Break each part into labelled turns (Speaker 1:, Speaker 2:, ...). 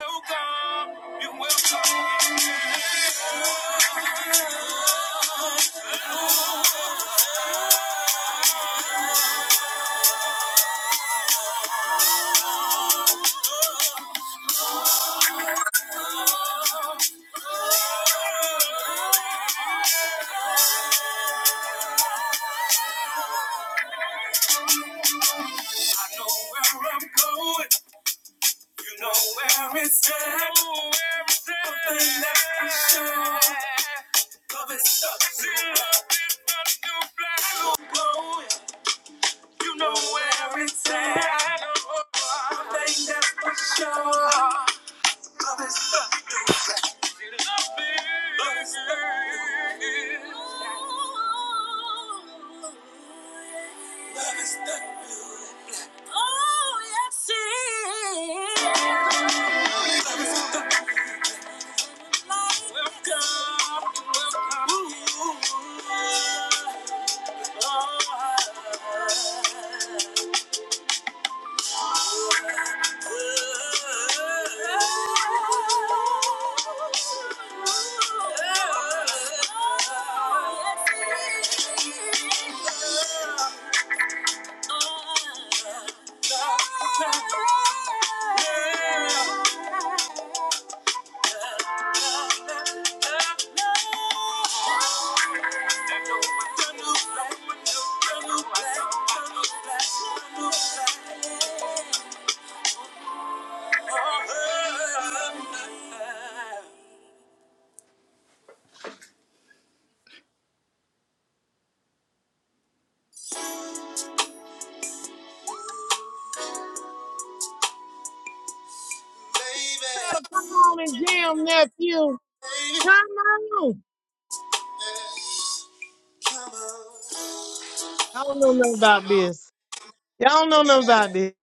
Speaker 1: welcome, you know where I'm You know where it's at. Know thing that's for sure. Love is stuck. See, love is stuck to You know where it's at. One thing that's for sure. Love love is Oh, yes, it is. Ooh. oh,
Speaker 2: better come on and jam, nephew. Come on. I don't know nothing about this. Y'all don't know nothing about this.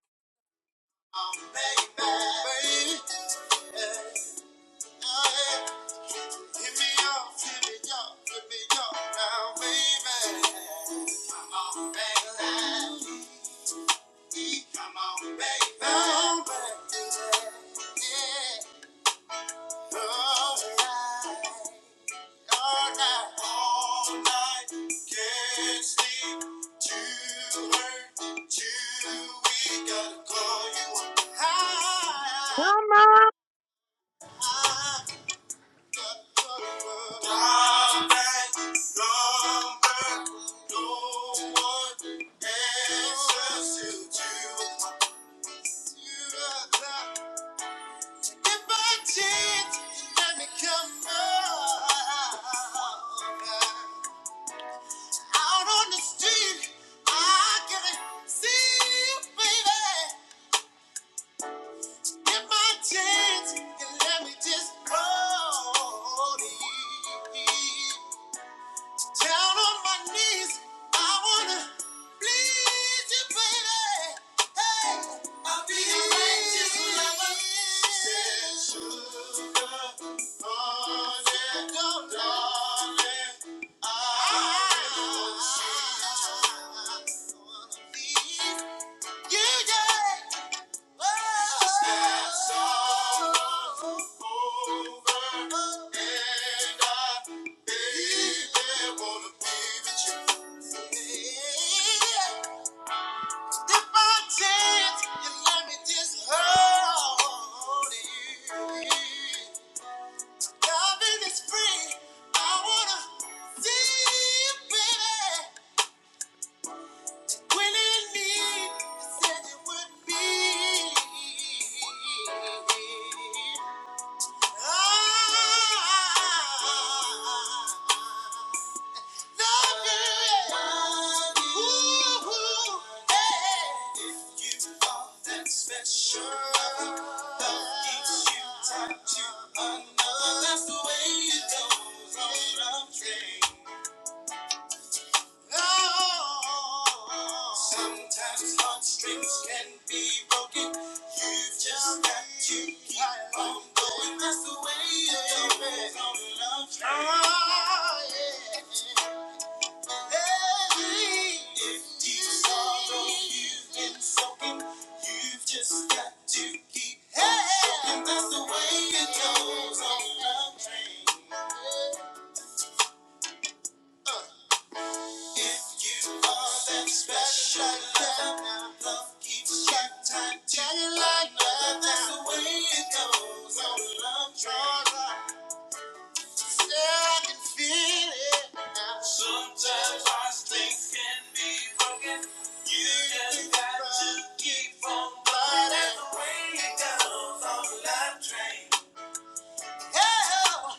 Speaker 1: Hit me up, hit me up, hit me up now, baby. Come on, baby. Come on, baby. All night, all night, all night. Can't sleep, too hurt, too weak. Gotta call you up.
Speaker 2: Come on.
Speaker 1: High. chance, and let me Just hold it. Down on my knees, I wanna please you, baby. Hey, I'll be a righteous lover. Said sugar, darling, darling, I want you. I wanna be you, yeah. Thank you. That's the way it goes on. I'm trained. Oh, Sometimes heartstrings can be broken. You've just got to keep on going. That's the way it is. Love. Oh, yeah. Hey, If deep sorrow you've been soaking, you've just got to keep on soaking. That's the way it goes on love train. If you are that special love keeps track time ticking like That's the way it goes on love draws on. Yeah, I can feel it Sometimes I think that you just got That's the way it goes on love train. Hell,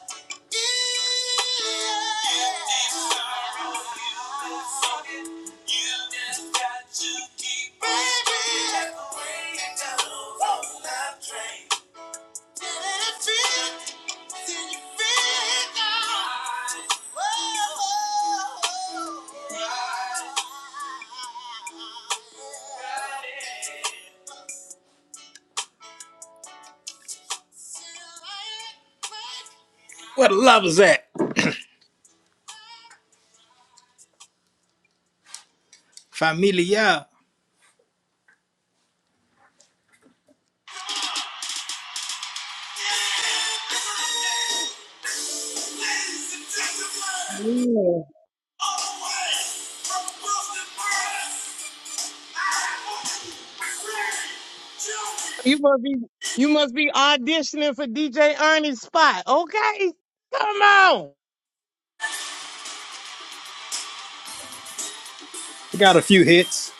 Speaker 1: yeah. You What a love is that? Amelia.
Speaker 3: Yeah.
Speaker 2: You must be you must be auditioning for DJ Ernie's spot. Okay. Come on.
Speaker 1: It got a few hits.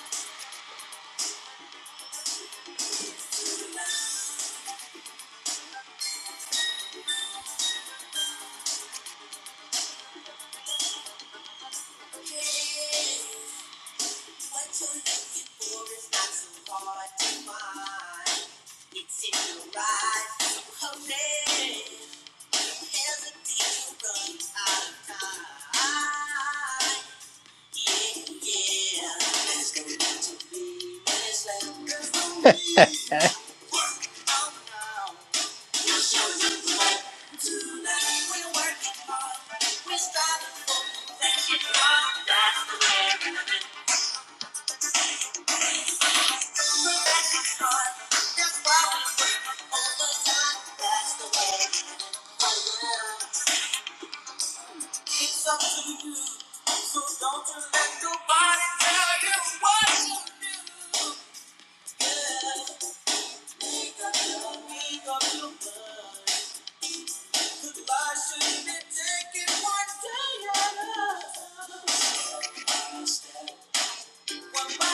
Speaker 1: It's up to you, so don't you let nobody tell you what you think of you, think of you. Goodbye should be taken one day at a time. Thank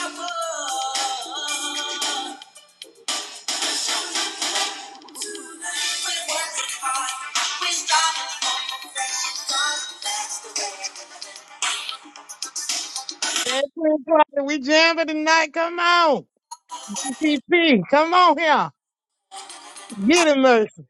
Speaker 2: At 10 o'clock, we jamming tonight. Come on. CCP, come on here. Get him, Mercy.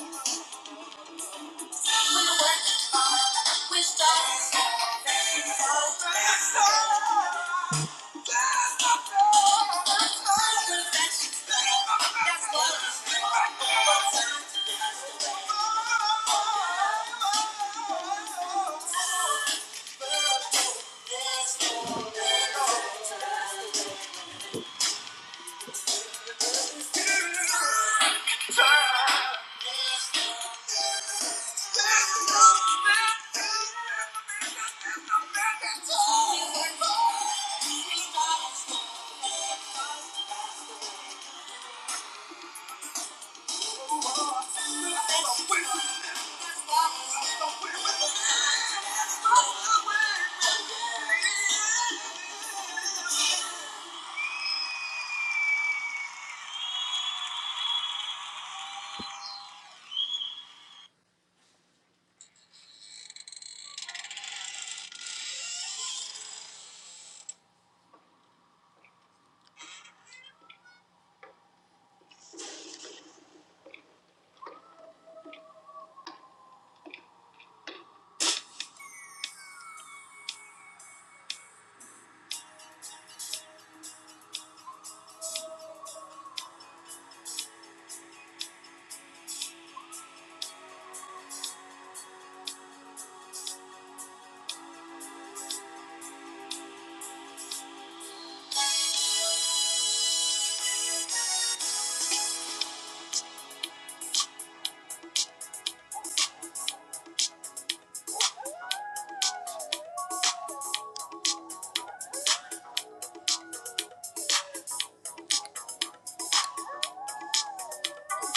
Speaker 1: you. Thank you. Got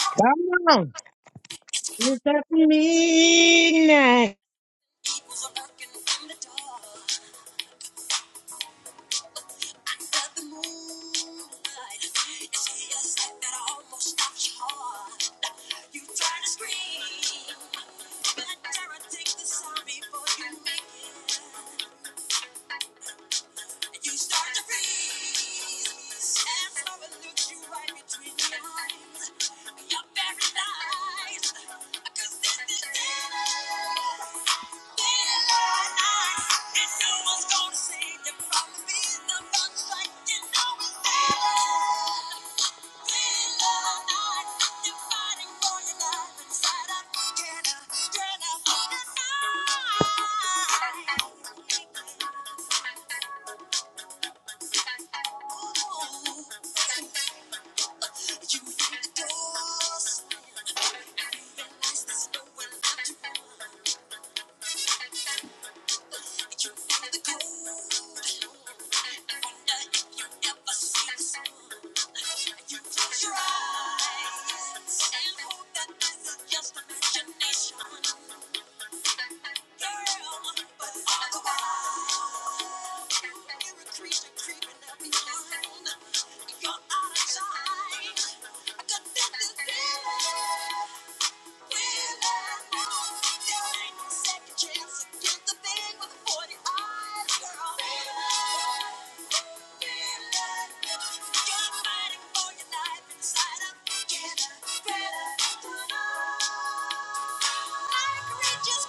Speaker 2: Come on. It's at midnight.
Speaker 1: the moonlight. It's just like that I almost stopped your heart. You try to scream, but Tara takes the sound before you make it. And you start to freeze. And Laura looks you right between the eyes. You're paralyzed. Cause this is it. You hit the doors, realize there's no one left to run. You're out of time. I got that feeling. Just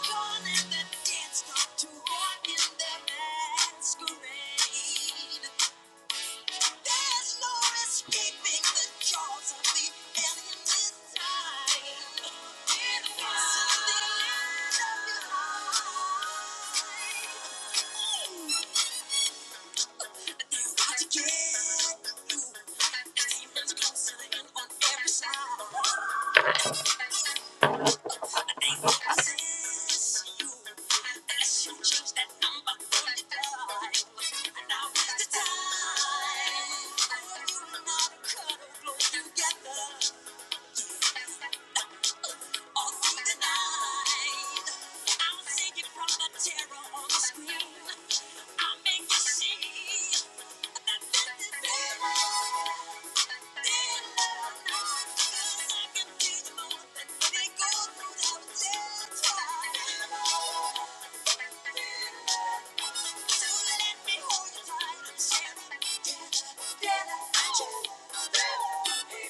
Speaker 1: calling the dance floor to walk in their Masquerade. There's no escaping the jaws of the alien design. It's the end of your life. It's hard to get you. Demons closing in on every side. Together. All through the night, I'll save you from the terror on the screen. I'll make you see that this is real.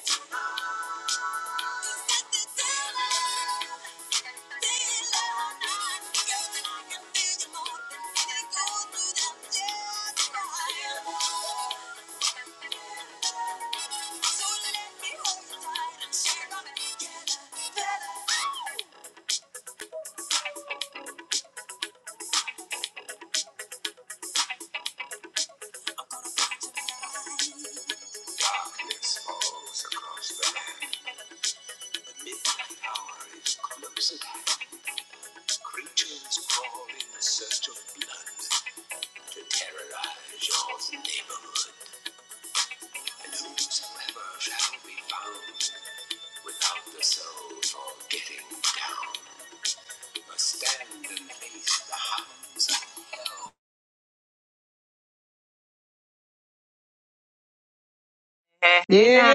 Speaker 3: Hey, hey
Speaker 2: Yeah.
Speaker 3: now.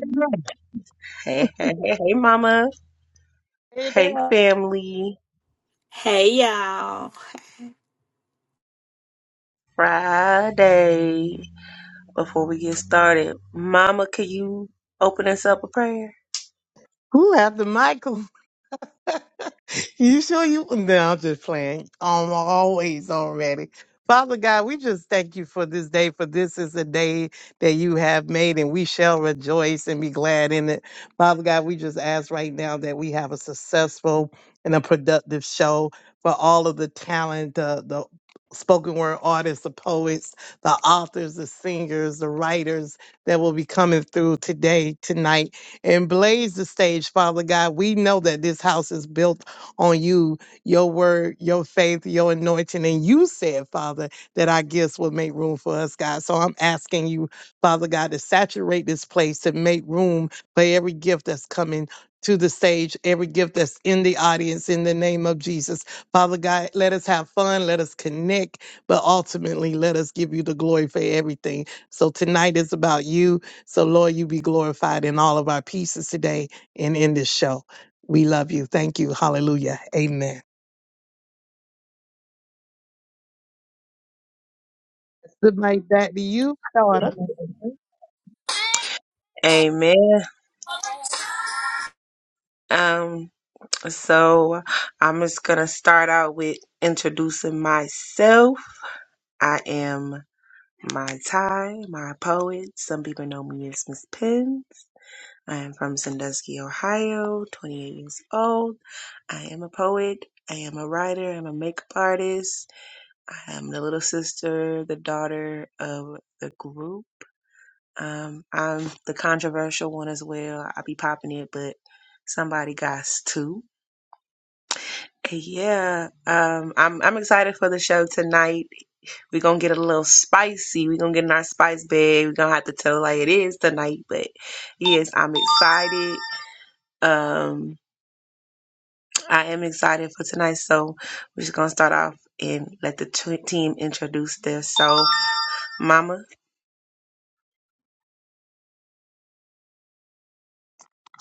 Speaker 3: Hey, hey, hey, hey, mama.
Speaker 2: Hey
Speaker 3: Hey,
Speaker 2: there.
Speaker 3: family.
Speaker 4: Hey y'all.
Speaker 3: Friday. Before we get started, mama, can you open us up a prayer?
Speaker 2: Who have the Michael? You sure you? No, I'm just playing. Um, always already. Father God, we just thank you for this day, for this is a day that you have made, and we shall rejoice and be glad in it. Father God, we just ask right now that we have a successful and a productive show for all of the talent, the the spoken word artists, the poets, the authors, the singers, the writers that will be coming through today, tonight, and blaze the stage, Father God. We know that this house is built on you, your word, your faith, your anointing. And you said, Father, that our gifts will make room for us, God. So I'm asking you, Father God, to saturate this place to make room for every gift that's coming. To the stage, every gift that's in the audience, in the name of Jesus. Father God, let us have fun, let us connect, but ultimately let us give you the glory for everything. So tonight is about you. So, Lord, you be glorified in all of our pieces today and in this show. We love you. Thank you. Hallelujah. Amen. Good night back to you, daughter.
Speaker 3: Amen. Um, so I'm just gonna start out with introducing myself. I am my tie, my poet. Some people know me as Miss Pins. I am from Sandusky, Ohio, 28 years old. I am a poet. I am a writer. I'm a makeup artist. I am the little sister, the daughter of the group. Um, I'm the controversial one as well. I be popping it, but somebody got to. And Yeah, um, I'm I'm excited for the show tonight. We're gonna get a little spicy. We're gonna get in our spice bag. We're gonna have to tell like it is tonight. But yes, I'm excited. Um, I am excited for tonight, so we're just gonna start off and let the t- team introduce themselves. Mama,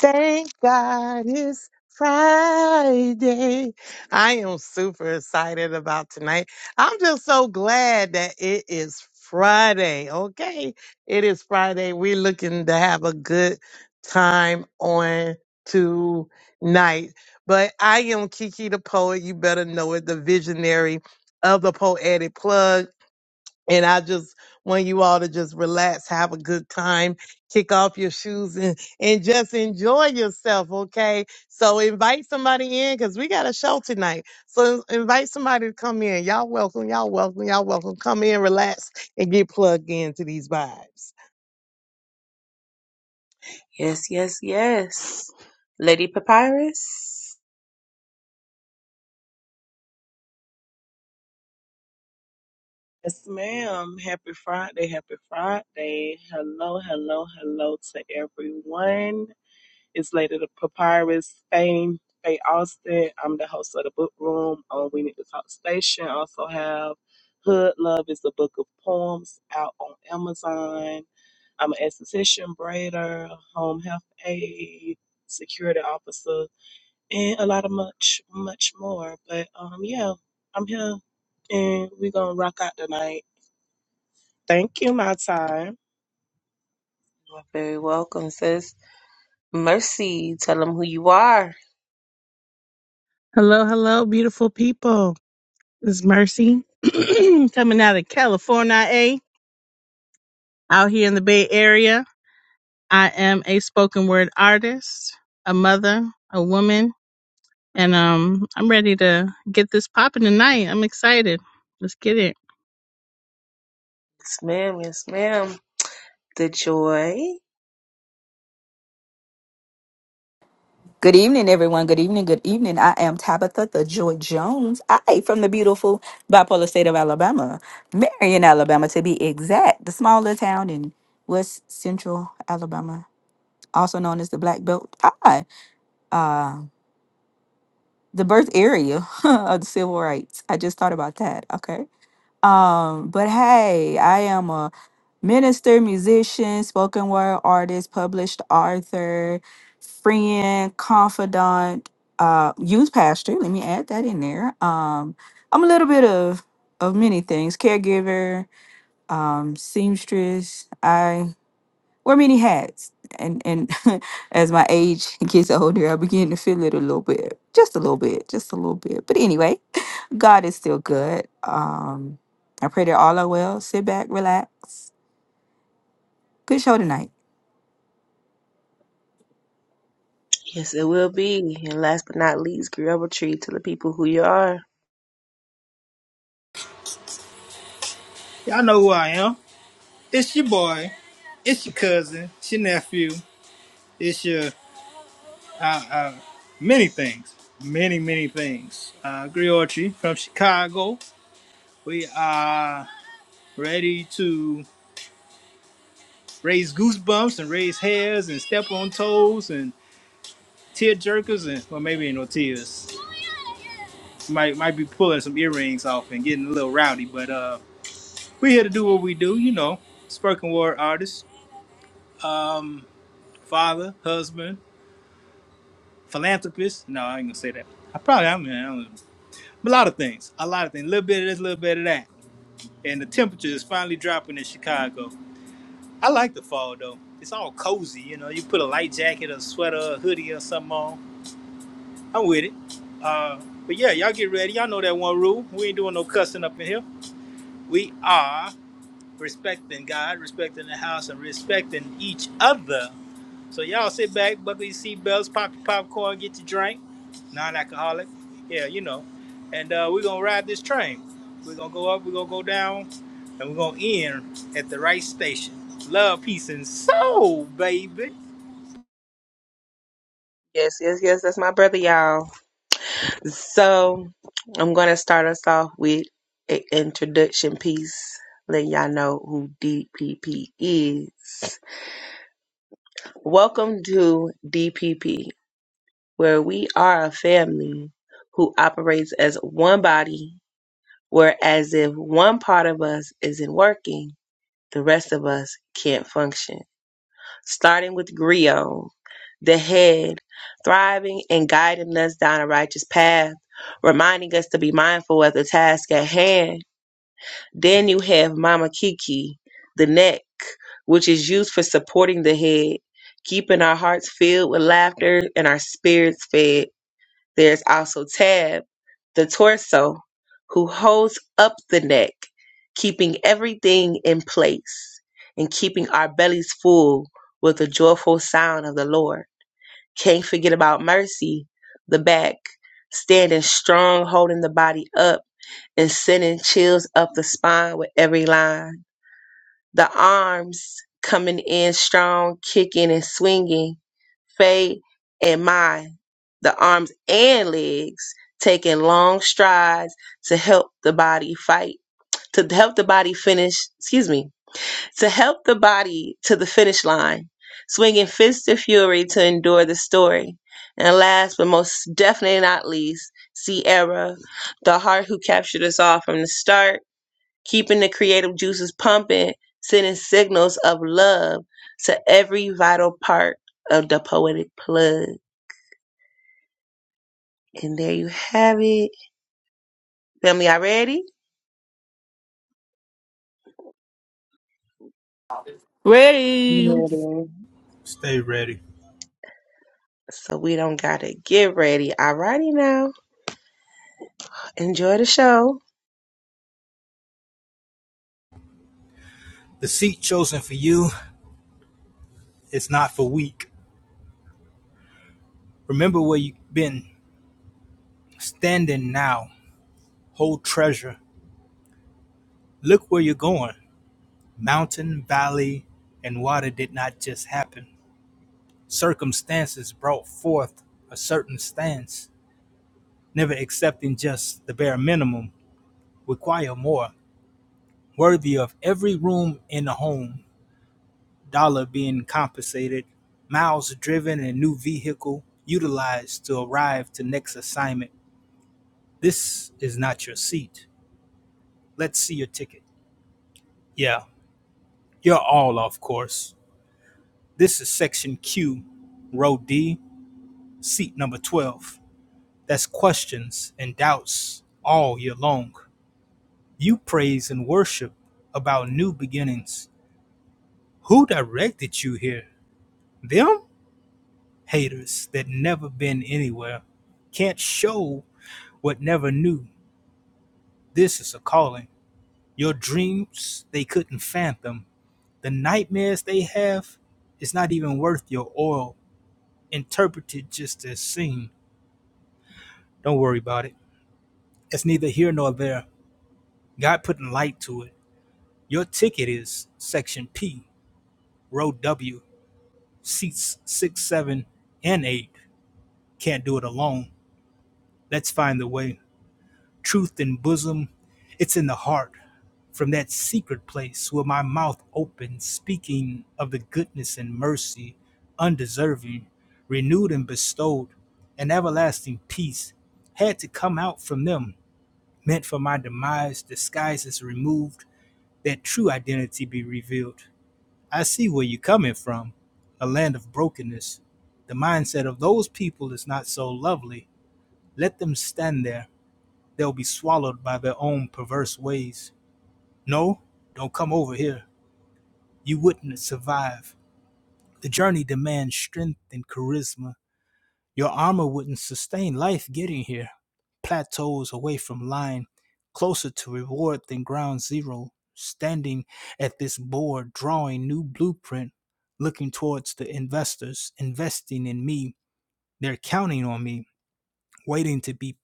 Speaker 2: Thank God it's Friday. I am super excited about tonight. I'm just so glad that it is Friday. Okay. It is Friday. We're looking to have a good time on tonight. But I am Kiki the poet. You better know it, the visionary of the poetic plug. And I just want you all to just relax, have a good time, kick off your shoes and, and just enjoy yourself. Okay. So invite somebody in because we got a show tonight. So invite somebody to come in. Y'all welcome. Y'all welcome. Y'all welcome. Come in, relax and get plugged into these vibes.
Speaker 3: yes, yes, yes. Lady Papyrus,
Speaker 5: Yes, ma'am. Happy Friday. Happy Friday. Hello, hello, hello to everyone. It's Lady the Papyrus Fame, Faye Austin. I'm the host of the book room on We Need to Talk Station. I also have Hood Love is a book of poems out on Amazon. I'm an esthetician, braider, home health aide, security officer, and a lot of much, much more. But um, yeah, I'm here and we're gonna rock out tonight. Thank you, my time.
Speaker 3: you are very welcome, sis. Mercy, tell them who you are.
Speaker 6: Hello, hello, beautiful people. It's Mercy coming out of California, eh? Out here in the Bay Area. I am a spoken word artist, a mother, a woman, and um, I'm ready to get this popping tonight. I'm excited. Let's get it.
Speaker 3: Yes, ma'am, yes, ma'am. The joy,
Speaker 4: Good evening, everyone. Good evening. Good evening. I am Tabitha the Joy Jones. I from the beautiful bipolar state of Alabama, Marion, Alabama, to be exact, the smaller town in West Central Alabama, also known as the Black Belt. I, uh, the birth area of the civil rights. I just thought about that. Okay. Um, but hey, I am a minister, musician, spoken word artist, published author, friend, confidant, uh, youth pastor. Let me add that in there. Um, I'm a little bit of of many things. Caregiver, um, seamstress. I wear many hats, and and as my age gets older, I begin to feel it a little bit, just a little bit, just a little bit. But anyway, God is still good. Um, I pray that all are well. Sit back, relax. Good show tonight.
Speaker 3: yes, it will be. And last but not least, Grioba Tree, tell the people who you are.
Speaker 1: Y'all know who I am. It's your boy. It's your cousin. It's your nephew. It's your uh, uh, many things. Many, many things. Uh, Griotri from Chicago. We are ready to raise goosebumps and raise hairs and step on toes and tear jerkers and well maybe no tears. Might might be pulling some earrings off and getting a little rowdy, but uh we're here to do what we do, you know. Spoken word artist, um, father, husband, philanthropist. No, I ain't gonna say that. I probably I mean I don't know. A lot of things. A lot of things. A little bit of this, a little bit of that. And the temperature is finally dropping in Chicago. I like the fall though. It's all cozy, you know. You put a light jacket, a sweater, a hoodie, or something on. I'm with it. Uh, but yeah, y'all get ready. Y'all know that one rule. We ain't doing no cussing up in here. We are respecting God, respecting the house, and respecting each other. So y'all sit back, buckle your seatbelts, pop your popcorn, get your drink, non-alcoholic. Yeah, you know. And uh, we're gonna ride this train. We're gonna go up, we're gonna go down, and we're gonna end at the right station. Love, peace, and soul, baby.
Speaker 3: Yes, yes, yes, that's my brother, y'all. So I'm going to start us off with an introduction piece, letting y'all know who DPP is. Welcome to DPP, where we are a family who operates as one body, where as if one part of us isn't working, the rest of us can't function. starting with Griot, the head, thriving and guiding us down a righteous path, reminding us to be mindful of the task at hand. Then you have Mama Kiki, the neck, which is used for supporting the head, keeping our hearts filled with laughter and our spirits fed. There's also Tab, the torso, who holds up the neck, keeping everything in place and keeping our bellies full with the joyful sound of the Lord. Can't forget about Mercy, the back, standing strong, holding the body up and sending chills up the spine with every line. The arms coming in strong, kicking and swinging Faye and Mai, the arms and legs, taking long strides to help the body fight, to help the body finish, excuse me, to help the body to the finish line, swinging fists of fury to endure the story. And last but most definitely not least, Sierra, the heart who captured us all from the start, keeping the creative juices pumping, sending signals of love to every vital part of the poetic plug. And there you have it. Family, y'all ready?
Speaker 4: Ready.
Speaker 5: Ready.
Speaker 1: Stay ready.
Speaker 3: So we don't gotta get ready. Alrighty now. Enjoy the show.
Speaker 1: The seat chosen for you is not for weak. Remember where you've been standing now. Hold treasure. Look where you're going. Mountain, valley, and water did not just happen. circumstances brought forth a certain stance, never accepting just the bare minimum, require more, worthy of every room in the home, dollar being compensated, miles driven, and new vehicle utilized to arrive to next assignment. This is not your seat. Let's see your ticket. Yeah, you're all off course. This is section Q, row D, seat number 12. That's questions and doubts all year long. You praise and worship about new beginnings. Who directed you here? Them? Haters that never been anywhere. Can't show what never knew. This is a calling. Your dreams, they couldn't fathom. The nightmares they have, it's not even worth your oil. Interpreted just as seen. Don't worry about it. It's neither here nor there. God putting light to it. Your ticket is Section P, Row W. seats six, seven, and eight can't do it alone. Let's find the way. Truth in bosom, it's in the heart. From that secret place where my mouth opens, speaking of the goodness and mercy, undeserving, renewed and bestowed, an everlasting peace had to come out from them, meant for my demise, disguises removed, that true identity be revealed. I see where you're coming from, a land of brokenness. The mindset of those people is not so lovely. Let them stand there. They'll be swallowed by their own perverse ways. No, don't come over here. You wouldn't survive. The journey demands strength and charisma. Your armor wouldn't sustain life getting here. Plateaus away from line, closer to reward than ground zero, standing at this board, drawing new blueprint, looking towards the investors, investing in me. They're counting on me, waiting to be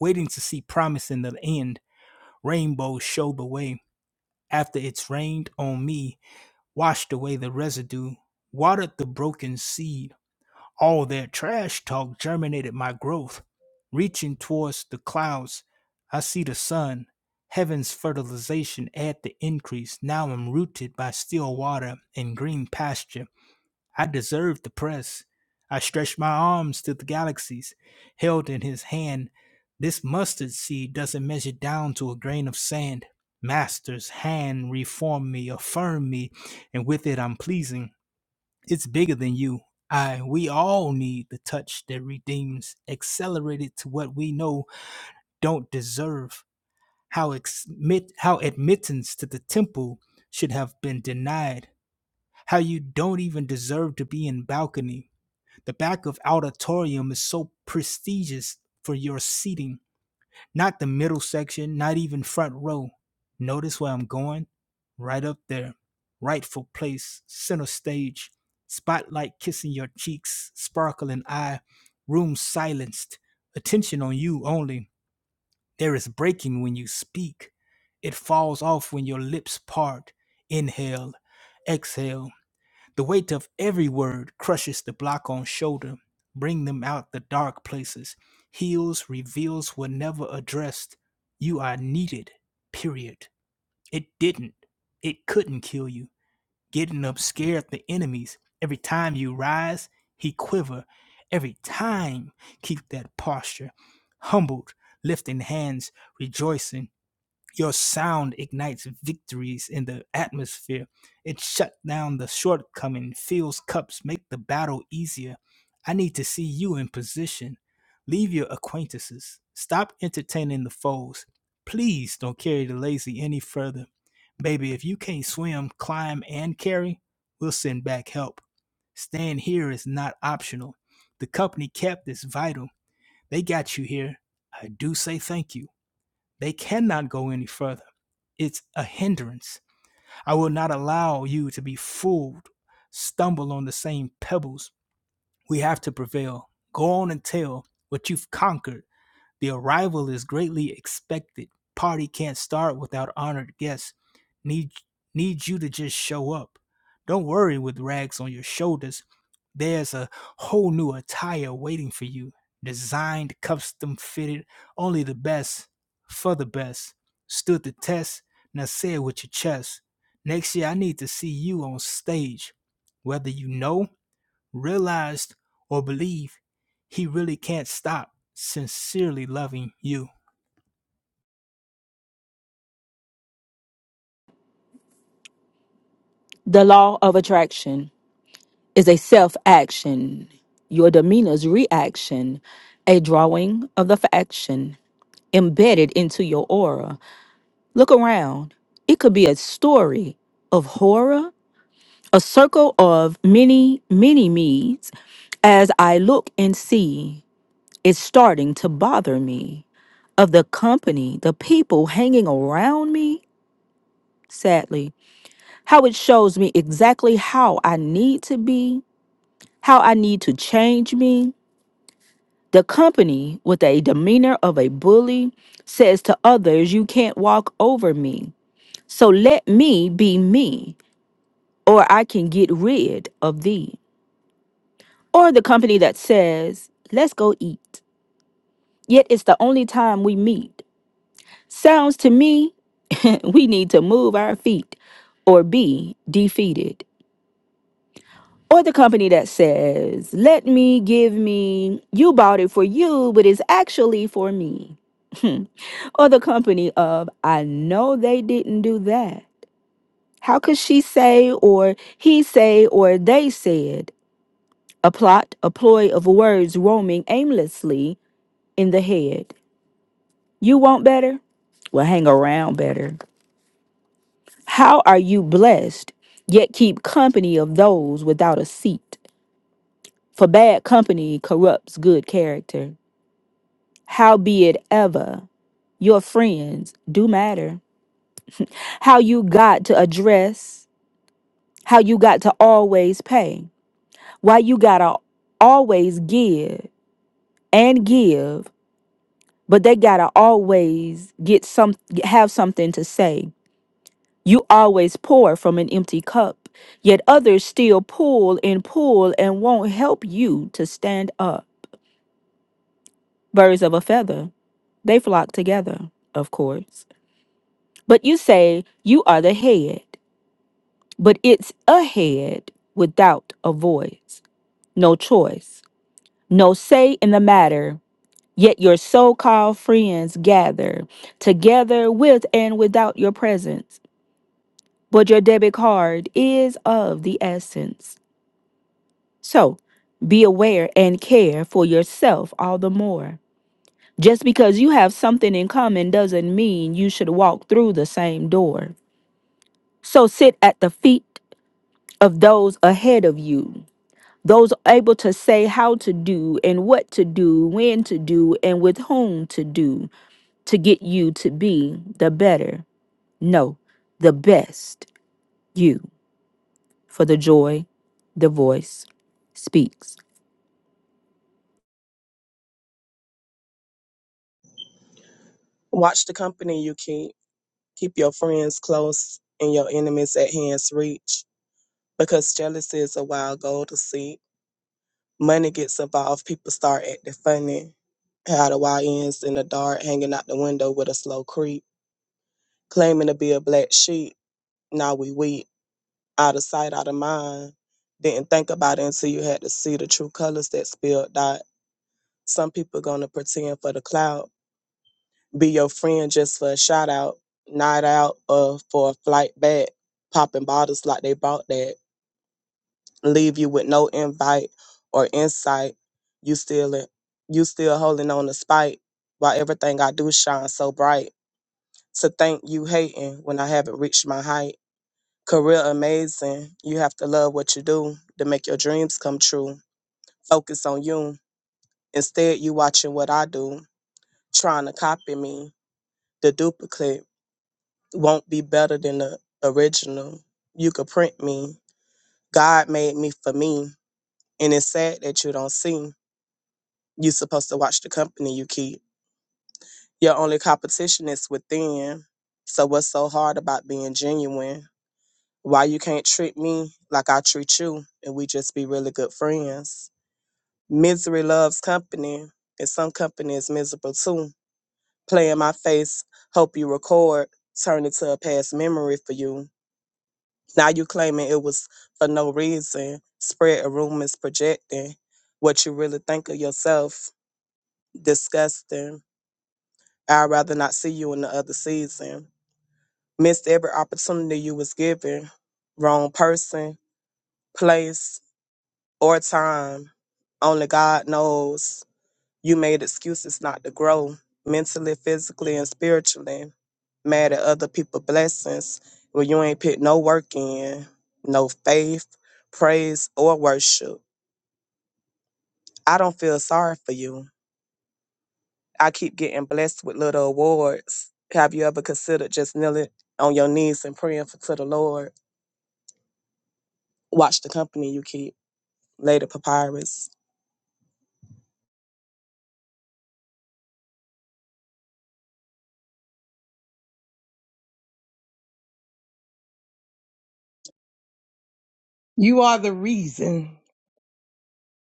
Speaker 1: waiting to see promise in the end. Rainbows show the way. After it's rained on me, washed away the residue, watered the broken seed all their trash talk germinated my growth. Reaching towards the clouds, I see the sun. Heaven's fertilization add the increase. Now I'm rooted by still water and green pasture. I deserve the press. I stretch my arms to the galaxies, held in his hand. This mustard seed doesn't measure down to a grain of sand. Master's hand reform me, affirm me, and with it I'm pleasing. It's bigger than you. I we all need the touch that redeems, accelerated to what we know don't deserve. How ex- how admittance to the temple should have been denied. How you don't even deserve to be in balcony. The back of auditorium is so prestigious for your seating not the middle section, not even front row. Notice where I'm going? Right up there. Rightful place, center stage. Spotlight kissing your cheeks, sparkling eye. Room silenced. Attention on you only. There is breaking when you speak. It falls off when your lips part. Inhale, exhale the weight of every word crushes the block on shoulder, bring them out the dark places, heals, reveals were never addressed. You are needed, period. It didn't. It couldn't kill you. Getting up scared the enemies. Every time you rise, he quiver. Every time, keep that posture. Humbled, lifting hands, rejoicing. Your sound ignites victories in the atmosphere. It shut down the shortcoming, fills cups, make the battle easier. I need to see you in position. Leave your acquaintances. Stop entertaining the foes. Please don't carry the lazy any further. Baby, if you can't swim, climb, and carry, we'll send back help. Staying here is not optional. The company kept is vital. They got you here. I do say thank you. They cannot go any further. It's a hindrance. I will not allow you to be fooled, stumble on the same pebbles. We have to prevail. Go on and tell what you've conquered the arrival is greatly expected. Party can't start without honored guests. Need need you to just show up. Don't worry with rags on your shoulders. There's a whole new attire waiting for you. Designed, custom fitted, only the best, for the best. Stood the test, now say it with your chest. Next year I need to see you on stage. Whether you know realized or believe he really can't stop sincerely loving you.
Speaker 4: The law of attraction is a self action, your demeanor's reaction, a drawing of the faction embedded into your aura. Look around. It could be a story of horror, a circle of many, many me's. As I look and see, it's starting to bother me. Of the company, the people hanging around me, sadly, how it shows me exactly how I need to be how I need to change me. The company with a demeanor of a bully says to others, You can't walk over me. So let me be me, or I can get rid of thee. Or the company that says, Let's go eat. Yet it's the only time we meet. Sounds to me, we need to move our feet or be defeated. or the company that says, let me give me, you bought it for you, but it's actually for me. Hmm. or the company of, I know they didn't do that. How could she say, or he say, or they said? A plot, a ploy of words roaming aimlessly in the head. You want better? Well, hang around better. How are you blessed, yet keep company of those without a seat? For bad company corrupts good character. Howbeit, ever your friends do matter. How you got to address, how you got to always pay, why you gotta always give and give, but they gotta always get some have something to say. You always pour from an empty cup, yet others still pull and pull and won't help you to stand up. Birds of a feather, they flock together, of course. But you say you are the head. but it's ahead without a voice, no choice, no say in the matter. Yet your so called friends gather together with and without your presence. But your debit card is of the essence. So be aware and care for yourself all the more. Just because you have something in common doesn't mean you should walk through the same door. So sit at the feet of those ahead of you those able to say how to do and what to do, when to do, and with whom to do to get you to be the better, no, the best you for the joy the voice speaks.
Speaker 5: Watch the company you keep. Keep your friends close and your enemies at hand's reach. Because jealousy is a wild goal to seek. Money gets involved, people start acting funny. How the Y ends in the dark, hanging out the window with a slow creep. Claiming to be a black sheep, now we weak. Out of sight, out of mind. Didn't think about it until you had to see the true colors that spilled out. Some people gonna pretend for the clout be your friend just for a shout out, night out, or for a flight back, popping bottles like they bought that, leave you with no invite or insight. You still you still holding on to spite while everything I do shines so bright. To think you hating when I haven't reached my height. Career amazing. You have to love what you do to make your dreams come true. Focus on you. Instead, you watching what I do, trying to copy me, the duplicate. won't be better than the original. You could print me. God made me for me. And it's sad that you don't see. You're supposed to watch the company you keep. Your only competition is within. So what's so hard about being genuine? Why you can't treat me like I treat you and we just be really good friends? Misery loves company, and some company is miserable too. Play in my face, hope you record, turn into a past memory for you Now you claiming it was for no reason. Spread a rumor projecting what you really think of yourself. Disgusting. I'd rather not see you in the other season. Missed every opportunity you was given. Wrong person, place, or time. Only God knows. You made excuses not to grow mentally, physically, and spiritually. Mad at other people's blessings when you ain't put no work in, no faith, praise, or worship. I don't feel sorry for you. I keep getting blessed with little awards. Have you ever considered just kneeling on your knees and praying for, to the Lord? Watch the company you keep. Lady Papyrus.
Speaker 2: You are the reason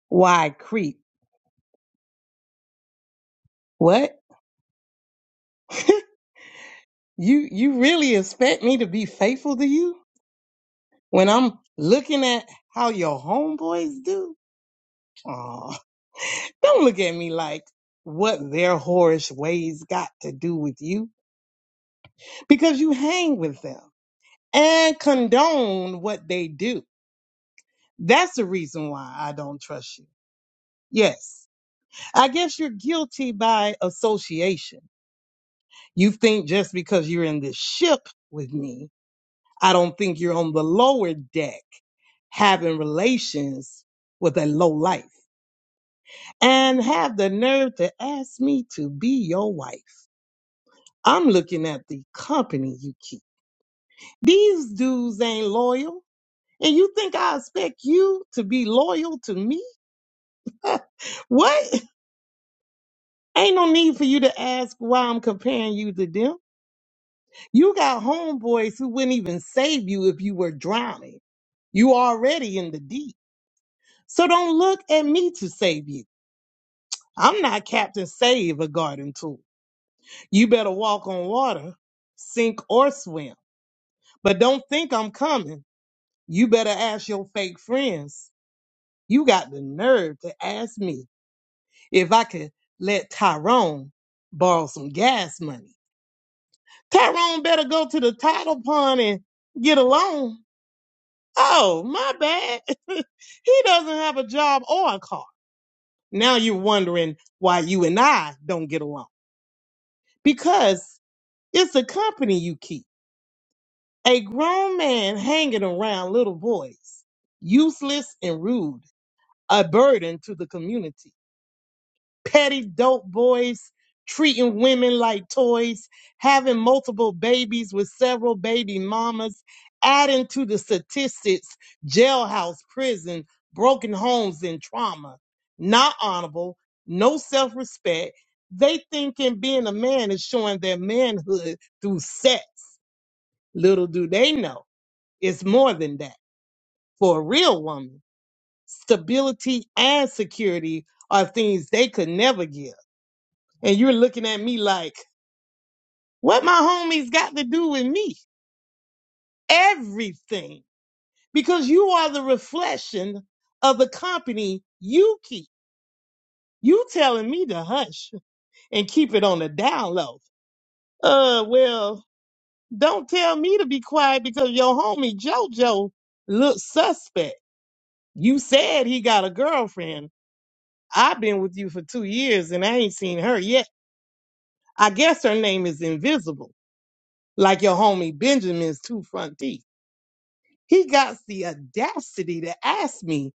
Speaker 2: why I creep. What? You, you really expect me to be faithful to you when I'm looking at how your homeboys do? Aw, don't look at me like what their whorish ways got to do with you because you hang with them and condone what they do. That's the reason why I don't trust you. Yes, I guess you're guilty by association. You think just because you're in this ship with me, I don't think you're on the lower deck having relations with a low life and have the nerve to ask me to be your wife. I'm looking at the company you keep. These dudes ain't loyal. And you think I expect you to be loyal to me? What? Ain't no need for you to ask why I'm comparing you to them. You got homeboys who wouldn't even save you if you were drowning. You already in the deep. So don't look at me to save you. I'm not Captain Save a garden tool. You better walk on water, sink or swim. But don't think I'm coming. You better ask your fake friends You got the nerve to ask me if I could let Tyrone borrow some gas money. Tyrone better go to the title pond and get a loan. Oh, my bad. he doesn't have a job or a car. Now you're wondering why you and I don't get along. Because it's the company you keep. A grown man hanging around little boys, useless and rude, a burden to the community. petty dope boys treating women like toys, having multiple babies with several baby mamas, adding to the statistics jailhouse, prison, broken homes, and trauma. Not honorable, no self respect. They thinking being a man is showing their manhood through sex. Little do they know, it's more than that. For a real woman, stability and security are things they could never give and you're looking at me like, what my homies got to do with me? Everything. Because you are the reflection of the company you keep. You telling me to hush and keep it on the down low. Uh, well, don't tell me to be quiet because your homie JoJo looks suspect. You said he got a girlfriend. I've been with you for two years and I ain't seen her yet. I guess her name is Invisible, like your homie Benjamin's two front teeth. He got the audacity to ask me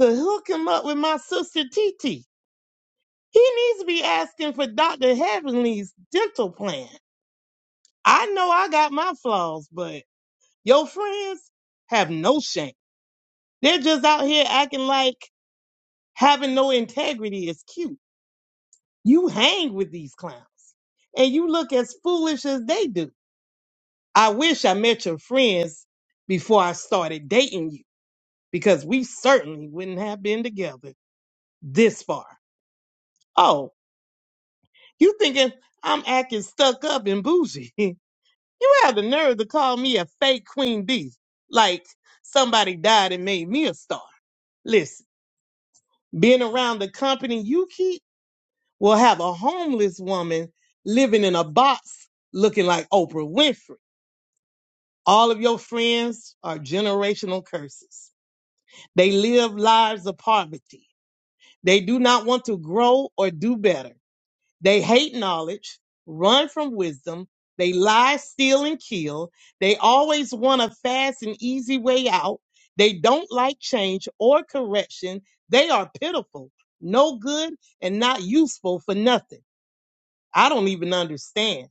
Speaker 2: to hook him up with my sister Titi. He needs to be asking for Dr. Heavenly's dental plan. I know I got my flaws, but your friends have no shame. They're just out here acting like having no integrity is cute. You hang with these clowns and you look as foolish as they do. I wish I met your friends before I started dating you because we certainly wouldn't have been together. this far. Oh, you thinking I'm acting stuck up and bougie? you have the nerve to call me a fake queen bee, like somebody died and made me a star. Listen, being around the company you keep will have a homeless woman living in a box looking like Oprah Winfrey. All of your friends are generational curses. They live lives of poverty. They do not want to grow or do better. They hate knowledge, run from wisdom. They lie, steal, and kill. They always want a fast and easy way out. They don't like change or correction. They are pitiful, no good, and not useful for nothing. I don't even understand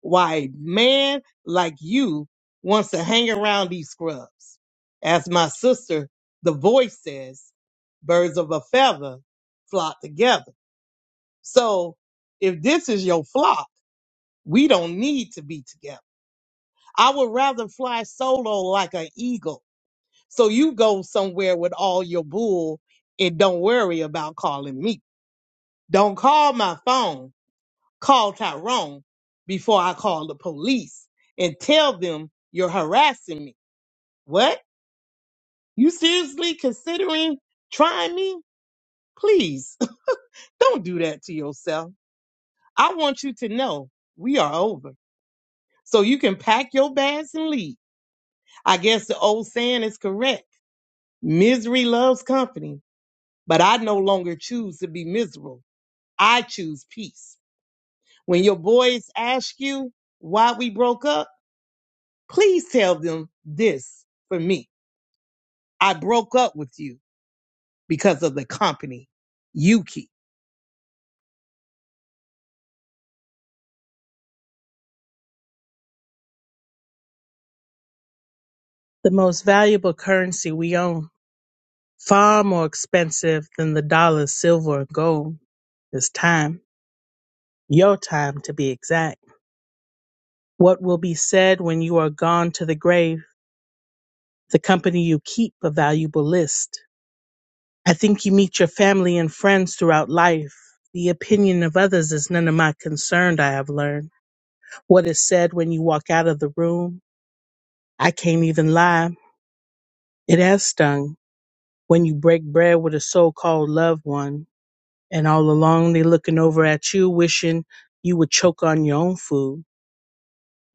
Speaker 2: why a man like you wants to hang around these scrubs. As my sister, the voice says, birds of a feather flock together. So if this is your flock, we don't need to be together. I would rather fly solo like an eagle. So you go somewhere with all your bull and don't worry about calling me. Don't call my phone. Call Tyrone before I call the police and tell them you're harassing me. What? You seriously considering trying me? Please don't do that to yourself. I want you to know we are over. So you can pack your bags and leave. I guess the old saying is correct Misery loves company, but I no longer choose to be miserable. I choose peace. When your boys ask you why we broke up, please tell them this for me. I broke up with you because of the company you keep.
Speaker 6: The most valuable currency we own, far more expensive than the dollar, silver, or gold, is time. Your time, to be exact. What will be said when you are gone to the grave? the company you keep a valuable list. I think you meet your family and friends throughout life. The opinion of others is none of my concern, I have learned. What is said when you walk out of the room, I can't even lie. It has stung when you break bread with a so called loved one, and all along they looking over at you, wishing you would choke on your own food.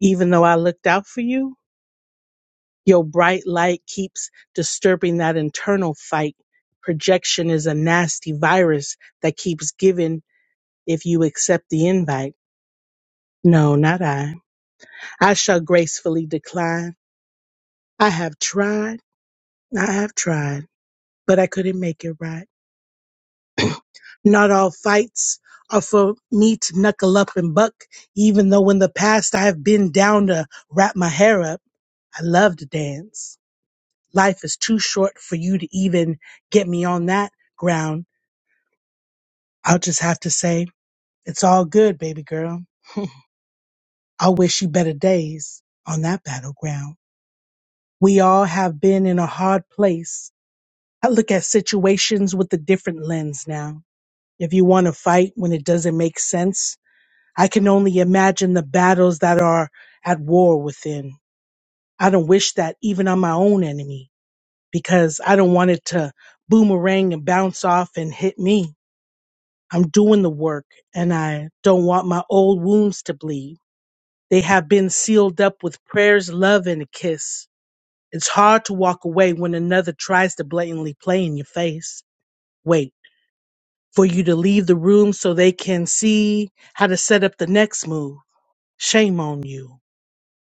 Speaker 6: Even though I looked out for you, Your bright light keeps disturbing that internal fight. Projection is a nasty virus that keeps giving if you accept the invite. No, not I. I shall gracefully decline. I have tried, I have tried, but I couldn't make it right. Not all fights are for me to knuckle up and buck, even though in the past I have been down to wrap my hair up. I love to dance. Life is too short for you to even get me on that ground I'll just have to say, it's all good, baby girl. I wish you better days on that battleground. We all have been in a hard place. I look at situations with a different lens now. If you want to fight when it doesn't make sense, I can only imagine the battles that are at war within. I don't wish that even on my own enemy because I don't want it to boomerang and bounce off and hit me. I'm doing the work and I don't want my old wounds to bleed. They have been sealed up with prayers, love, and a kiss. It's hard to walk away when another tries to blatantly play in your face. Wait for you to leave the room so they can see how to set up the next move. Shame on you.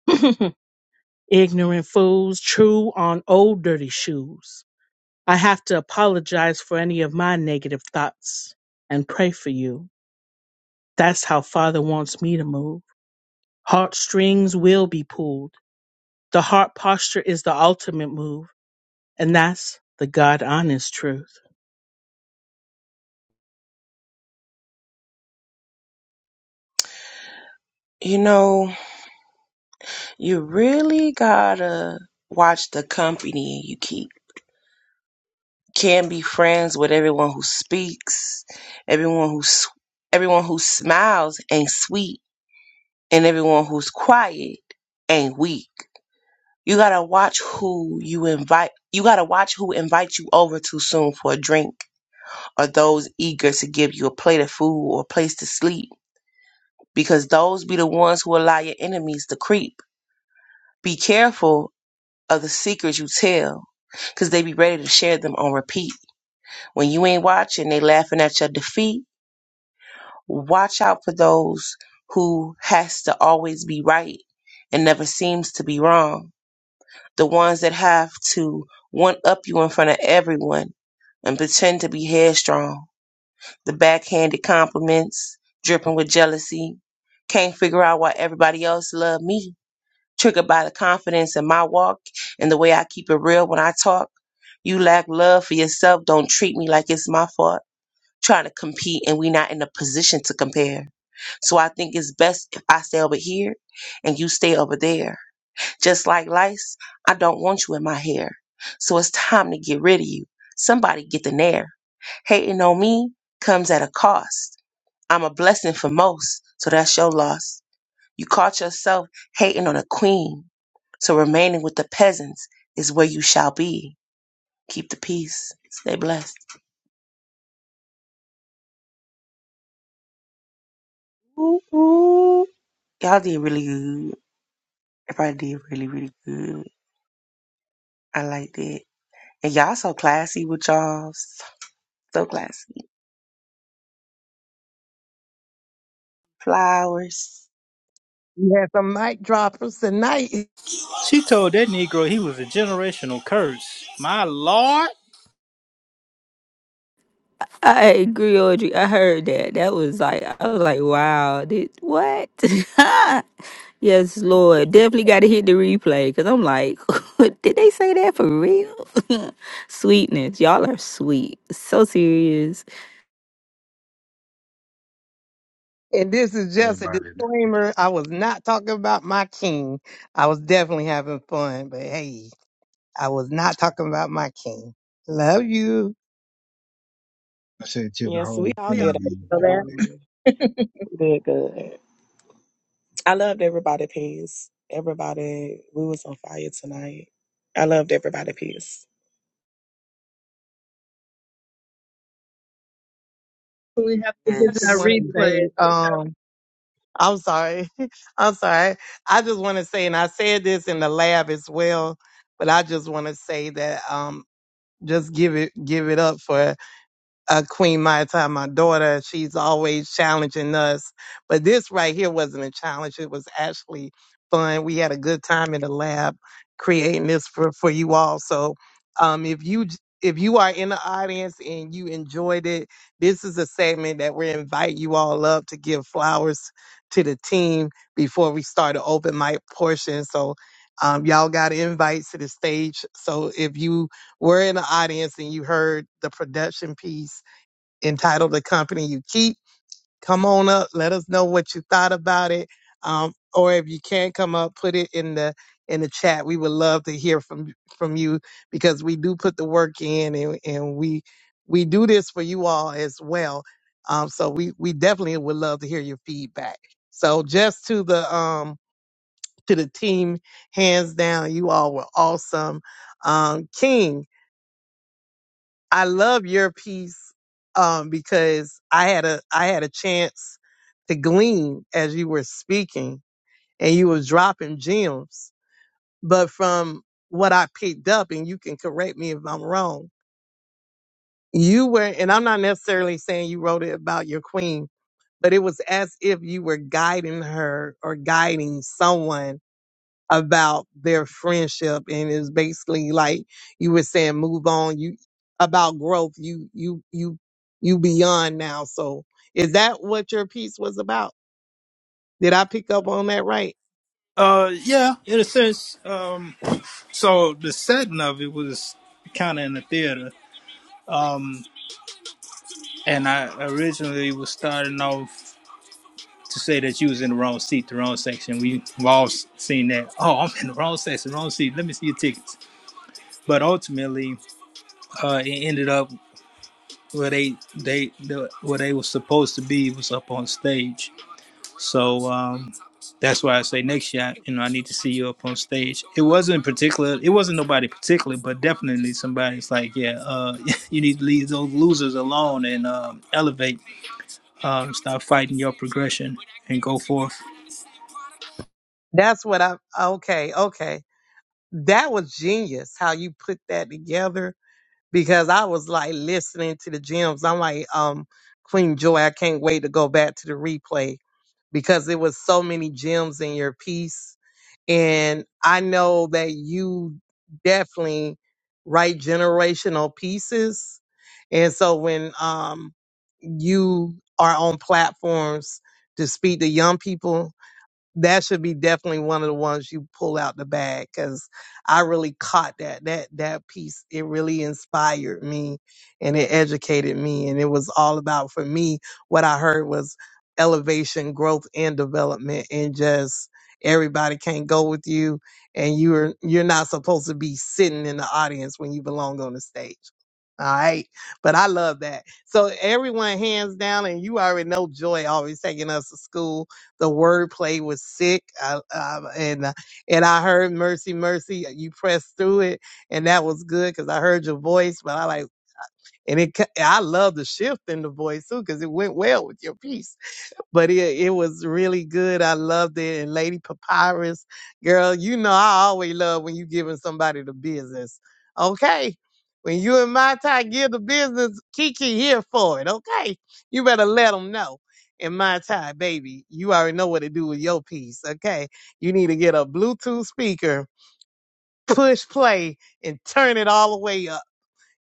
Speaker 6: Ignorant fools, true on old dirty shoes. I have to apologize for any of my negative thoughts and pray for you. That's how Father wants me to move. Heartstrings will be pulled. The heart posture is the ultimate move. And that's the God honest truth.
Speaker 3: You know, you really gotta watch the company you keep. Can't be friends with everyone who speaks, everyone who s- everyone who smiles ain't sweet, and everyone who's quiet ain't weak. You gotta watch who you invite. You gotta watch who invites you over too soon for a drink or those eager to give you a plate of food or a place to sleep because those be the ones who allow your enemies to creep. Be careful of the secrets you tell because they be ready to share them on repeat. When you ain't watching, they laughing at your defeat. Watch out for those who has to always be right and never seems to be wrong the ones that have to one up you in front of everyone and pretend to be headstrong. The backhanded compliments, dripping with jealousy. Can't figure out why everybody else love me. Triggered by the confidence in my walk and the way I keep it real when I talk. You lack love for yourself. Don't treat me like it's my fault. Trying to compete and we not in a position to compare. So I think it's best if I stay over here and you stay over there just like lice, I don't want you in my hair. So it's time to get rid of you. Somebody get the nair. Hating on me comes at a cost. I'm a blessing for most, so that's your loss. You caught yourself hating on a queen, so remaining with the peasants is where you shall be. Keep the peace. Stay blessed. Ooh, ooh. Y'all did really good. Everybody did really, really good. I liked it. And y'all so classy with y'all. So classy. Flowers.
Speaker 2: We had some mic droppers tonight,
Speaker 1: She told that Negro he was a generational curse. My lord.
Speaker 4: I I agree, Audrey. I heard that. That was like, I was like, wow, did, what? yes, Lord. Definitely got to hit the replay because I'm like, did they say that for real? Sweetness. Y'all are sweet. So serious
Speaker 2: and this is just a
Speaker 7: Everybody,
Speaker 2: disclaimer. I was not talking about my king. I was definitely having fun, but hey, I was not talking about my king. Love you.
Speaker 7: I say to the
Speaker 5: Yes, we
Speaker 7: whole
Speaker 5: all did.
Speaker 7: team,
Speaker 6: So
Speaker 7: we
Speaker 6: that's
Speaker 7: enjoyed it.
Speaker 5: Good, good. I loved everybody piece. Everybody, we was on fire tonight. I loved everybody piece.
Speaker 6: when we have to
Speaker 2: I
Speaker 6: get
Speaker 2: just
Speaker 6: that
Speaker 3: Yes,
Speaker 2: want to say,
Speaker 6: replay.
Speaker 2: um, I'm sorry. I'm sorry. I just want to say, and I said this in the lab as well, but I just want to say that um, just give it give it up for uh, Queen Maya time, my daughter, she's always challenging us. But this right here wasn't a challenge. It was actually fun. We had a good time in the lab creating this for, for you all. So um, if you if you are in the audience and you enjoyed it, this is a segment that we invite you all up to give flowers to the team before we start the open mic portion. So um, y'all got invites to the stage. So if you were in the audience and you heard the production piece, entitled The Company You Keep. Come on up. Let us know what you thought about it. Um, or if you can't come up, put it in the in the chat. We would love to hear from from you because we do put the work in and, and we we do this for you all as well. Um, so we we definitely would love to hear your feedback. So just to the um to the team, hands down, you all were awesome. Um, King, I love your piece um, because I had a I had a chance to glean as you were speaking and you were dropping gems. But from what I picked up, and you can correct me if I'm wrong, you were, and I'm not necessarily saying you wrote it about your queen, but it was as if you were guiding her or guiding someone about their friendship and it's basically like you were saying move on you about growth you you you you beyond now so is that what your piece was about did i pick up on that right
Speaker 1: Uh, yeah, in a sense. Um, so the setting of it was kind of in the theater, and I originally was starting off to say that you was in the wrong seat, the wrong section. We have all seen that. Oh, I'm in the wrong section, wrong seat. Let me see your tickets. But ultimately, uh, it ended up where they they the, where they were supposed to be was up on stage. So um, that's why I say next year, you know, I need to see you up on stage. It wasn't particular. It wasn't nobody particular, but definitely somebody's like, yeah, uh, you need to leave those losers alone and um, elevate. Um, stop fighting your progression and go forth.
Speaker 2: that's what i okay okay that was genius how you put that together because i was like listening to the gems i'm like um queen joy i can't wait to go back to the replay because there was so many gems in your piece And I know that you definitely write generational pieces. And so when um, you are on platforms to speak to young people, that should be definitely one of the ones you pull out the bag because I really caught that that that piece. It really inspired me and it educated me, and it was all about for me. What I heard was elevation, growth, and development, and just everybody can't go with you, and you're you're not supposed to be sitting in the audience when you belong on the stage. All right. But I love that. So everyone hands down, and you already know Joy always taking us to school the wordplay was sick, I, um, and uh, and I heard "Mercy, Mercy." uh, You pressed through it, and that was good because I heard your voice. But I like, and it. ca- I love the shift in the voice too because it went well with your piece but it, it was really good. I loved it. And Lady Papyrus, girl, you know I always love when you giving somebody the business. Okay. When you and my tie give the business, Kiki here for it. Okay. You better let them know. And my tie, baby, you already know what to do with your piece. Okay. You need to get a Bluetooth speaker, push play, and turn it all the way up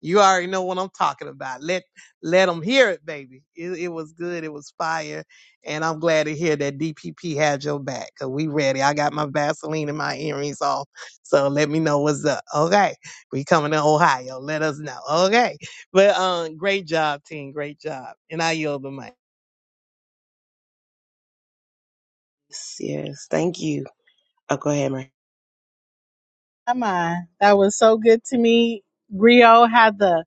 Speaker 2: you already know what I'm talking about. Let let them hear it, baby. It, it was good. It was fire, and I'm glad to hear that DPP had your back. Cause we ready. I got my Vaseline and my earrings off. So let me know what's up. Okay, we coming to Ohio. Let us know. Okay, but um, great job, team. Great job, and I yield the mic.
Speaker 3: yes, yes. Thank you. Oh, go ahead, Mary.
Speaker 6: Come on. That was so good to me. Rio had the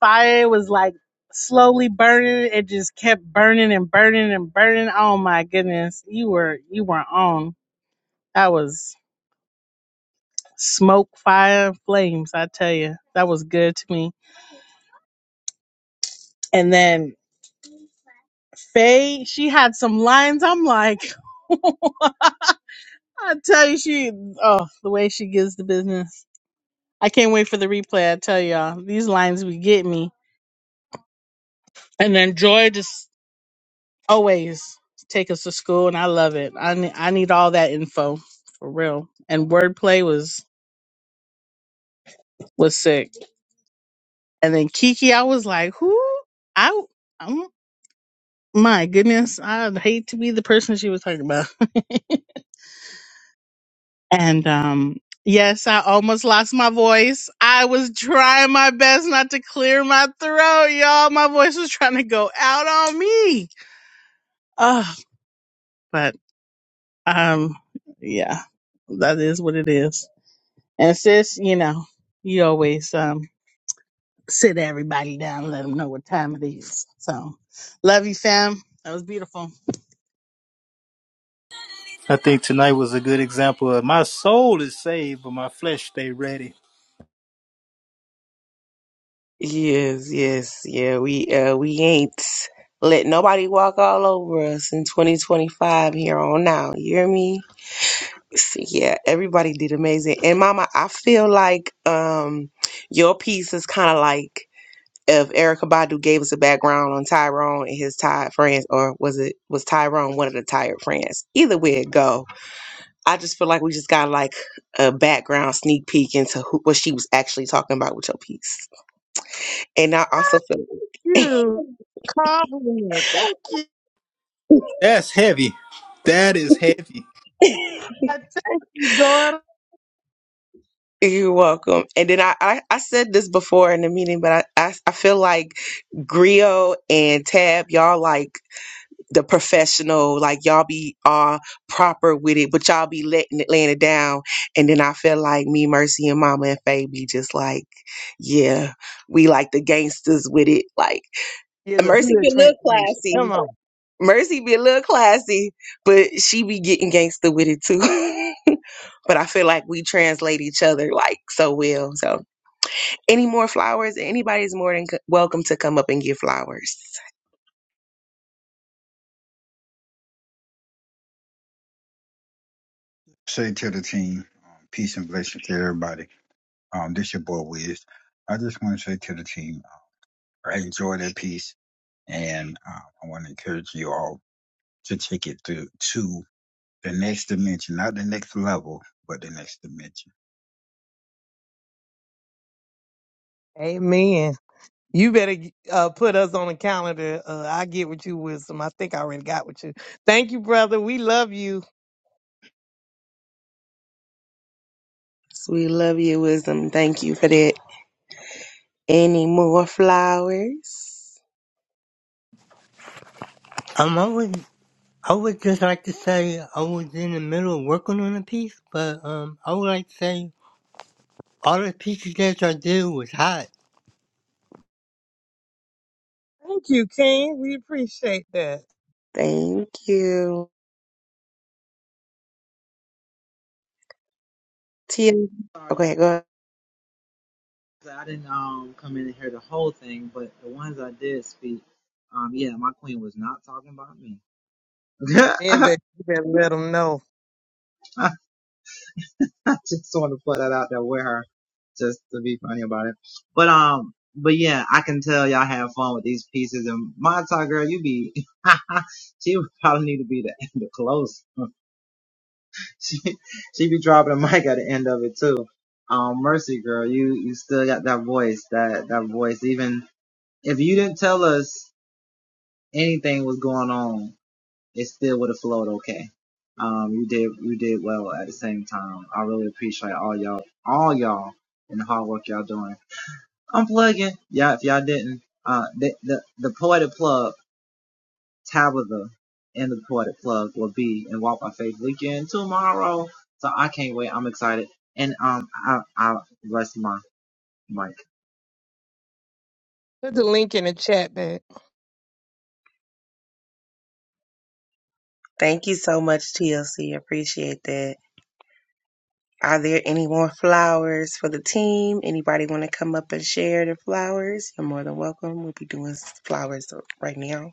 Speaker 6: fire it was like slowly burning. It just kept burning and burning and burning. Oh my goodness. You were you were on. That was smoke, fire, flames, I tell you. That was good to me. And then Faye, she had some lines. I'm like, I tell you, she oh, the way she gives the business. I can't wait for the replay. I tell y'all, these lines be getting me. And then Joy just always take us to school, and I love it. I ne- I need all that info for real. And wordplay was was sick. And then Kiki, I was like, who? I i my goodness, I'd hate to be the person she was talking about. and um. Yes, I almost lost my voice. I was trying my best not to clear my throat, y'all. My voice was trying to go out on me. Ugh. But um, yeah, that is what it is. And sis, you know, you always um sit everybody down, and let them know what time it is. So, love you, fam. That was beautiful.
Speaker 1: I think tonight was a good example of my soul is saved, but my flesh stay ready.
Speaker 3: Yes, yes, yeah. We uh we ain't let nobody walk all over us in 2025 here on now. You hear me? So, yeah, everybody did amazing. And Mama, I feel like um your piece is kind of like if Erica Badu gave us a background on Tyrone and his tired friends, or was it was Tyrone one of the tired friends? Either way it go, I just feel like we just got like a background sneak peek into who, what she was actually talking about with your piece. And I also feel
Speaker 2: You compliment. Thank you,
Speaker 1: That's heavy. That is heavy.
Speaker 2: daughter.
Speaker 3: you're welcome. And then I, I, I said this before in the meeting, but I, I, I feel like Grio and Tab, y'all like the professional, like y'all be all proper with it, but y'all be letting it laying it down. And then I feel like me, Mercy, and Mama and Faye be just like, yeah, we like the gangsters with it. Like
Speaker 2: You're the
Speaker 3: Mercy
Speaker 2: good
Speaker 3: been a little
Speaker 2: transformation. Come
Speaker 3: classy.
Speaker 2: on.
Speaker 3: Mercy be a little classy, but she be getting gangster with it too. but I feel like we translate each other like so well. So, any more flowers? Anybody's more than c- welcome to come up and give flowers.
Speaker 7: Say to the team, um, peace and blessings to everybody. Um, this your boy Wiz. I just want to say to the team, I enjoy that piece, and uh, I want to encourage you all to take it to to the next dimension, not the next level, but the next dimension.
Speaker 2: Amen. You better uh, put us on the calendar. Uh, I get with you, wisdom. I think I already got with you. Thank you, brother. We love you.
Speaker 3: So we love you, wisdom. Thank you for that. Any more flowers?
Speaker 8: Um, I would, I would just like to say I was in the middle of working on a piece, but um, I would like to say all the pieces that I did was hot.
Speaker 2: Thank you, King. We appreciate that.
Speaker 3: Thank you, TLC.
Speaker 9: Sorry, y'all.
Speaker 3: Okay, go. ahead.
Speaker 9: 'cause I didn't um come in and hear the whole thing, but the ones I did speak, um, yeah, my queen was not talking about me.
Speaker 2: Man, but
Speaker 9: I
Speaker 2: you better let them know.
Speaker 9: just want to put that out there with her, just to be funny about it. But um, but yeah, I can tell y'all have fun with these pieces. And my tie girl, you be, she would probably need to be the the close. she she be dropping a mic at the end of it too. Um, Mercy girl, you you still got that voice, that that voice. Even if you didn't tell us. anything was going on, it still would have flowed okay. Um, you did you did well at the same time. I really appreciate all y'all, all y'all, and the hard work y'all doing. I'm plugging, yeah. If y'all didn't, uh, the the, the poetic plug, Tabitha, and the poetic plug will be in Walk by Faith weekend tomorrow. So I can't wait. I'm excited, and um, I I rest my mic
Speaker 2: Put the link in the chat, man.
Speaker 3: Thank you so much, TLC. Appreciate that. Are there any more flowers for the team? Anybody want to come up and share their flowers? You're more than welcome. We'll be doing flowers right now.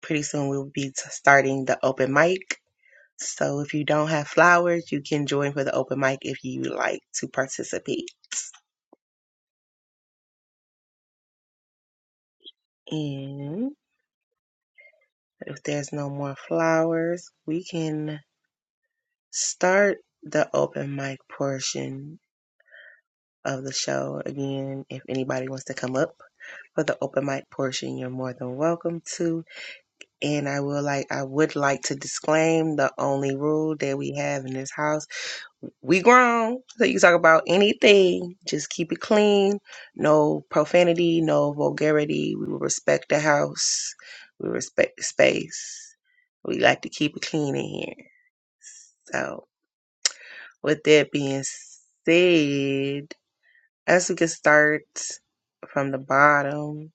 Speaker 3: Pretty soon we'll be t- starting the open mic. So if you don't have flowers, you can join for the open mic if you like to participate. And if there's no more flowers, we can start the open mic portion of the show again. If anybody wants to come up for the open mic portion, you're more than welcome to. And I will like I would like to disclaim the only rule that we have in this house. We grown, so you can talk about anything. Just keep it clean. No profanity, no vulgarity. We will respect the house. We respect the space. We like to keep it clean in here. So with that being said, as we can start from the bottom,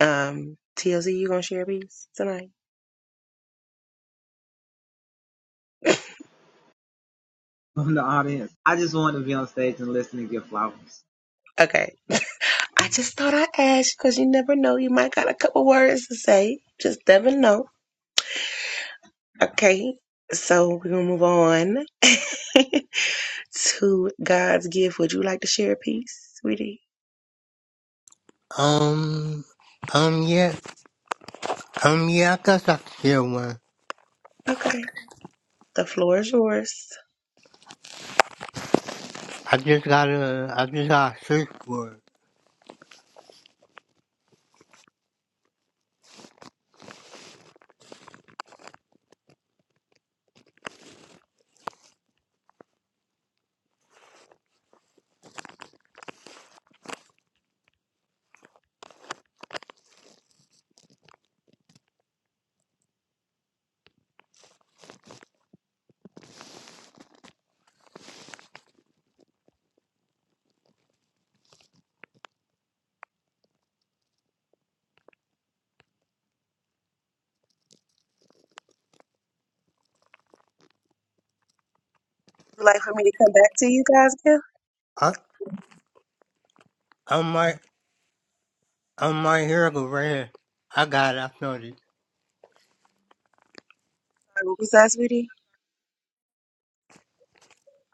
Speaker 3: um, TLC, you gonna share a piece tonight?
Speaker 9: on the audience. I just want to be on stage and listen and give flowers.
Speaker 3: Okay. I just thought I'd ask because you never know. You might got a couple words to say. Just never know. Okay. So we're going to move on to God's gift. Would you like to share a piece, sweetie?
Speaker 8: Um, um, yeah, um, yeah, I guess I could share one.
Speaker 3: Okay. The floor is yours.
Speaker 8: I just gotta, I just gotta search for it.
Speaker 3: Would you like for me to come back to you, God's gift?
Speaker 8: I, I'm right, I'm right here, I go right here. I got it, I found it.
Speaker 3: What was that, sweetie?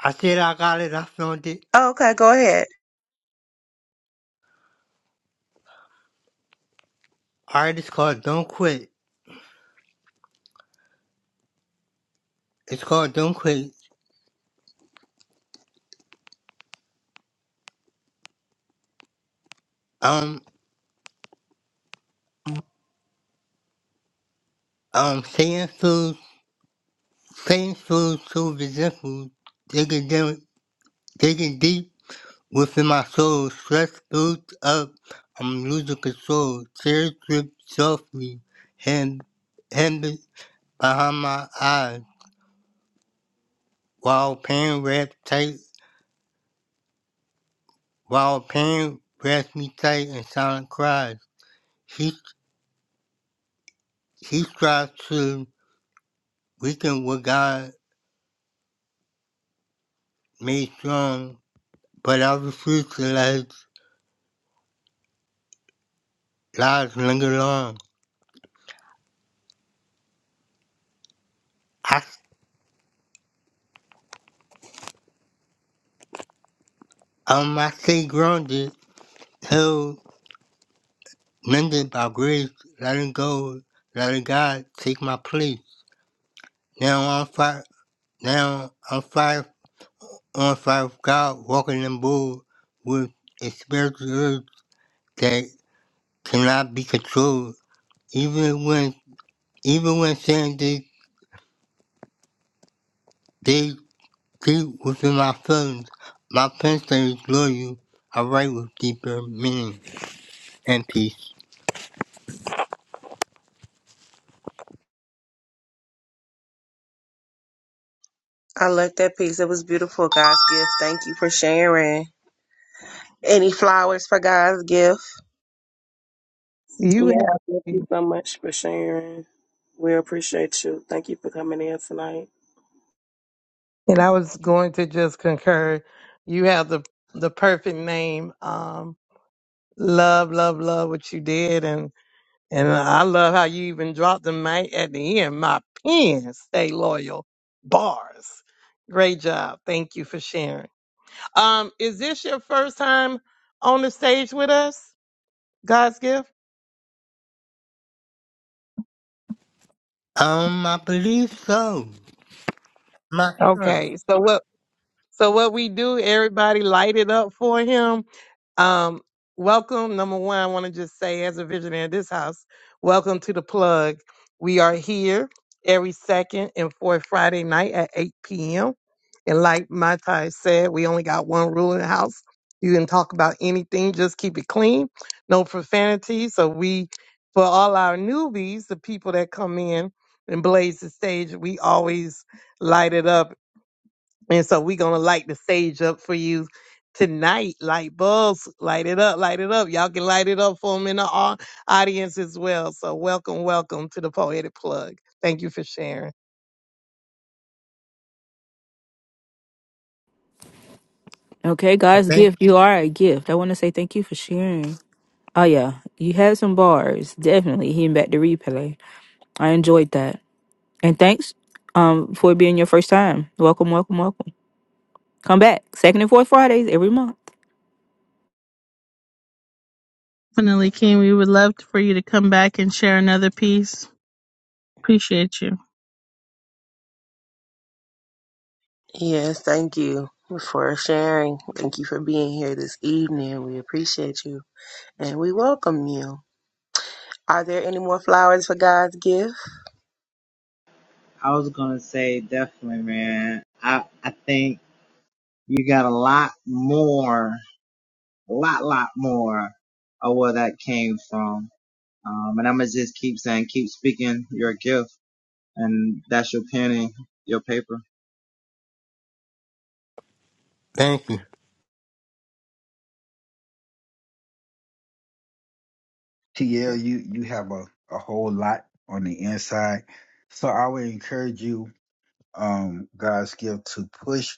Speaker 8: I said I got it, I found it.
Speaker 3: Oh, okay. Go ahead.
Speaker 8: Alright, it's called Don't Quit. It's called Don't Quit. Um, um, saying Painful so so resentful, digging down, digging deep within my soul. Stress builds up, I'm losing control. Tears drip softly, hand, hand behind my eyes. While pain wraps tight, while pain wraps me tight in silent cries. He, he strives to weaken what God made strong, but I refuse to let lies linger on. I, um, I stay grounded Healed, mended by grace, letting go, letting God take my place. Now I'm fire, now I'm fire on fire with God, walking in bold with a spiritual urge that cannot be controlled. Even when, even when saying they, they deep within my feelings, my pen says loyal. I write with deeper meaning and peace.
Speaker 3: I loved that piece. It was beautiful, God's gift. Thank you for sharing. Any flowers for God's gift?
Speaker 2: You
Speaker 5: Yeah, thank
Speaker 2: have,
Speaker 5: you so much for sharing. We appreciate you. Thank you for coming in tonight.
Speaker 2: and I was going to just concur. You have the the perfect name. Um, love, love, love what you did, and. And I love how you even dropped the mic at the end. My pen stay loyal. Bars. Great job. Thank you for sharing. Um, is this your first time on the stage with us? God's gift?
Speaker 8: Um, I believe so. I'm not sure.
Speaker 2: Okay. So what so what we do, everybody light it up for him. Um, welcome. Number one, I want to just say, as a visionary of this house, welcome to the plug. We are here every second and fourth Friday night at 8 p.m. And like my Ty said, we only got one rule in the house. You can talk about anything, just keep it clean, no profanity. So we, for all our newbies, the people that come in and blaze the stage, we always light it up and so we're gonna light the stage up for you tonight. Light bulbs, light it up, light it up. Y'all can light it up for them in the au- audience as well. So welcome, welcome to the Poetic Plug. Thank you for sharing.
Speaker 4: Okay,
Speaker 8: I
Speaker 4: God's
Speaker 8: think.
Speaker 4: gift. You are a gift. I want to say thank you for sharing. Oh yeah, you had some bars. Definitely hitting back the replay. I enjoyed that, and thanks um for it being your first time. Welcome, welcome, welcome. Come back second and fourth Fridays every month.
Speaker 6: Definitely, King. We would love for you to come back and share another piece. Appreciate you.
Speaker 3: Yes. Thank you for sharing. Thank you for being here this evening. We appreciate you. and we welcome you. Are there any more flowers for God's gift?
Speaker 9: I was gonna say definitely, man. I I think you got a lot more, a lot, lot more of where that came from. Um, and I'ma just keep saying, keep speaking your gift, and that's your penny, your paper.
Speaker 8: Thank you.
Speaker 7: TL, you you have a a whole lot on the inside, so I would encourage you, um, God's gift, to push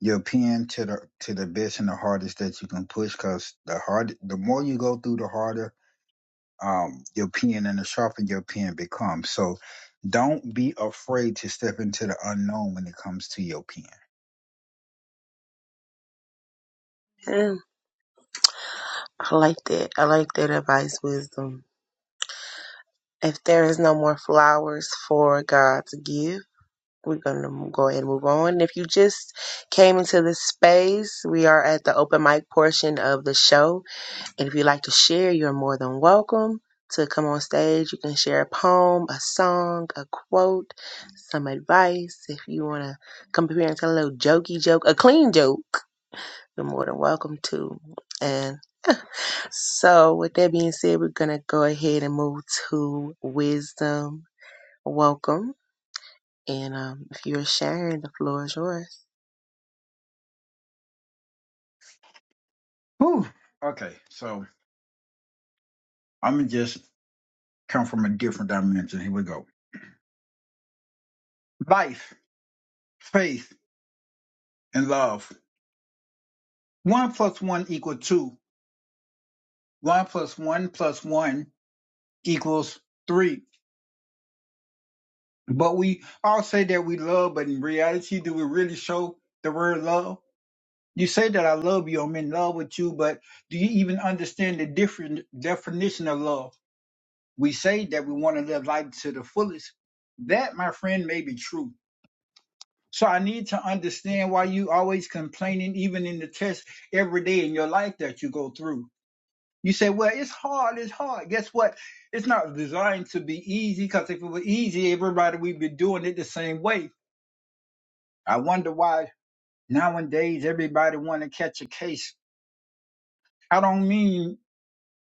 Speaker 7: your pen to the to the best and the hardest that you can push because the hard the more you go through the harder um your pen and the sharper your pen becomes so don't be afraid to step into the unknown when it comes to your pen
Speaker 3: Yeah, I like that. I like that advice, wisdom. If there is no more flowers for God's gift, we're going to go ahead and move on. If you just came into this space, we are at the open mic portion of the show. And if you'd like to share, you're more than welcome to come on stage. You can share a poem, a song, a quote, some advice. If you want to come up here and tell a little jokey joke, a clean joke You're more than welcome to. And so, with that being said, we're going to go ahead and move to wisdom. Welcome. And um, if you're sharing, the floor is yours.
Speaker 7: Whew. okay so i'm gonna just come from a different dimension here we go life faith and love one plus one equals two one plus one plus one equals three But we all say that we love, but in reality, do we really show the word love? You say that I love you, I'm in love with you, but do you even understand the different definition of love? We say that we want to live life to the fullest. That, my friend, may be true. So I need to understand why you always complaining, even in the test every day in your life that you go through. You say, well, it's hard, it's hard. Guess what? It's not designed to be easy because if it were easy, everybody would be doing it the same way I wonder why nowadays everybody want to catch a case. I don't mean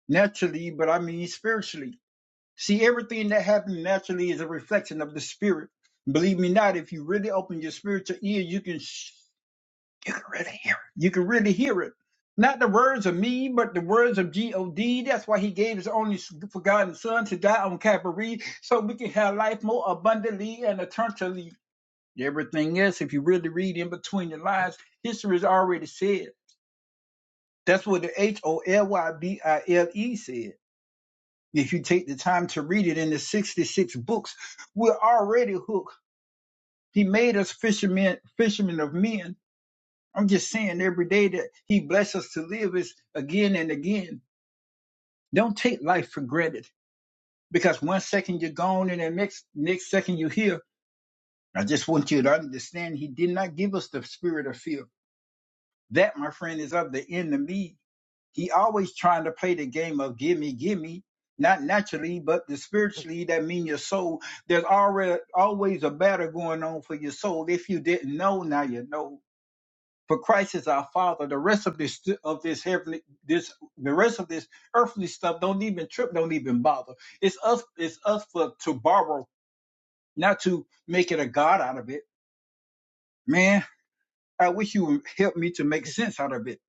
Speaker 7: naturally, but I mean spiritually. See, everything that happens naturally is a reflection of the spirit. Believe me not, if you really open your spiritual ear, you can sh- you can really hear it. You can really hear it. Not the words of me, but the words of G-O-D. That's why he gave his only forgotten son to die on Calvary, so we can have life more abundantly and eternally. Everything else, if you really read in between the lines, history is already said. That's what the H O L Y B I L E said. If you take the time to read it in the 66 books, we're already hooked. He made us fishermen, fishermen of men. I'm just saying every day that he bless us to live is again and again. Don't take life for granted because one second you're gone and the next, next second you're here. I just want you to understand he did not give us the spirit of fear. That, my friend, is of the enemy He always trying to play the game of gimme, gimme, not naturally, but the spiritually, that mean your soul. There's already always a battle going on for your soul. If you didn't know, now you know. For Christ is our Father. The rest of this of this heavenly this the rest of this earthly stuff don't even trip, don't even bother. It's us, it's us for to borrow, not to make it a God out of it. Man, I wish you would help me to make sense out of it.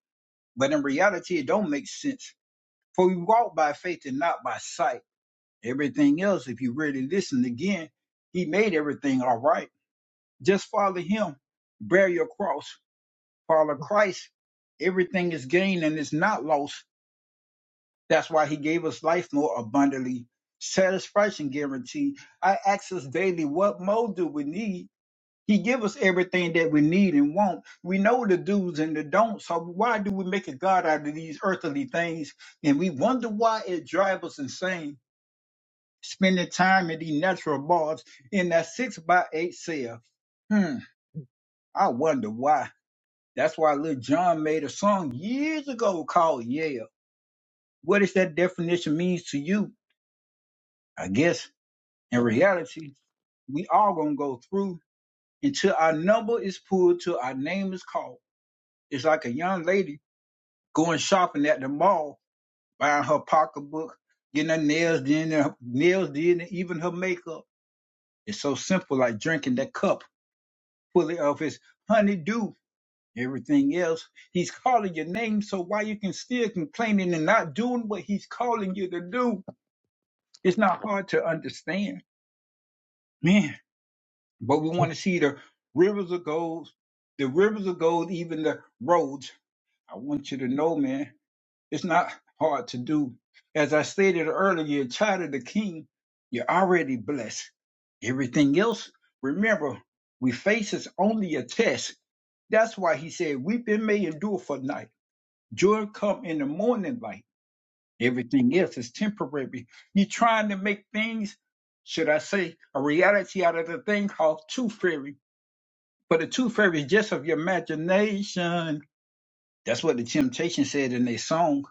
Speaker 7: But in reality, it don't make sense For we walk by faith and not by sight. Everything else, if you really listen again, he made everything all right. Just follow him. Bear your cross. Follow Christ. Everything is gained and it's not lost. That's why he gave us life more abundantly. Satisfaction guarantee. I ask us daily, what more do we need? He give us everything that we need and want. We know the do's and the don'ts. So why do we make a God out of these earthly things? And we wonder why it drives us insane spending time in these natural bars in that six by eight cell. Hmm, I wonder why. That's why Lil John made a song years ago called Yeah. What does that definition mean to you? I guess in reality, we all gonna go through until our number is pulled, till our name is called. It's like a young lady going shopping at the mall, buying her pocketbook, getting her nails done, her nails did, and even her makeup. It's so simple, like drinking that cup fully of his honeydew. Everything else, he's calling your name, so why you can still complaining and not doing what he's calling you to do? It's not hard to understand, man. But we want to see the rivers of gold, the rivers of gold, even the roads. I want you to know, man, it's not hard to do. As I stated earlier, you're a child of the King. You're already blessed. Everything else, remember, we face is only a test That's why he said, Weeping may endure for night. Joy come in the morning light. Everything else is temporary. you are trying to make things, should I say, a reality out of the thing called tooth fairy. But the tooth fairy is just of your imagination. That's what the Temptation said in their song.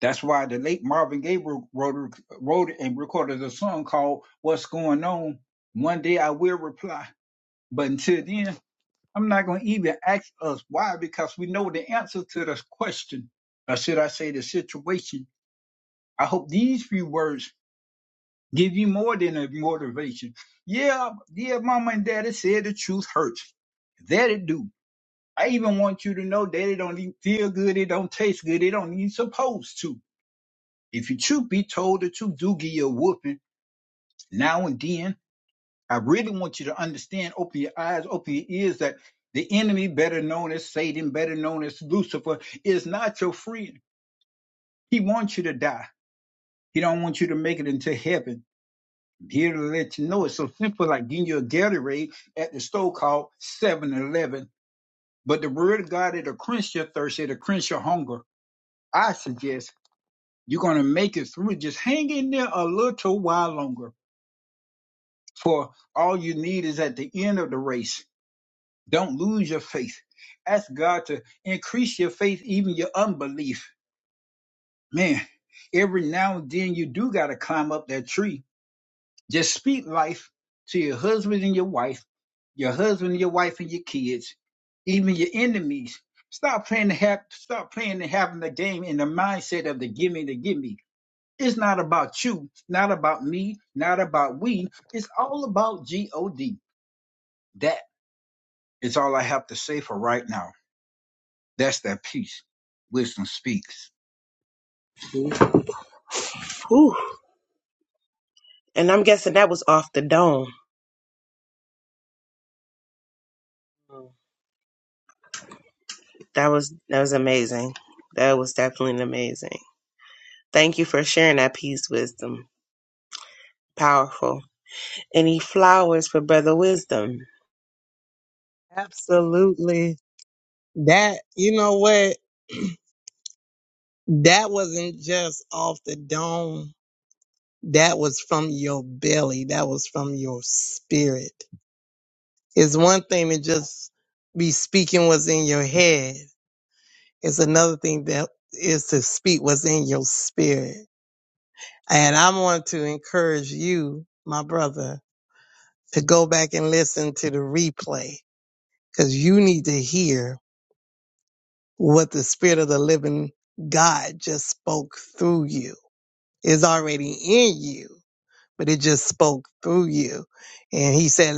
Speaker 7: That's why the late Marvin Gaye wrote, wrote wrote and recorded a song called What's Going On. One day I will reply. But until then, I'm not going to even ask us why because we know the answer to this question, or should I say the situation. I hope these few words give you more than a motivation. Yeah, yeah, mama and daddy said the truth hurts. That it do. I even want you to know that it don't even feel good, it don't taste good, it don't even supposed to. If you truth be told, the truth do give you a whooping now and then. I really want you to understand, open your eyes, open your ears, that the enemy, better known as Satan, better known as Lucifer, is not your friend. He wants you to die. He don't want you to make it into heaven. I'm here to let you know it's so simple like getting you a Gatorade at the store called Seven Eleven. But the word of God, it'll quench your thirst, it'll quench your hunger. I suggest you're going to make it through. Just hang in there a little while longer. For all you need is at the end of the race Don't lose your faith. Ask God to increase your faith, even your unbelief. Man, every now and then you do got to climb up that tree. Just speak life to your husband and your wife, your husband and your wife and your kids, even your enemies. Stop playing the hap- stop playing and having the game in the mindset of the gimme the gimme. It's not about you, not about me, not about we. It's all about G O D. That is all I have to say for right now. That's that peace. Wisdom speaks.
Speaker 3: Whew. And I'm guessing that was off the dome. That was that was amazing. That was definitely amazing. Thank you for sharing that piece, wisdom. Powerful. Any flowers for brother wisdom?
Speaker 2: Absolutely. That you know what? That wasn't just off the dome. That was from your belly. That was from your spirit. It's one thing to just be speaking what's in your head Is another thing that is to speak what's in your spirit. And I want to encourage you, my brother, to go back and listen to the replay because you need to hear what the spirit of the living God just spoke through you. It's already in you, but it just spoke through you. And he said,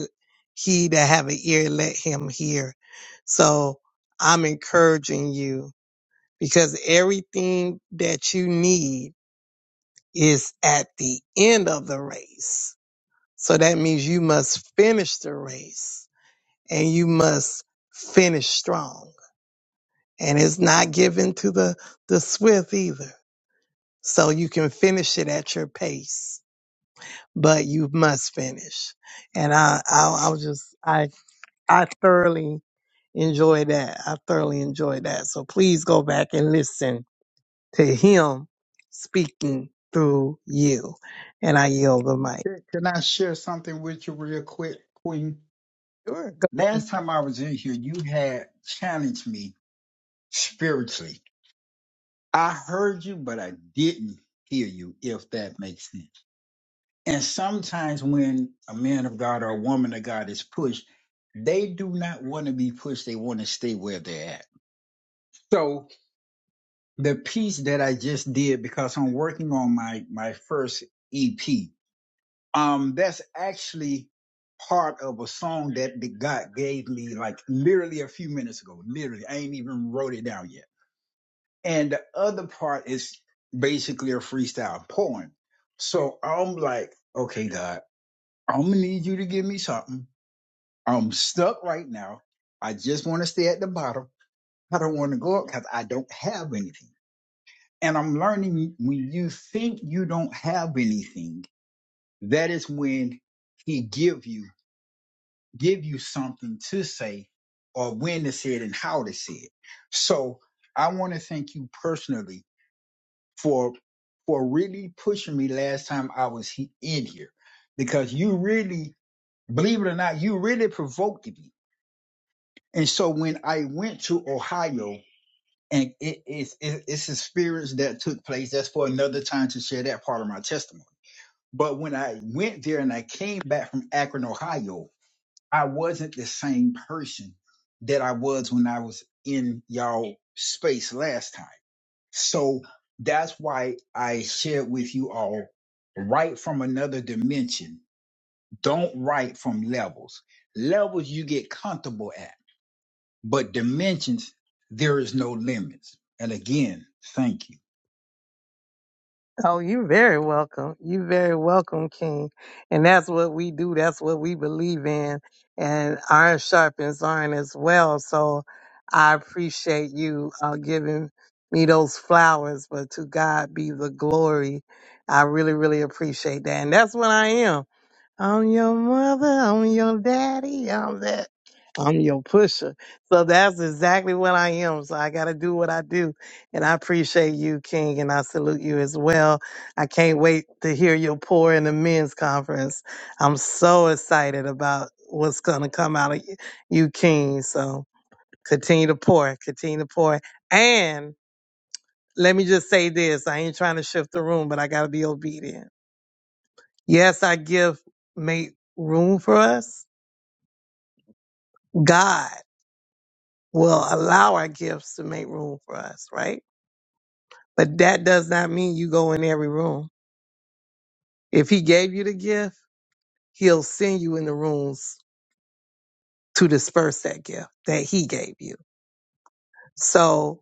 Speaker 2: he that have an ear, let him hear. So I'm encouraging you because everything that you need is at the end of the race. So that means you must finish the race and you must finish strong. And it's not given to the, the swift either. So you can finish it at your pace, but you must finish. And I, I, I was just, I, I thoroughly enjoy that. I thoroughly enjoy that. So please go back and listen to him speaking through you. And I yield the mic.
Speaker 7: Can can I share something with you real quick, Queen?
Speaker 2: Sure.
Speaker 7: Last time I was in here, you had challenged me spiritually. I heard you, but I didn't hear you, if that makes sense. And sometimes when a man of God or a woman of God is pushed, they do not want to be pushed. They want to stay where they're at. So the piece that I just did, because I'm working on my, my first EP Um, that's actually part of a song that the God gave me like literally a few minutes ago. Literally, I ain't even wrote it down yet. And the other part is basically a freestyle poem. So I'm like, okay, God, I'm gonna need you to give me something. I'm stuck right now. I just want to stay at the bottom. I don't want to go up because I don't have anything. And I'm learning when you think you don't have anything, that is when he give you give you something to say or when to say it and how to say it. So I want to thank you personally for for really pushing me last time I was he- in here because you really believe it or not you really provoked me. And so when I went to Ohio and it, it's it, it's experience that took place that's for another time to share that part of my testimony. But when I went there and I came back from Akron, Ohio, I wasn't the same person that I was when I was in y'all space last time. So that's why I shared with you all write from another dimension. Don't write from levels. Levels you get comfortable at, but dimensions, there is no limits. And again, thank you.
Speaker 2: Oh, you're very welcome. You're very welcome, King. And that's what we do. That's what we believe in. And iron sharpens iron as well. So I appreciate you uh, giving me those flowers, but to God be the glory. I really, really appreciate that. And that's what I am. I'm your mother, I'm your daddy, I'm that, I'm your pusher. So that's exactly what I am. So I got to do what I do. And I appreciate you, King, and I salute you as well. I can't wait to hear your pour in the men's conference. I'm so excited about what's going to come out of you, you, King. So continue to pour, continue to pour. And let me just say this I ain't trying to shift the room, but I got to be obedient. Yes, I give, make room for us God will allow our gifts to make room for us, right? But that does not mean you go in every room. If He gave you the gift, He'll send you in the rooms to disperse that gift that He gave you. So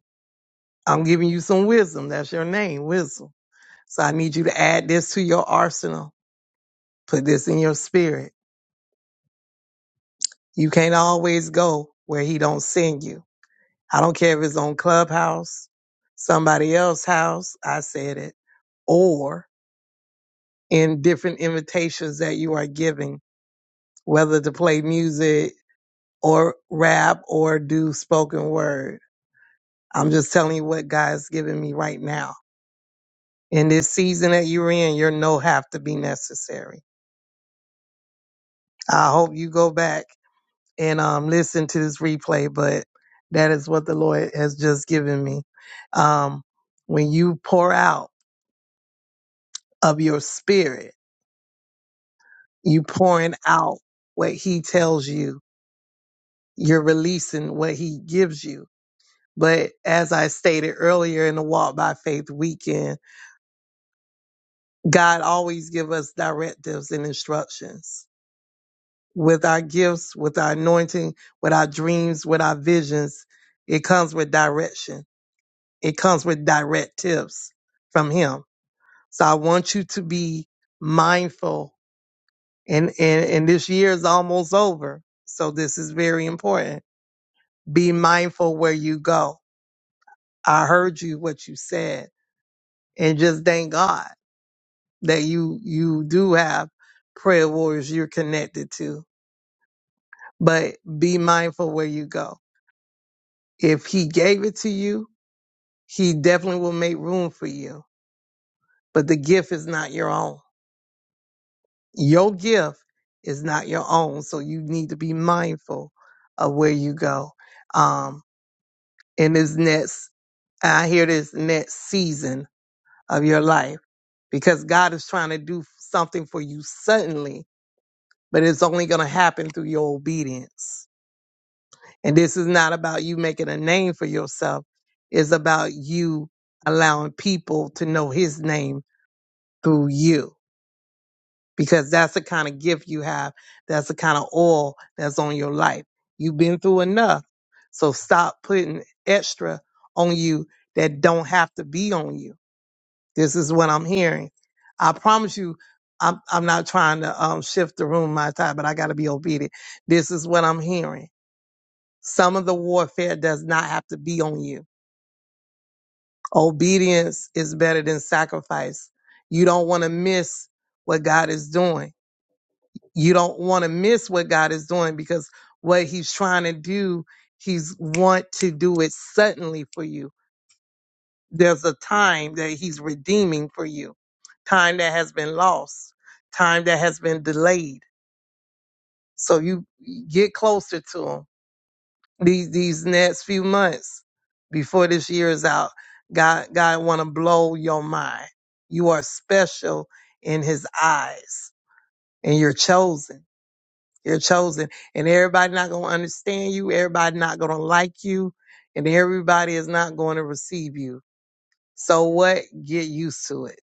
Speaker 2: I'm giving you some wisdom. That's your name, wisdom. So I need you to add this to your arsenal. Put this in your spirit. You can't always go where He don't send you. I don't care if it's on Clubhouse, somebody else's house. I said it. Or in different invitations that you are giving, whether to play music or rap or do spoken word. I'm just telling you what God's giving me right now. In this season that you're in, your no have to be necessary. I hope you go back and um, listen to this replay, but that is what the Lord has just given me. Um, when you pour out of your spirit, you pouring out what He tells you. You're releasing what He gives you But as I stated earlier in the Walk by Faith weekend, God always give us directives and instructions. With our gifts, with our anointing, with our dreams, with our visions, it comes with direction. It comes with directives from Him. So I want you to be mindful and, and, and this year is almost over. So this is very important. Be mindful where you go. I heard you, what you said, and just thank God that you you do have prayer warriors you're connected to but be mindful where you go if he gave it to you he definitely will make room for you but the gift is not your own your gift is not your own so you need to be mindful of where you go um in this next i hear this next season of your life because god is trying to do something for you suddenly but it's only going to happen through your obedience And this is not about you making a name for yourself. It's about you allowing people to know his name through you because that's the kind of gift you have. That's the kind of oil that's on your life. You've been through enough. So stop putting extra on you that don't have to be on you. This is what I'm hearing. I promise you, I'm, I'm not trying to um, shift the room my time, but I got to be obedient. This is what I'm hearing some of the warfare does not have to be on you. Obedience is better than sacrifice. You don't want to miss what God is doing. You don't want to miss what God is doing because what he's trying to do, he's want to do it suddenly for you. There's a time that he's redeeming for you. Time that has been lost, time that has been delayed. So you get closer to him these these next few months before this year is out god god want to blow your mind you are special in his eyes and you're chosen you're chosen and everybody not going to understand you everybody not going to like you and everybody is not going to receive you so what get used to it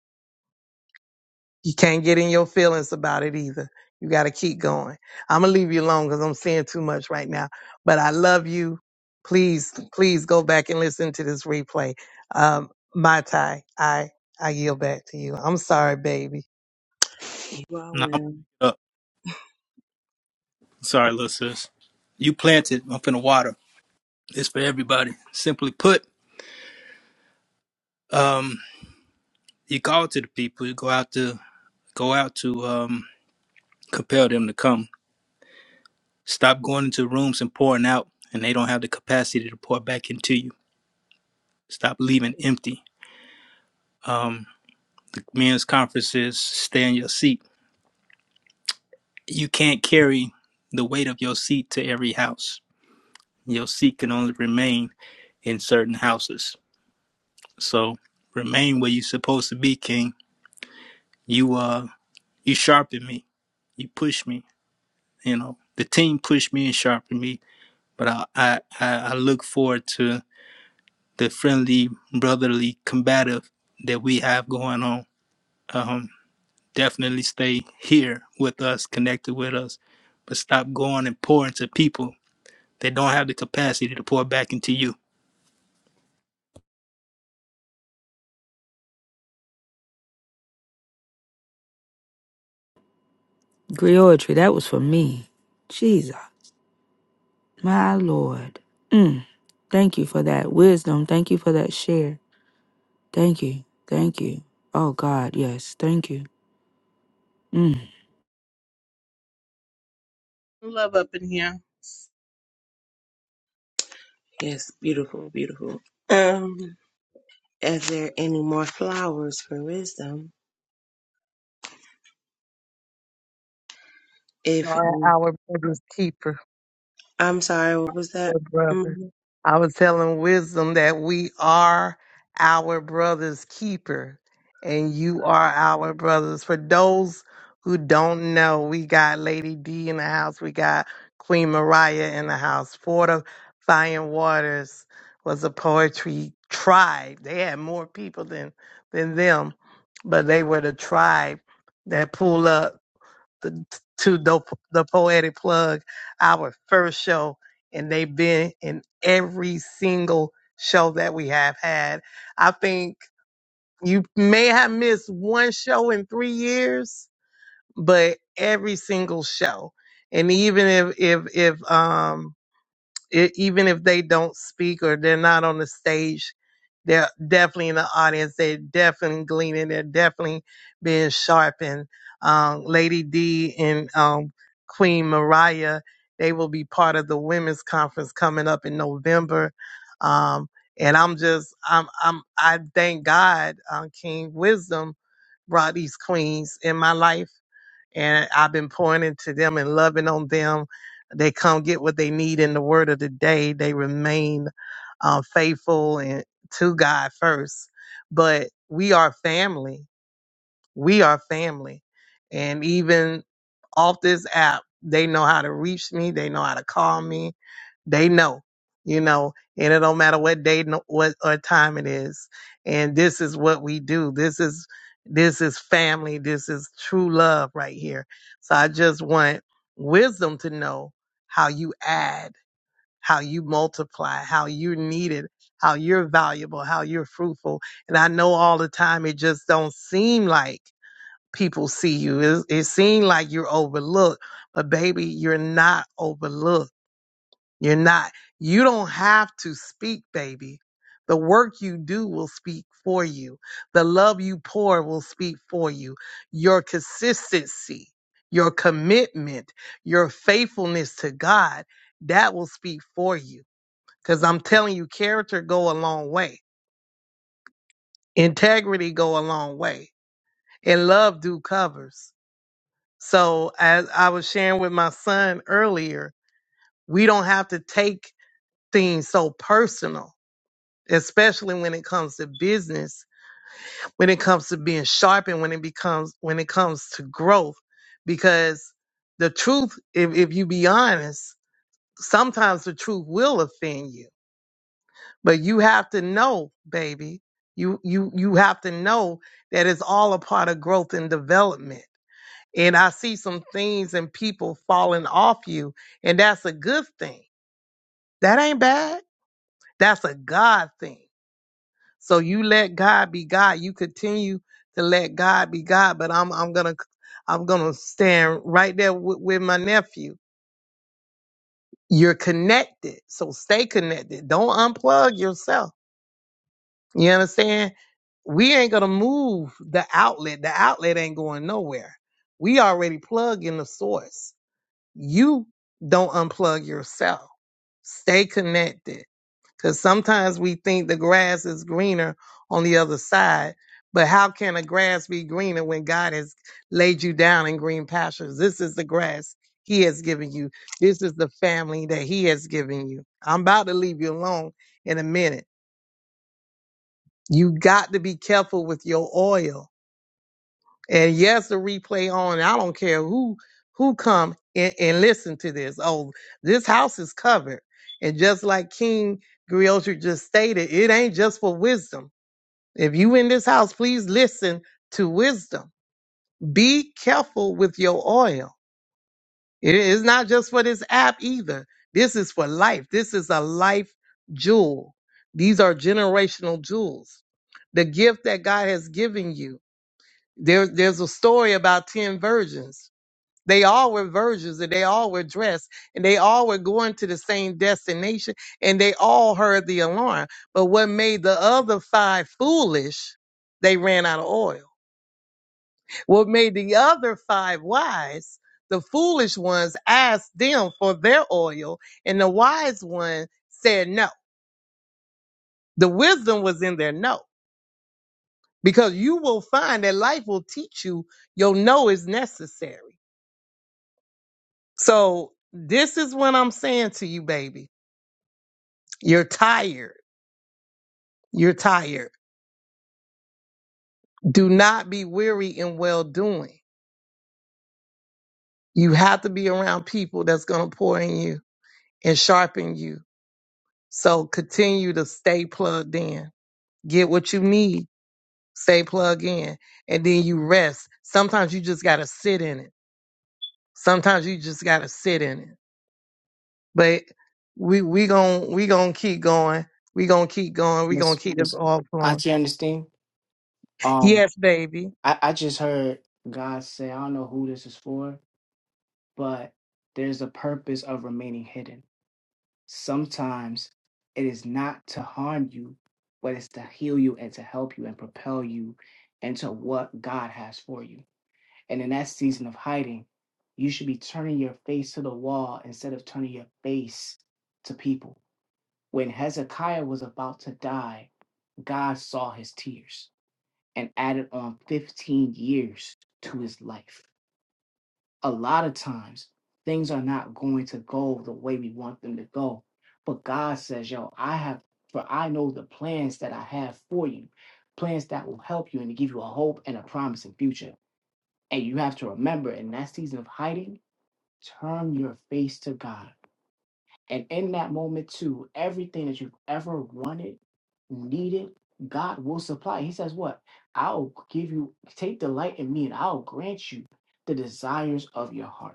Speaker 2: You can't get in your feelings about it either. You got to keep going. I'm going to leave you alone because I'm saying too much right now. But I love you. Please, please go back and listen to this replay. Um, my tie, I, I yield back to you. I'm sorry, baby.
Speaker 3: Wow, well,
Speaker 1: Nah, Sorry, little sis. You planted. I'm finna water. It's for everybody. Simply put, um, you call to the people. You go out to go out to um, compel them to come. Stop going into rooms and pouring out, and they don't have the capacity to pour back into you. Stop leaving empty. Um, the men's conferences. Stay in your seat. You can't carry the weight of your seat to every house. Your seat can only remain in certain houses. So remain where you're supposed to be, King. You uh you sharpened me. You pushed me. You know, the team pushed me and sharpened me. But I, I, I I look forward to the friendly, brotherly, combative that we have going on. Um, definitely stay here with us, connected with us, but stop going and pouring to people that don't have the capacity to pour back into you.
Speaker 4: Griotry, that was for me. Jesus, my Lord. Mm, thank you for that wisdom. Thank you for that share. Thank you, thank you. Oh God, yes, thank you. Mm.
Speaker 6: Love up in here.
Speaker 3: yes, beautiful, beautiful. Um, Is there any more flowers for wisdom?
Speaker 2: You
Speaker 3: If
Speaker 2: are our brother's keeper.
Speaker 3: I'm sorry, what was that?
Speaker 2: Our brother.
Speaker 3: Mhm.
Speaker 2: I was telling wisdom that we are our brother's keeper, and you are our brothers. For those who don't know, we got Lady D in the house. We got Queen Mariah in the house. Fortifying Waters was a poetry tribe. They had more people than than them, but they were the tribe that pulled up the, to the, the poetic plug our first show and they've been in every single show that we have had i think you may have missed one show in three years but every single show and even if if if um it, even if they don't speak or they're not on the stage, they're definitely in the audience. They're definitely gleaning. They're definitely being sharpened. Um, Lady D and um, Queen Mariah, they will be part of the women's conference coming up in November. Um, and I'm just, I'm, I'm, I thank God, um, King Wisdom brought these queens in my life and I've been pointing to them and loving on them. They come get what they need in the word of the day. They remain uh, faithful and to God first. But we are family. We are family. And even off this app, they know how to reach me. They know how to call me. They know, you know, and it don't matter what day, no- what or time it is. And this is what we do. This is, this is family. This is true love right here. So I just want wisdom to know how you add, how you multiply, how you're needed, how you're valuable, how you're fruitful. And I know all the time it just don't seem like people see you. It, it seems like you're overlooked, but baby, you're not overlooked. You're not. You don't have to speak, baby. The work you do will speak for you. The love you pour will speak for you. Your consistency, your commitment, your faithfulness to God, that will speak for you. Cause I'm telling you, character go a long way. Integrity go a long way. And love do covers. So as I was sharing with my son earlier, we don't have to take things so personal, especially when it comes to business, when it comes to being sharp and when it becomes when it comes to growth. Because the truth, if, if you be honest, sometimes the truth will offend you. But you have to know, baby. You you you have to know that it's all a part of growth and development and I see some things and people falling off you, and that's a good thing. That ain't bad. That's a God thing. So you let God be God. You continue to let God be God. But I'm I'm gonna I'm gonna stand right there with, with my nephew. You're connected, so stay connected. Don't unplug yourself. You understand? We ain't gonna move the outlet. The outlet ain't going nowhere. We already plug in the source. you don't unplug yourself. Stay connected. Because sometimes we think the grass is greener on the other side. But how can a grass be greener when God has laid you down in green pastures? This is the grass He has given you. This is the family that He has given you. I'm about to leave you alone in a minute. You got to be careful with your oil And yes, the replay on. I don't care who who come and, and listen to this. Oh, this house is covered. And just like King Griotri just stated, it ain't just for wisdom. If you in this house, please listen to wisdom. Be careful with your oil. It is not just for this app either. This is for life. This is a life jewel. These are generational jewels. The gift that God has given you. There, there's a story about 10 virgins they all were virgins and they all were dressed and they all were going to the same destination and they all heard the alarm. But what made the other five foolish, they ran out of oil. What made the other five wise, the foolish ones asked them for their oil and the wise one said no. The wisdom was in their no because you will find that life will teach you your no is necessary. So this is what I'm saying to you, baby You're tired. You're tired. Do not be weary in well doing. You have to be around people that's going to pour in you and sharpen you. So continue to stay plugged in. Get what you need. Stay plugged in. And then you rest. Sometimes you just got to sit in it. Sometimes you just got to sit in it. But we we going we going to keep going. We going to keep going. We going
Speaker 10: Miss,
Speaker 2: to keep this
Speaker 10: Miss
Speaker 2: all flowing.
Speaker 10: Auntie Ernestine, um,
Speaker 2: Yes, baby.
Speaker 10: I, I just heard God say, I don't know who this is for, but there's a purpose of remaining hidden. Sometimes it is not to harm you, but it's to heal you and to help you and propel you into what God has for you. And in that season of hiding, you should be turning your face to the wall instead of turning your face to people. When Hezekiah was about to die, God saw his tears and added on 15 years to his life. A lot of times, things are not going to go the way we want them to go. But God says, Yo, I have, for I know the plans that I have for you, plans that will help you and to give you a hope and a promising future. And you have to remember in that season of hiding, turn your face to God and in that moment, too, everything that you've ever wanted, needed, God will supply. He says, What? I'll give you, take delight in me, and I'll grant you the desires of your heart.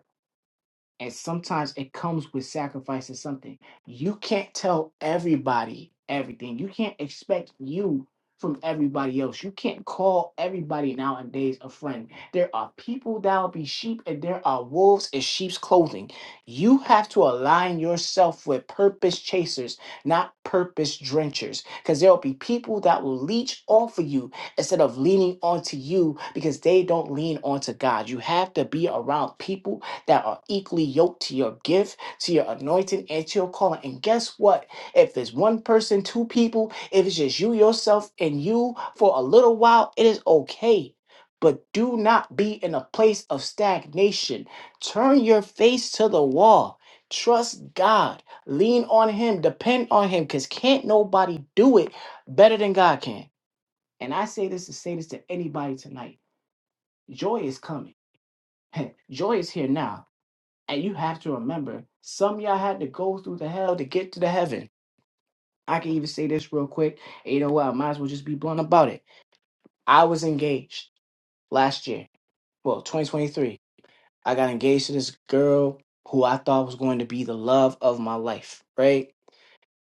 Speaker 10: And sometimes it comes with sacrificing something. You can't tell everybody everything. You can't expect you from everybody else. You can't call everybody nowadays a friend. There are people that will be sheep and there are wolves in sheep's clothing. You have to align yourself with purpose chasers, not purpose drenchers. Because there will be people that will leech off of you instead of leaning onto you because they don't lean onto God. You have to be around people that are equally yoked to your gift, to your anointing, and to your calling. And guess what? If it's one person, two people, if it's just you, yourself, and you for a little while, it is okay. But do not be in a place of stagnation. Turn your face to the wall. Trust God. Lean on Him. Depend on Him. Because can't nobody do it better than God can. And I say this to say this to anybody tonight. Joy is coming. Joy is here now. And you have to remember, some of y'all had to go through the hell to get to the heaven. I can even say this real quick. You know what? I might as well just be blunt about it. I was engaged last year. Well, 2023. I got engaged to this girl who I thought was going to be the love of my life, right?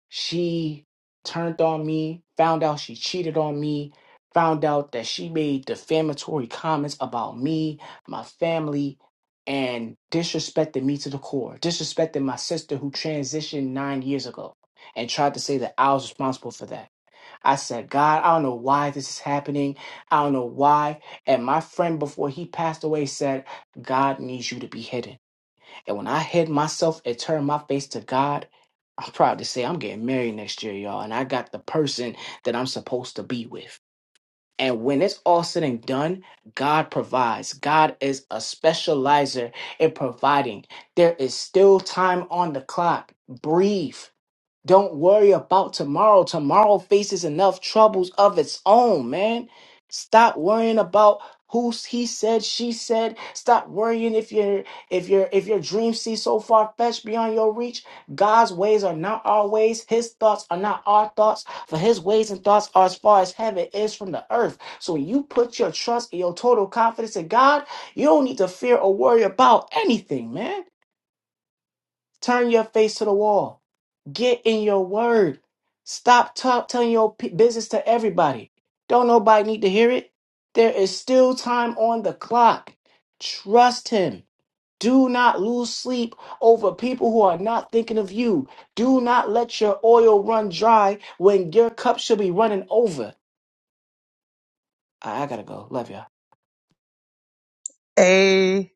Speaker 10: She turned on me, found out she cheated on me, found out that she made defamatory comments about me, my family, and disrespected me to the core, disrespected my sister who transitioned nine years ago and tried to say that I was responsible for that. I said, God, I don't know why this is happening. I don't know why. And my friend, before he passed away, said, God needs you to be hidden. And when I hid myself and turned my face to God, I'm proud to say I'm getting married next year, y'all. And I got the person that I'm supposed to be with. And when it's all said and done, God provides. God is a specializer in providing. There is still time on the clock. Breathe. Don't worry about tomorrow. Tomorrow faces enough troubles of its own, man. Stop worrying about who he said, she said. Stop worrying if your if your if your dreams seem so far fetched beyond your reach. God's ways are not our ways. His thoughts are not our thoughts. For His ways and thoughts are as far as heaven is from the earth. So when you put your trust and your total confidence in God, you don't need to fear or worry about anything, man. Turn your face to the wall. Get in your word. Stop talk, telling your p- business to everybody. Don't nobody need to hear it. There is still time on the clock. Trust him. Do not lose sleep over people who are not thinking of you. Do not let your oil run dry when your cup should be running over. I, I gotta go. Love ya.
Speaker 2: Amen.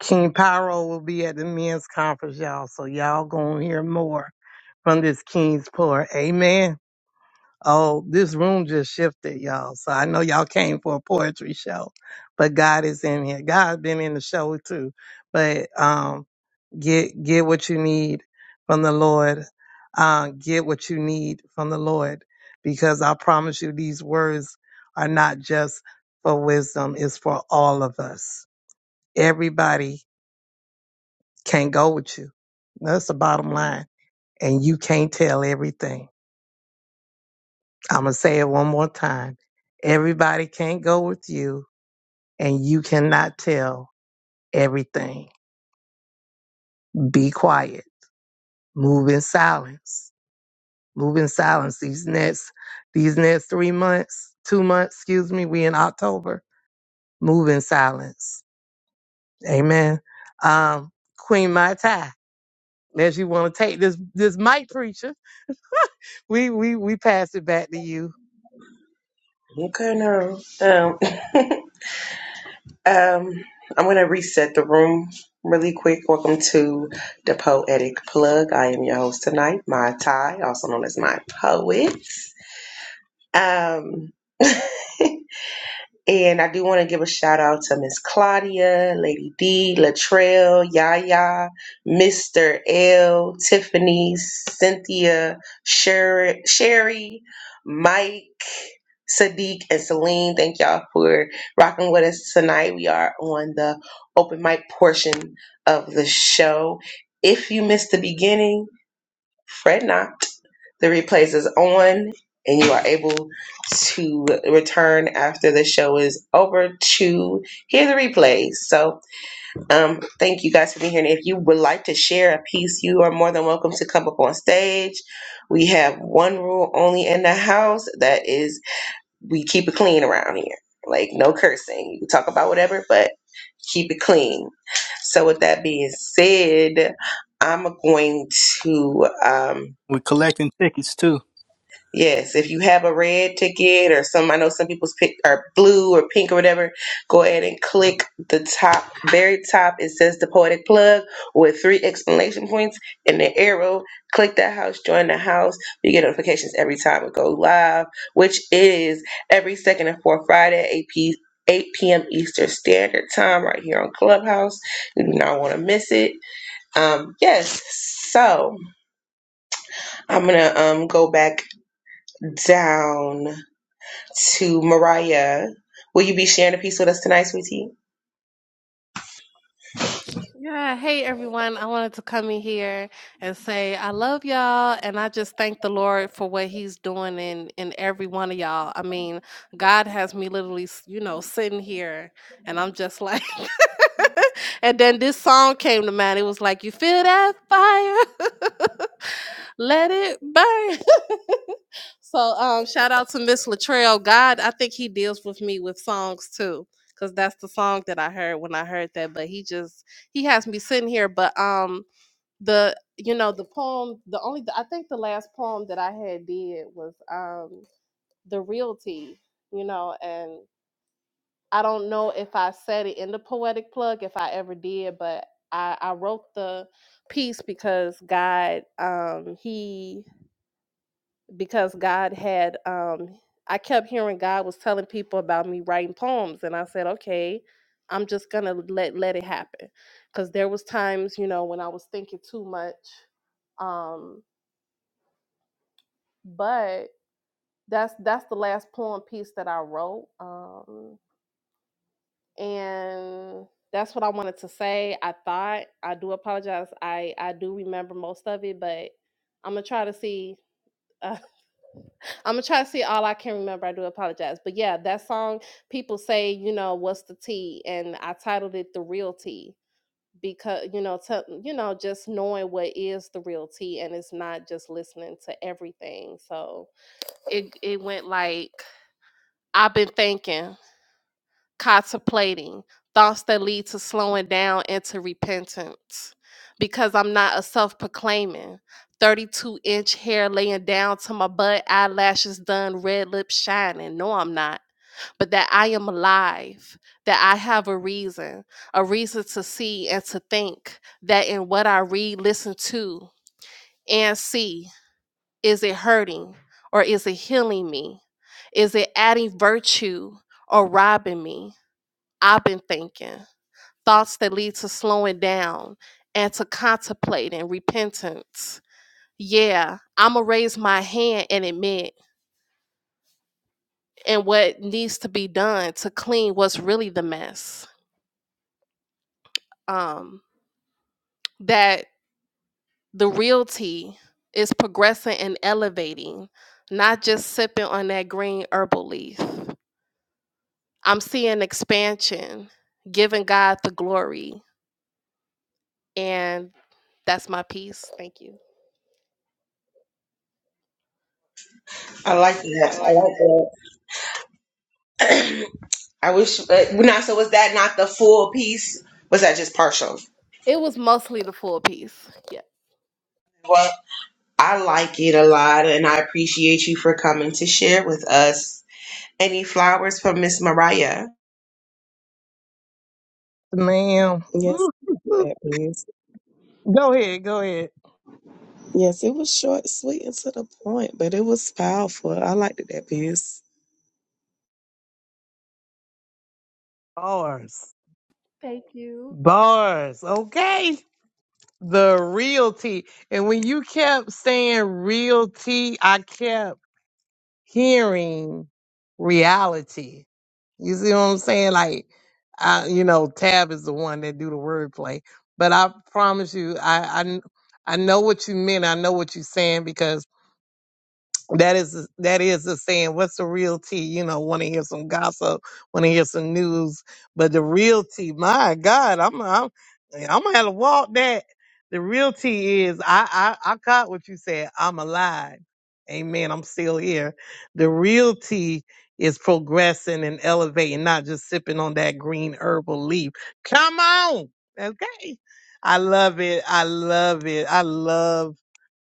Speaker 2: King Pyro will be at the men's conference, y'all. So y'all gonna hear more from this King's pour. Amen. Oh, this room just shifted, y'all. So I know y'all came for a poetry show, but God is in here. God's been in the show too. But um, get get what you need from the Lord. Uh, get what you need from the Lord, because I promise you, these words are not just for wisdom; it's for all of us. Everybody can't go with you. That's the bottom line. And you can't tell everything. I'm going to say it one more time. Everybody can't go with you, and you cannot tell everything. Be quiet. Move in silence. Move in silence. These next, these next three months, two months, excuse me, we in October. Move in silence. Amen. Um, Queen Mai Tai, unless you want to take this, this mic preacher, we, we, we pass it back to you.
Speaker 3: Okay, no. Um, um, I'm going to reset the room really quick. Welcome to the Poetic Plug. I am your host tonight, Mai Tai, also known as my poet. Um, And I do want to give a shout out to Miss Claudia, Lady D, Latrell, Yaya, Mr. L, Tiffany, Cynthia, Sher- Sherry, Mike, Sadiq, and Celine. Thank y'all for rocking with us tonight. We are on the open mic portion of the show. If you missed the beginning, Fret not. The replays is on, and you are able to return after the show is over to hear the replays. So, um, thank you guys for being here. And if you would like to share a piece, you are more than welcome to come up on stage. We have one rule only in the house that is we keep it clean around here. Like no cursing. You can talk about whatever, but keep it clean. So, with that being said, I'm going to. Um,
Speaker 1: We're collecting tickets too.
Speaker 3: Yes, if you have a red ticket or some, I know some people's pick are blue or pink or whatever, go ahead and click the top, very top. It says the poetic plug with three exclamation points and the arrow. Click that house, join the house. You get notifications every time we go live, which is every second and fourth Friday, 8 p. 8 p.m. Eastern Standard Time, right here on Clubhouse. You do not want to miss it. Um, yes, so I'm gonna um go back down to Mariah. Will you be sharing a piece with us tonight, sweetie?
Speaker 11: Yeah, hey everyone. I wanted to come in here and say I love y'all and I just thank the Lord for what he's doing in in every one of y'all. I mean, God has me literally, s- you know, sitting here and I'm just like And then this song came to mind. It was like, "You feel that fire? Let it burn." So um, shout out to Miss Latrell. God, I think he deals with me with songs too, because that's the song that I heard when I heard that. But he just he has me sitting here. But um, the you know the poem, the only I think the last poem that I had did was um the realty, you know, and I don't know if I said it in the poetic plug if I ever did, but I I wrote the piece because God um he because God had um I kept hearing God was telling people about me writing poems and I said, "Okay, I'm just going to let let it happen." Cuz there was times, you know, when I was thinking too much. Um but that's that's the last poem piece that I wrote. Um and that's what I wanted to say. I thought I do apologize. I I do remember most of it, but I'm going to try to see I'm gonna try to see all I can remember. I do apologize, but yeah, that song people say, you know, what's the T, and I titled it the real T because you know, to, you know, just knowing what is the real T, and it's not just listening to everything. So it it went like I've been thinking contemplating thoughts that lead to slowing down and to repentance because i'm not a self-proclaiming 32 inch hair laying down to my butt eyelashes done red lips shining no i'm not but that i am alive that i have a reason a reason to see and to think that in what i read listen to and see is it hurting or is it healing me is it adding virtue or robbing me I've been thinking thoughts that lead to slowing down and to contemplating repentance. Yeah, I'm gonna raise my hand and admit and what needs to be done to clean what's really the mess. Um, that the realty is progressing and elevating, not just sipping on that green herbal leaf. I'm seeing expansion, giving God the glory, and that's my piece. Thank you.
Speaker 3: I like that. I like that. I wish. Uh, now, so was that not the full piece? Was that just partial?
Speaker 11: It was mostly the full piece.
Speaker 3: Well, I like it a lot, and I appreciate you for coming to share with us. Any flowers from Miss Mariah?
Speaker 2: ma'am.
Speaker 5: Yes,
Speaker 2: Woo,
Speaker 5: I did
Speaker 2: woo.
Speaker 5: that piece.
Speaker 2: go ahead, go ahead.
Speaker 5: Yes, it was short, sweet, and to the point, but it was powerful. I liked it, that piece.
Speaker 2: Bars.
Speaker 11: Thank you.
Speaker 2: Bars. Okay. The realty. And when you kept saying realty, I kept hearing reality. You see what I'm saying? Like, I, you know, Tab is the one that do the wordplay. But I promise you, I, I, I know what you meant. I know what you're saying because that is that is the saying what's the real tea you know want to hear some gossip want to hear some news but the real tea my god i'm i'm i'm gonna have to walk that the real tea is i i i caught what you said i'm alive amen i'm still here the real tea is progressing and elevating not just sipping on that green herbal leaf come on okay i love it i love it i love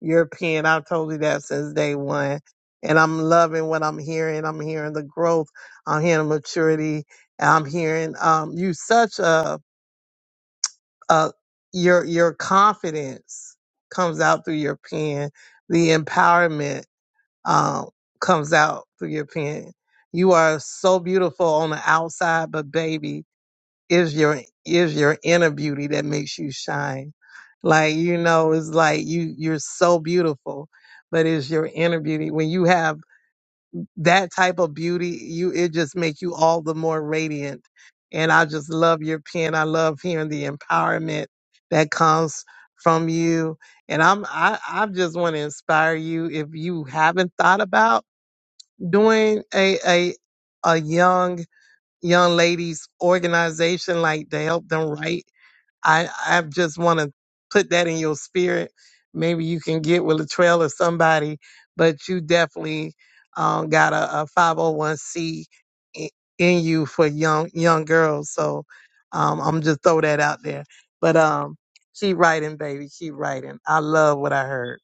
Speaker 2: European. I've told you that since day one. And I'm loving what I'm hearing. I'm hearing the growth. I'm hearing maturity. and I'm hearing um, you such a, a your your confidence comes out through your pen. The empowerment um, comes out through your pen. You are so beautiful on the outside, but baby, is your is your inner beauty that makes you shine. Like you know, it's like you you're so beautiful, but it's your inner beauty. When you have that type of beauty, you it just makes you all the more radiant. And I just love your pen. I love hearing the empowerment that comes from you. And I'm I, I just want to inspire you if you haven't thought about doing a a a young young ladies organization like to help them write I I just want to put that in your spirit. Maybe you can get with Latrell or somebody, but you definitely um, got a, a 501c i- in you for young young girls. So um, I'm just throw that out there. But um, keep writing, baby. Keep writing. I love what I heard.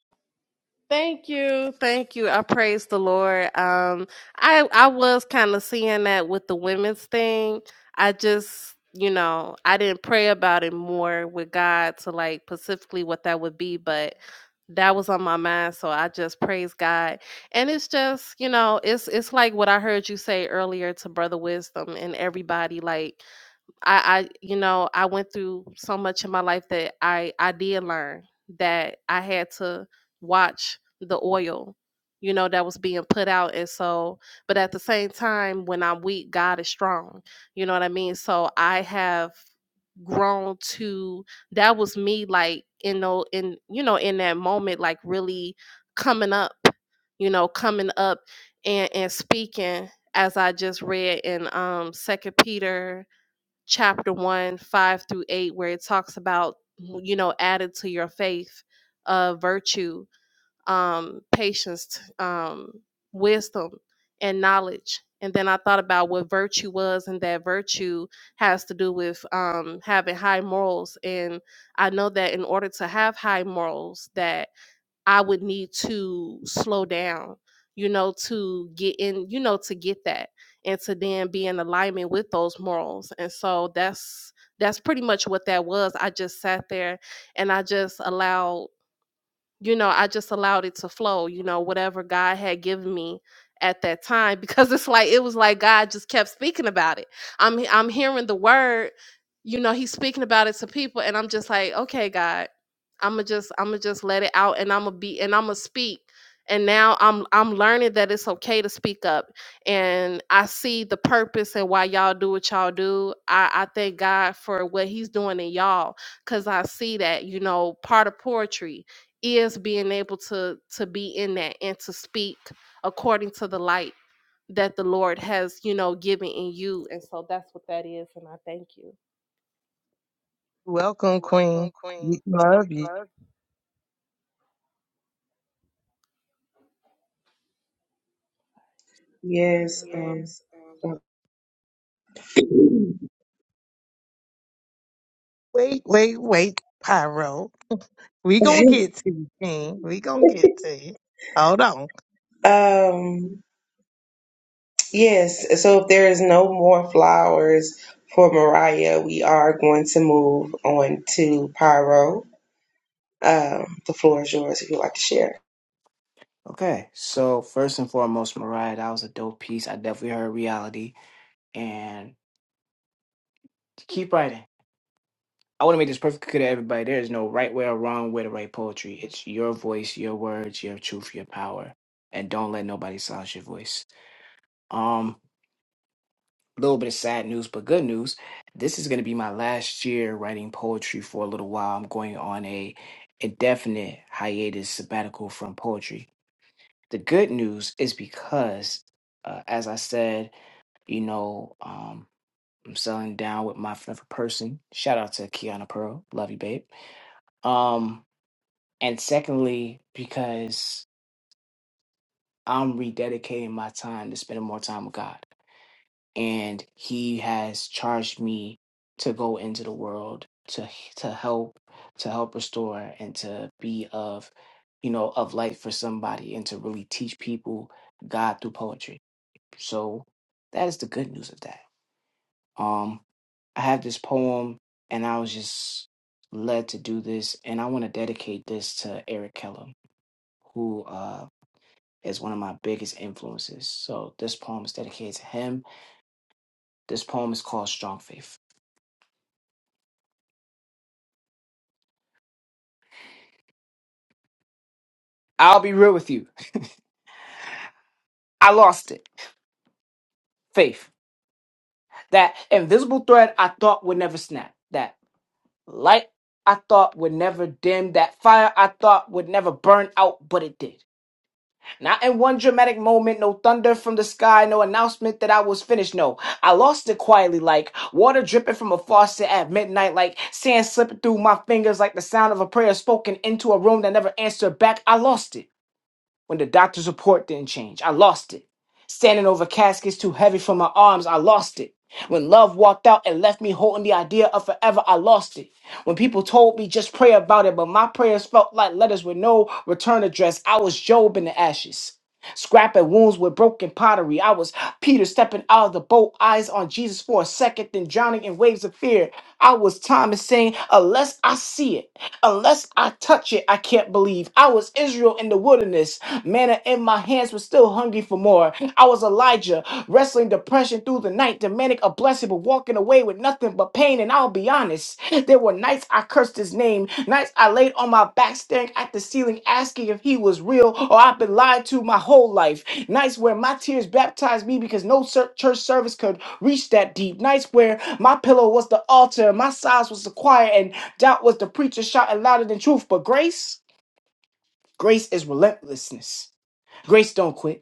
Speaker 11: Thank you. Thank you. I praise the Lord. Um I I was kind of seeing that with the women's thing. I just, you know, I didn't pray about it more with God to like specifically what that would be, but that was on my mind, so I just praise God. And it's just, you know, it's it's like what I heard you say earlier to Brother Wisdom and everybody like I, I you know i went through so much in my life that i i did learn that i had to watch the oil you know that was being put out and so but at the same time when i'm weak god is strong you know what i mean so i have grown to that was me like in know in you know in that moment like really coming up you know coming up and and speaking as i just read in um second peter chapter 1 5 through 8 where it talks about you know added to your faith uh virtue um patience um wisdom and knowledge and then i thought about what virtue was and that virtue has to do with um having high morals and i know that in order to have high morals that I would need to slow down, you know, to get in, you know, to get that and to then be in alignment with those morals. And so that's that's pretty much what that was. I just sat there and I just allowed you know, I just allowed it to flow, you know, whatever God had given me at that time because it's like it was like God just kept speaking about it. I'm I'm hearing the word, you know, he's speaking about it to people and I'm just like, "Okay, God, I'm gonna just I'm gonna just let it out and I'm gonna be and I'm gonna speak." And now I'm I'm learning that it's okay to speak up and I see the purpose and why y'all do what y'all do. I I thank God for what he's doing in y'all cuz I see that, you know, part of poetry is being able to to be in that and to speak according to the light that the Lord has, you know, given in you. And so that's what that is. And I thank you.
Speaker 2: Welcome, Queen. We love you.
Speaker 3: Yes. Um,
Speaker 2: Wait, wait, wait, Pyro. We gonna get to you, King. We gonna get to you. Hold on.
Speaker 3: um, yes. So if there is no more flowers for Mariah, we are going to move on to Pyro. Um, the floor is yours if you'd like to share.
Speaker 10: Okay, so first and foremost, Mariah, that was a dope piece. I definitely heard reality. And keep writing I want to make this perfectly clear to everybody. There is no right way or wrong way to write poetry. It's your voice, your words, your truth, your power. And don't let nobody silence your voice. Um, a little bit of sad news, but good news. This is going to be my last year writing poetry for a little while. I'm going on a indefinite hiatus sabbatical from poetry. The good news is because, uh, as I said, you know, um, I'm selling down with my forever person. Shout out to Kiana Pearl. Love you, babe. Um, And secondly, because I'm rededicating my time to spending more time with God. And He has charged me to go into the world to to help, to help restore and to be of, you know, of light for somebody and to really teach people God through poetry. So that is the good news of that. Um I have this poem and I was just led to do this and I want to dedicate this to Eric Kellum, who uh is one of my biggest influences. So this poem is dedicated to him. This poem is called Strong Faith. I'll be real with you. I lost it. Faith. That invisible thread I thought would never snap. That light I thought would never dim. That fire I thought would never burn out, but it did. Not in one dramatic moment, no thunder from the sky, no announcement that I was finished. No, I lost it quietly, like water dripping from a faucet at midnight, like sand slipping through my fingers, like the sound of a prayer spoken into a room that never answered back. I lost it when the doctor's report didn't change. I lost it. Standing over caskets too heavy for my arms, I lost it. When love walked out and left me holding the idea of forever, I lost it. When people told me just pray about it, but my prayers felt like letters with no return address, I was Job in the ashes. Scrapping wounds with broken pottery. I was Peter stepping out of the boat, eyes on Jesus for a second, then drowning in waves of fear. I was Thomas saying, Unless I see it, unless I touch it, I can't believe. I was Israel in the wilderness. Manna in my hands was still hungry for more. I was Elijah wrestling depression through the night, demanding a blessing, but walking away with nothing but pain. And I'll be honest, there were nights I cursed his name, nights I laid on my back, staring at the ceiling, asking if he was real or I've been lied to my whole life. Nights where my tears baptized me because no cer- church service could reach that deep. Nights where my pillow was the altar, my sighs was the choir, and doubt was the preacher shouting louder than truth. But grace, grace is relentlessness. Grace don't quit.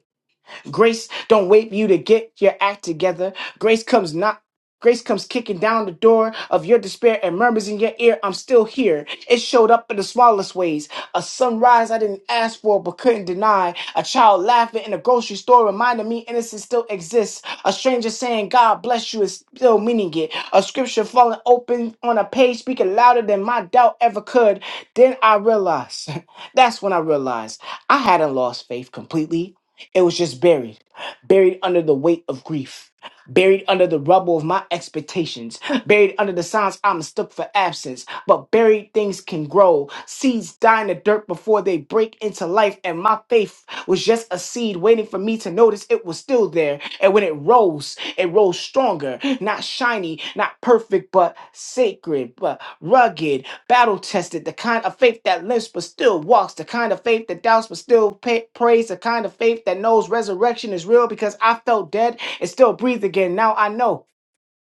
Speaker 10: Grace don't wait for you to get your act together. Grace comes not Grace comes kicking down the door of your despair and murmurs in your ear, I'm still here. It showed up in the smallest ways. A sunrise I didn't ask for but couldn't deny. A child laughing in a grocery store reminded me innocence still exists. A stranger saying, God bless you is still meaning it. A scripture falling open on a page speaking louder than my doubt ever could. Then I realized, that's when I realized I hadn't lost faith completely. It was just buried, buried under the weight of grief, buried under the rubble of my expectations, buried under the signs I mistook for absence. But buried things can grow. Seeds die in the dirt before they break into life, and my faith was just a seed waiting for me to notice it was still there. And when it rose, it rose stronger, not shiny, not perfect, but sacred, but rugged, battle tested, the kind of faith that limps but still walks, the kind of faith that doubts but still pa- prays, the kind of faith that knows resurrection is real because I felt dead and still breathe again. Now I know.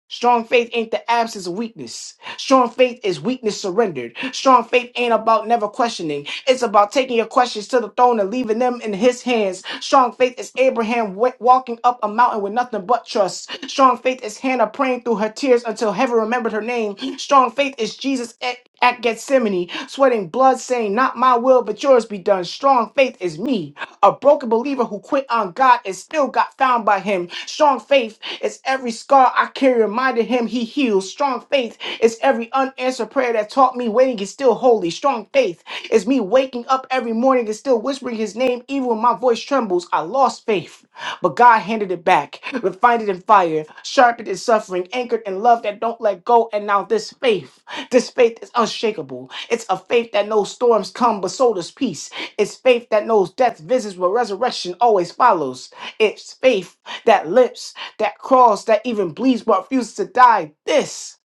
Speaker 10: Strong faith ain't the absence of weakness. Strong faith is weakness surrendered. Strong faith ain't about never questioning. It's about taking your questions to the throne and leaving them in his hands. Strong faith is Abraham wa- walking up a mountain with nothing but trust. Strong faith is Hannah praying through her tears until heaven remembered her name. Strong faith is Jesus at Gethsemane, sweating blood, saying, Not my will, but yours be done. Strong faith is me. A broken believer who quit on God and still got found by him. Strong faith is every scar I carry, reminded him he heals. Strong faith is every unanswered prayer that taught me waiting is still holy. Strong faith is me waking up every morning morning is still whispering his name even when my voice trembles. I lost faith, but God handed it back, refined it in fire, sharpened in suffering, anchored in love that don't let go. And now this faith, this faith is unshakable. It's a faith that knows storms come, but so does peace. It's faith that knows death visits, but resurrection always follows. It's faith that lips, that crawls, that even bleeds, but refuses to die. This,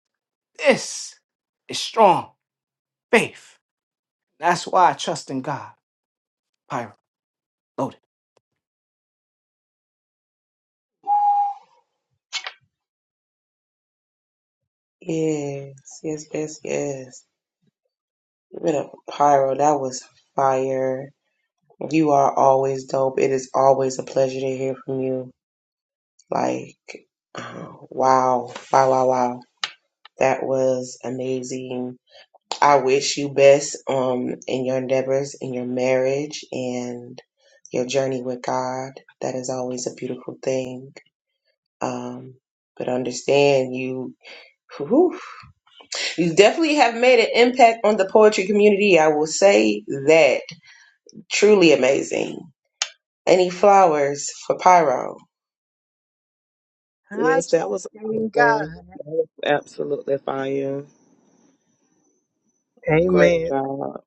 Speaker 10: this is strong faith. That's why I trust in God, Pyro.
Speaker 3: Yes. Yes. Yes. Yes. Give it up, Pyro. That was fire. You are always dope. It is always a pleasure to hear from you. Like, uh, wow, wow, wow, wow. That was amazing. I wish you best um in your endeavors in your marriage and your journey with God. That is always a beautiful thing. Um, but understand you whew, you definitely have made an impact on the poetry community. I will say that truly amazing. Any flowers for Pyro?
Speaker 2: Hi,
Speaker 5: Yes, that was
Speaker 2: trusting
Speaker 5: amazing.
Speaker 2: God.
Speaker 5: That was absolutely fire. Great
Speaker 2: Amen.
Speaker 5: job.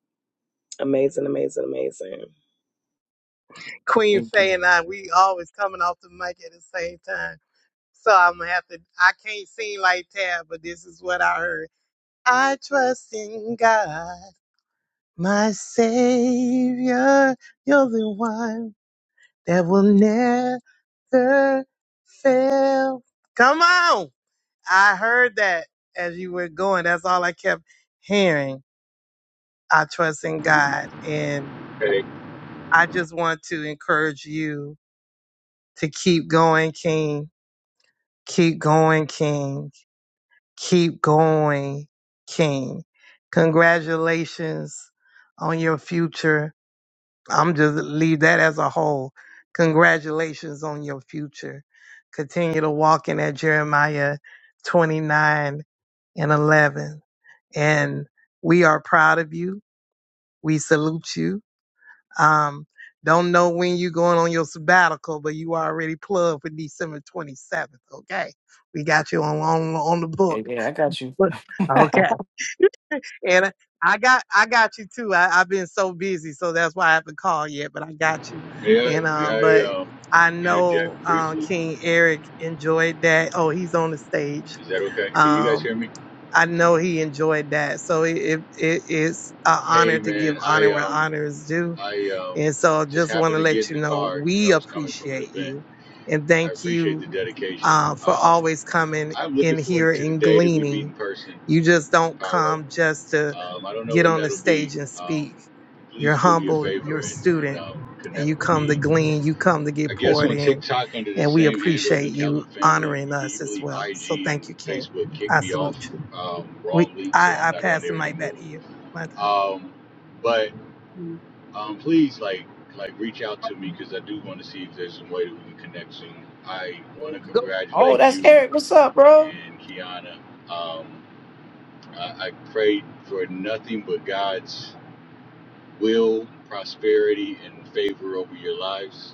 Speaker 5: Amazing, amazing, amazing.
Speaker 2: Queen
Speaker 10: Thank
Speaker 2: Faye
Speaker 10: you.
Speaker 2: and I, we always coming off the mic at the same time. So I'm gonna have to I can't sing like Tab, but this is what I heard. I trust in God, my Savior. You're the one that will never fail. Come on. I heard that as you were going. That's all I kept hearing. I trust in God. And
Speaker 12: Hey,
Speaker 2: I just want to encourage you to keep going, King. Keep going, King. Keep going, King. Congratulations on your future. I'm just leave that as a whole. Congratulations on your future. Continue to walk in that Jeremiah 29 and 11. And we are proud of you. We salute you. Um, don't know when you are going on your sabbatical, but you already plugged for December 27th. Okay. We got you on, on, on the
Speaker 10: Yeah,
Speaker 2: book.
Speaker 10: yeah, I got you.
Speaker 2: Look, Okay. And I got, I got you too. I, I've been so busy. So that's why I haven't called yet, but I got you.
Speaker 12: may I
Speaker 2: And,
Speaker 12: may
Speaker 2: uh,
Speaker 12: I
Speaker 2: but
Speaker 12: um,
Speaker 2: I
Speaker 12: interject
Speaker 2: know, um,
Speaker 12: briefly?
Speaker 2: King Eric enjoyed that. Oh, he's on the stage.
Speaker 12: Is that okay? Can you guys
Speaker 2: Um,
Speaker 12: hear me?
Speaker 2: I know he enjoyed that. So it, it, it is an
Speaker 12: Hey,
Speaker 2: honor to
Speaker 12: man,
Speaker 2: give honor
Speaker 12: I
Speaker 2: where
Speaker 12: um
Speaker 2: honor is due
Speaker 12: I um
Speaker 2: and so I
Speaker 12: just
Speaker 2: just want
Speaker 12: happened
Speaker 2: to
Speaker 12: to get
Speaker 2: let
Speaker 12: in
Speaker 2: you
Speaker 12: the
Speaker 2: know
Speaker 12: car. I
Speaker 2: we
Speaker 12: was coming from an
Speaker 2: appreciate
Speaker 12: event.
Speaker 2: you and
Speaker 12: I
Speaker 2: thank
Speaker 12: appreciate
Speaker 2: you
Speaker 12: the dedication.
Speaker 2: uh, for
Speaker 12: Um,
Speaker 2: always coming
Speaker 12: I'm looking
Speaker 2: in here
Speaker 12: forward to the
Speaker 2: and
Speaker 12: day that we meet in
Speaker 2: gleaning.
Speaker 12: person,
Speaker 2: You just don't
Speaker 12: Pyro.
Speaker 2: come just to
Speaker 12: Um, I don't know
Speaker 2: get
Speaker 12: when
Speaker 2: on the
Speaker 12: that'll be.
Speaker 2: stage and
Speaker 12: Um,
Speaker 2: speak. You're
Speaker 12: please do me a
Speaker 2: humble,
Speaker 12: favor
Speaker 2: you're a
Speaker 12: and, and
Speaker 2: student,
Speaker 12: um,
Speaker 2: and
Speaker 12: connect
Speaker 2: you
Speaker 12: with
Speaker 2: come
Speaker 12: me
Speaker 2: to glean, you come to
Speaker 12: I
Speaker 2: get
Speaker 12: guess
Speaker 2: poured
Speaker 12: on
Speaker 2: in.
Speaker 12: TikTok under the
Speaker 2: And we
Speaker 12: same handle,
Speaker 2: appreciate
Speaker 12: the Callum
Speaker 2: you
Speaker 12: family,
Speaker 2: honoring
Speaker 12: can you
Speaker 2: us as
Speaker 12: believe
Speaker 2: well. So
Speaker 12: IG and
Speaker 2: thank you, King.
Speaker 12: Facebook kicked
Speaker 2: I
Speaker 12: me off
Speaker 2: salute you.
Speaker 12: um,
Speaker 2: We
Speaker 12: wrongly, so I'm
Speaker 2: I, I
Speaker 12: not on
Speaker 2: pass the
Speaker 12: there
Speaker 2: mic back
Speaker 12: anymore.
Speaker 2: to you. My time.
Speaker 12: Um, but um, please, like, like reach out to me because I do want to see if there's some way that we can connect soon. I want to
Speaker 2: Go.
Speaker 10: oh,
Speaker 12: congratulate
Speaker 10: that's
Speaker 12: you
Speaker 10: Eric. What's up, bro?
Speaker 12: and Kiana. Um, I, I prayed for nothing but God's will, prosperity, and favor over your lives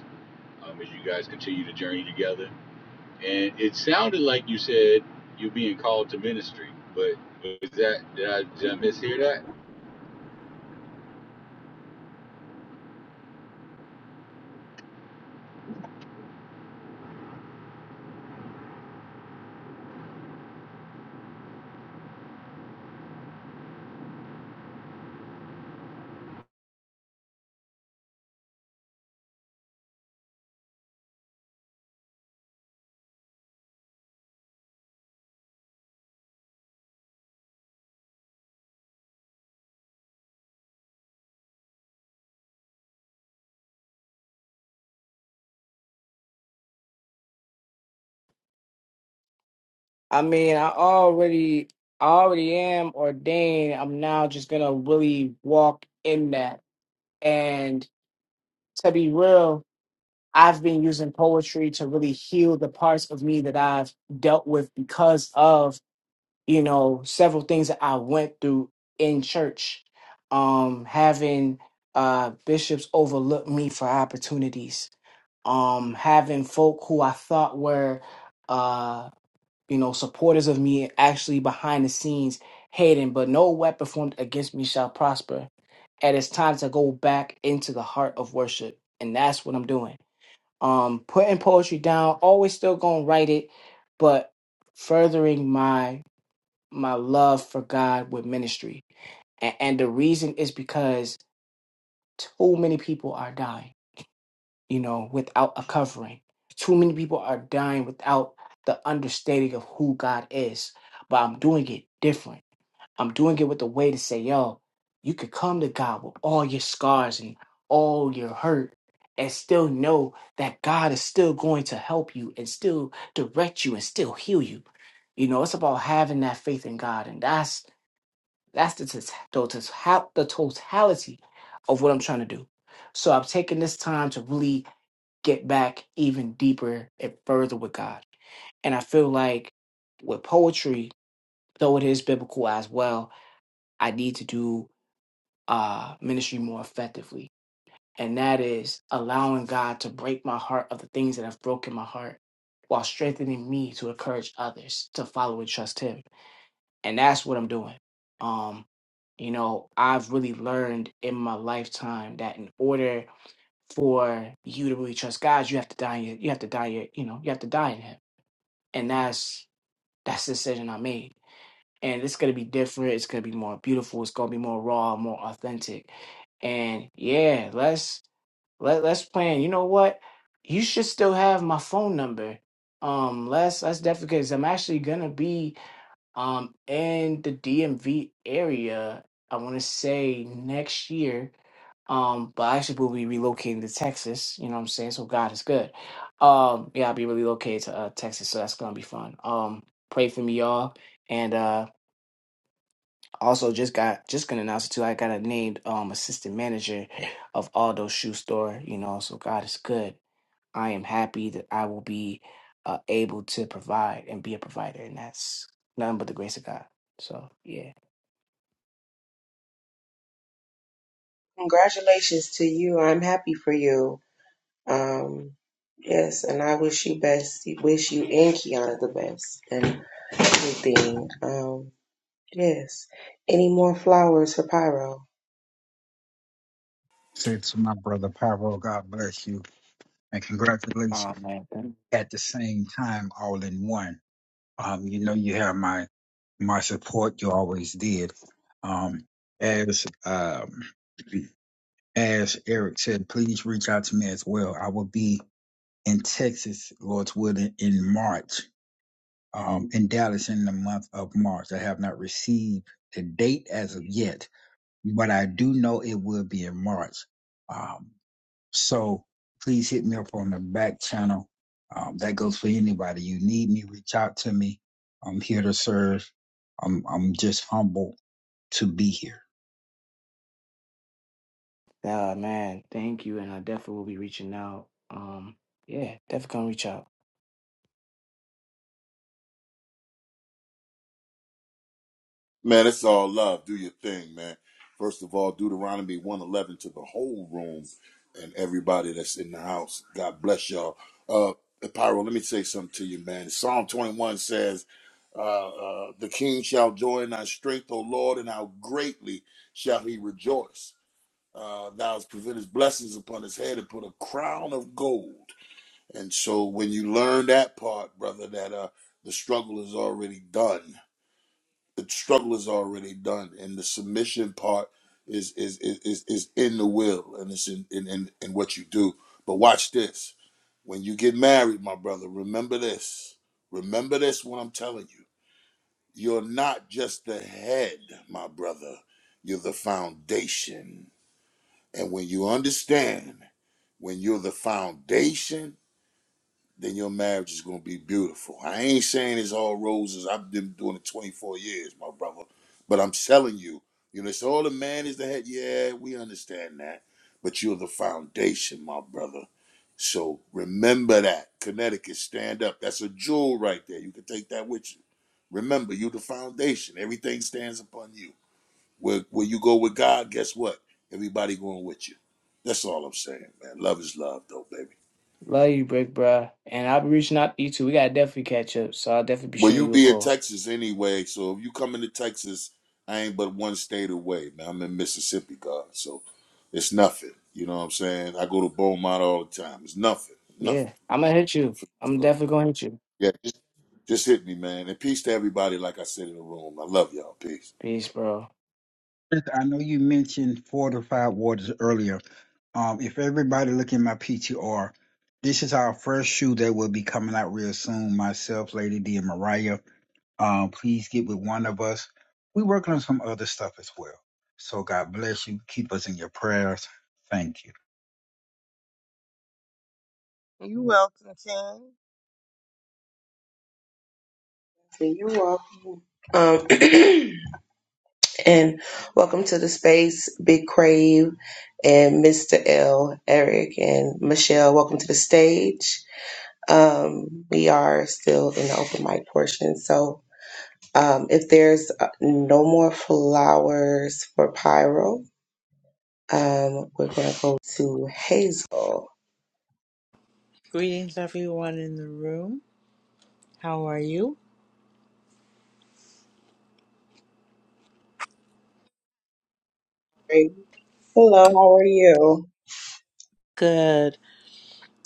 Speaker 12: um, as you guys continue the journey together. And it sounded like you said you being called to ministry, but was that did I did I mishear that?
Speaker 10: I mean, I already I already am ordained. I'm now just gonna really walk in that. And to be real, I've been using poetry to really heal the parts of me that I've dealt with because of you know, several things that I went through in church, um, having uh, bishops overlook me for opportunities, um, having folk who I thought were, uh, you know, supporters of me actually behind the scenes hating, but no weapon formed against me shall prosper. And it's time to go back into the heart of worship. And that's what I'm doing. Um, putting poetry down, always still gonna write it, but furthering my my love for God with ministry. And, and the reason is because too many people are dying, you know, without a covering. Too many people are dying without the understanding of who God is. But I'm doing it different. I'm doing it with a way to say, yo, you could come to God with all your scars and all your hurt and still know that God is still going to help you and still direct you and still heal you. You know, it's about having that faith in God. And that's that's the, tot- the, tot- the totality of what I'm trying to do. So I've taken this time to really get back even deeper and further with God. And I feel like with poetry, though it is biblical as well, I need to do uh, ministry more effectively. And that is allowing God to break my heart of the things that have broken my heart while strengthening me to encourage others to follow and trust Him and that's what I'm doing. Um, you know, I've really learned in my lifetime that in order for you to really trust God, you have to die. in your- You have to die. in your- You know, you have to die in Him, and that's that's the decision I made. And it's gonna be different. It's gonna be more beautiful. It's gonna be more raw, more authentic. And yeah, let's let let's plan. You know what? You should still have my phone number. Um, let's let's definitely because I'm actually gonna be um, in the DMV area, I want to say next year. Um, but I actually will be relocating to Texas. You know what I'm saying? So God is good. Um, yeah, I'll be relocated to uh, Texas, so that's gonna be fun. Um, pray for me, y'all. And uh, also just got just gonna announce it too. I got a named um assistant manager of Aldo Shoe Store. You know, so God is good. I am happy that I will be uh, able to provide and be a provider, and that's nothing but the grace of God. So yeah.
Speaker 3: Congratulations to you. I'm happy for you. Um, yes, and I wish you best. Wish you and Kiana the best and everything. Um, yes. Any more flowers for Pyro?
Speaker 7: Said to my brother Pyro, God bless you and
Speaker 10: Oh
Speaker 7: congratulations
Speaker 10: man, thank,
Speaker 7: at the same time, all in one. Um, you know, you have my my support you always did. Um, as um, as Eric said, please reach out to me as well. I will be in Texas, Lord's willing, in March, um, in Dallas in the month of March. I have not received the date as of yet, but I do know it will be in March. Um, so please hit me up on the back channel. Um, that goes for anybody. You need me, reach out to me. I'm here to serve. I'm I'm just humble to be here.
Speaker 10: oh, man, thank you, and I definitely will be reaching out. Um, yeah, definitely come reach out.
Speaker 13: Man, it's all love. Do your thing, man. First of all, Deuteronomy 111 to the whole room and everybody that's in the house. God bless y'all. Uh, Pyro, let me say something to you, man. Psalm 21 says, uh, uh, The king shall joy in thy strength, O Lord, and how greatly shall he rejoice. Uh, thou hast prevented blessings upon his head and put a crown of gold. And so when you learn that part, brother, that uh, the struggle is already done the struggle is already done and the submission part is is is is, is in the will and it's in, in in in what you do but watch this when you get married my brother remember this remember this what i'm telling you you're not just the head my brother you're the foundation and when you understand when you're the foundation then your marriage is gonna be beautiful. I ain't saying it's all roses. I've been doing it 24 years, my brother. But I'm telling you, you know, it's all the man is the head. Yeah, we understand that. But you're the foundation, my brother. So remember that. Connecticut, stand up. That's a jewel right there. You can take that with you. Remember, you are the foundation. Everything stands upon you. Where where you go with God, guess what? Everybody going with you. That's all I'm saying, man. Love is love, though, baby.
Speaker 10: Love you, Brick, bruh. And I'll be reaching out to you too. We gotta definitely catch up, so I'll definitely be
Speaker 13: Well,
Speaker 10: shooting
Speaker 13: you
Speaker 10: you a
Speaker 13: be in
Speaker 10: call.
Speaker 13: Texas anyway, so if you coming to Texas, I ain't but one state away, man. I'm in Mississippi, God, so it's nothing. You know what I'm saying? I go to Beaumont all the time. It's nothing,
Speaker 10: Yeah,
Speaker 13: nothing.
Speaker 10: I'm gonna hit you. I'm
Speaker 13: So,
Speaker 10: definitely gonna hit you.
Speaker 13: yeah, just, just hit me, man. And peace to everybody, like I said in the room. I love y'all. Peace.
Speaker 10: Peace, bro.
Speaker 7: I know you mentioned fortified waters earlier. Um, if everybody look at my PTR, this is our first shoe that will be coming out real soon. Myself, Lady D, and Mariah. Um, please get with one of us. We're working on some other stuff as well. So God bless you. Keep us in your prayers. Thank you.
Speaker 2: You welcome, King.
Speaker 3: You're welcome. Um, and welcome to the space, Big Crave, and Mr. L, Eric, and Michelle. Welcome to the stage. Um, we are still in the open mic portion, so um, if there's uh, no more flowers for Pyro, um, we're gonna go to Hazel.
Speaker 14: Greetings, everyone in the room. How are you?
Speaker 3: Hey, Hello, how are you?
Speaker 14: Good.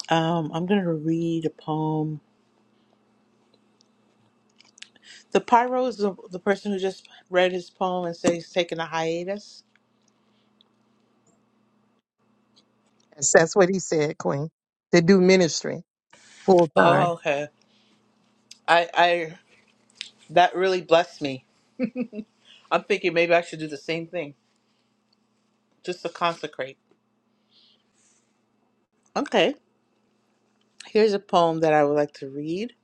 Speaker 14: Um, I'm going to read a poem. The pyro is the, the person who just read his poem and said he's taking a hiatus.
Speaker 2: Yes, that's what he said, Queen. To do ministry full time.
Speaker 14: Oh, okay. I, I that really blessed me. I'm thinking maybe I should do the same thing just to consecrate. Okay. Here's a poem that I would like to read.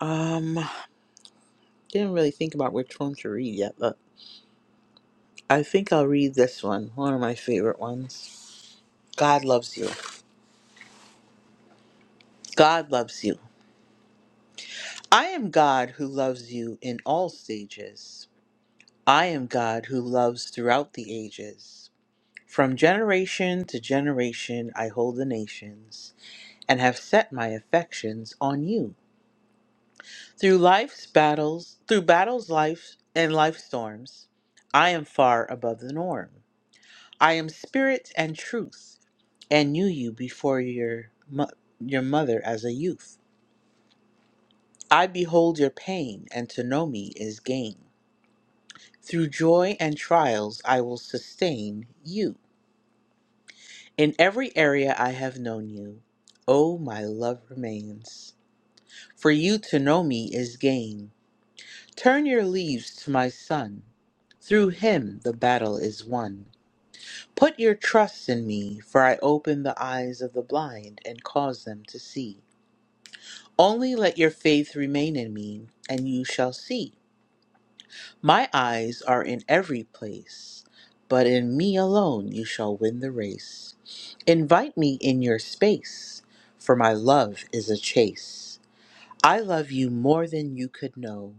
Speaker 14: Um, didn't really think about which one to read yet, but I think I'll read this one. One of my favorite ones. God loves you. God loves you. I am God who loves you in all stages. I am God who loves throughout the ages. From generation to generation, I hold the nations and have set my affections on you. Through life's battles, through battles, life, and life storms, I am far above the norm. I am spirit and truth and knew you before your, mo- your mother as a youth. I behold your pain, and to know me is gain. Through joy and trials, I will sustain you. In every area I have known you, oh, my love remains. For you to know me is gain. Turn your leaves to my son. Through him the battle is won. Put your trust in me, for I open the eyes of the blind and cause them to see. Only let your faith remain in me, and you shall see. My eyes are in every place, but in me alone you shall win the race. Invite me in your space, for my love is a chase. I love you more than you could know,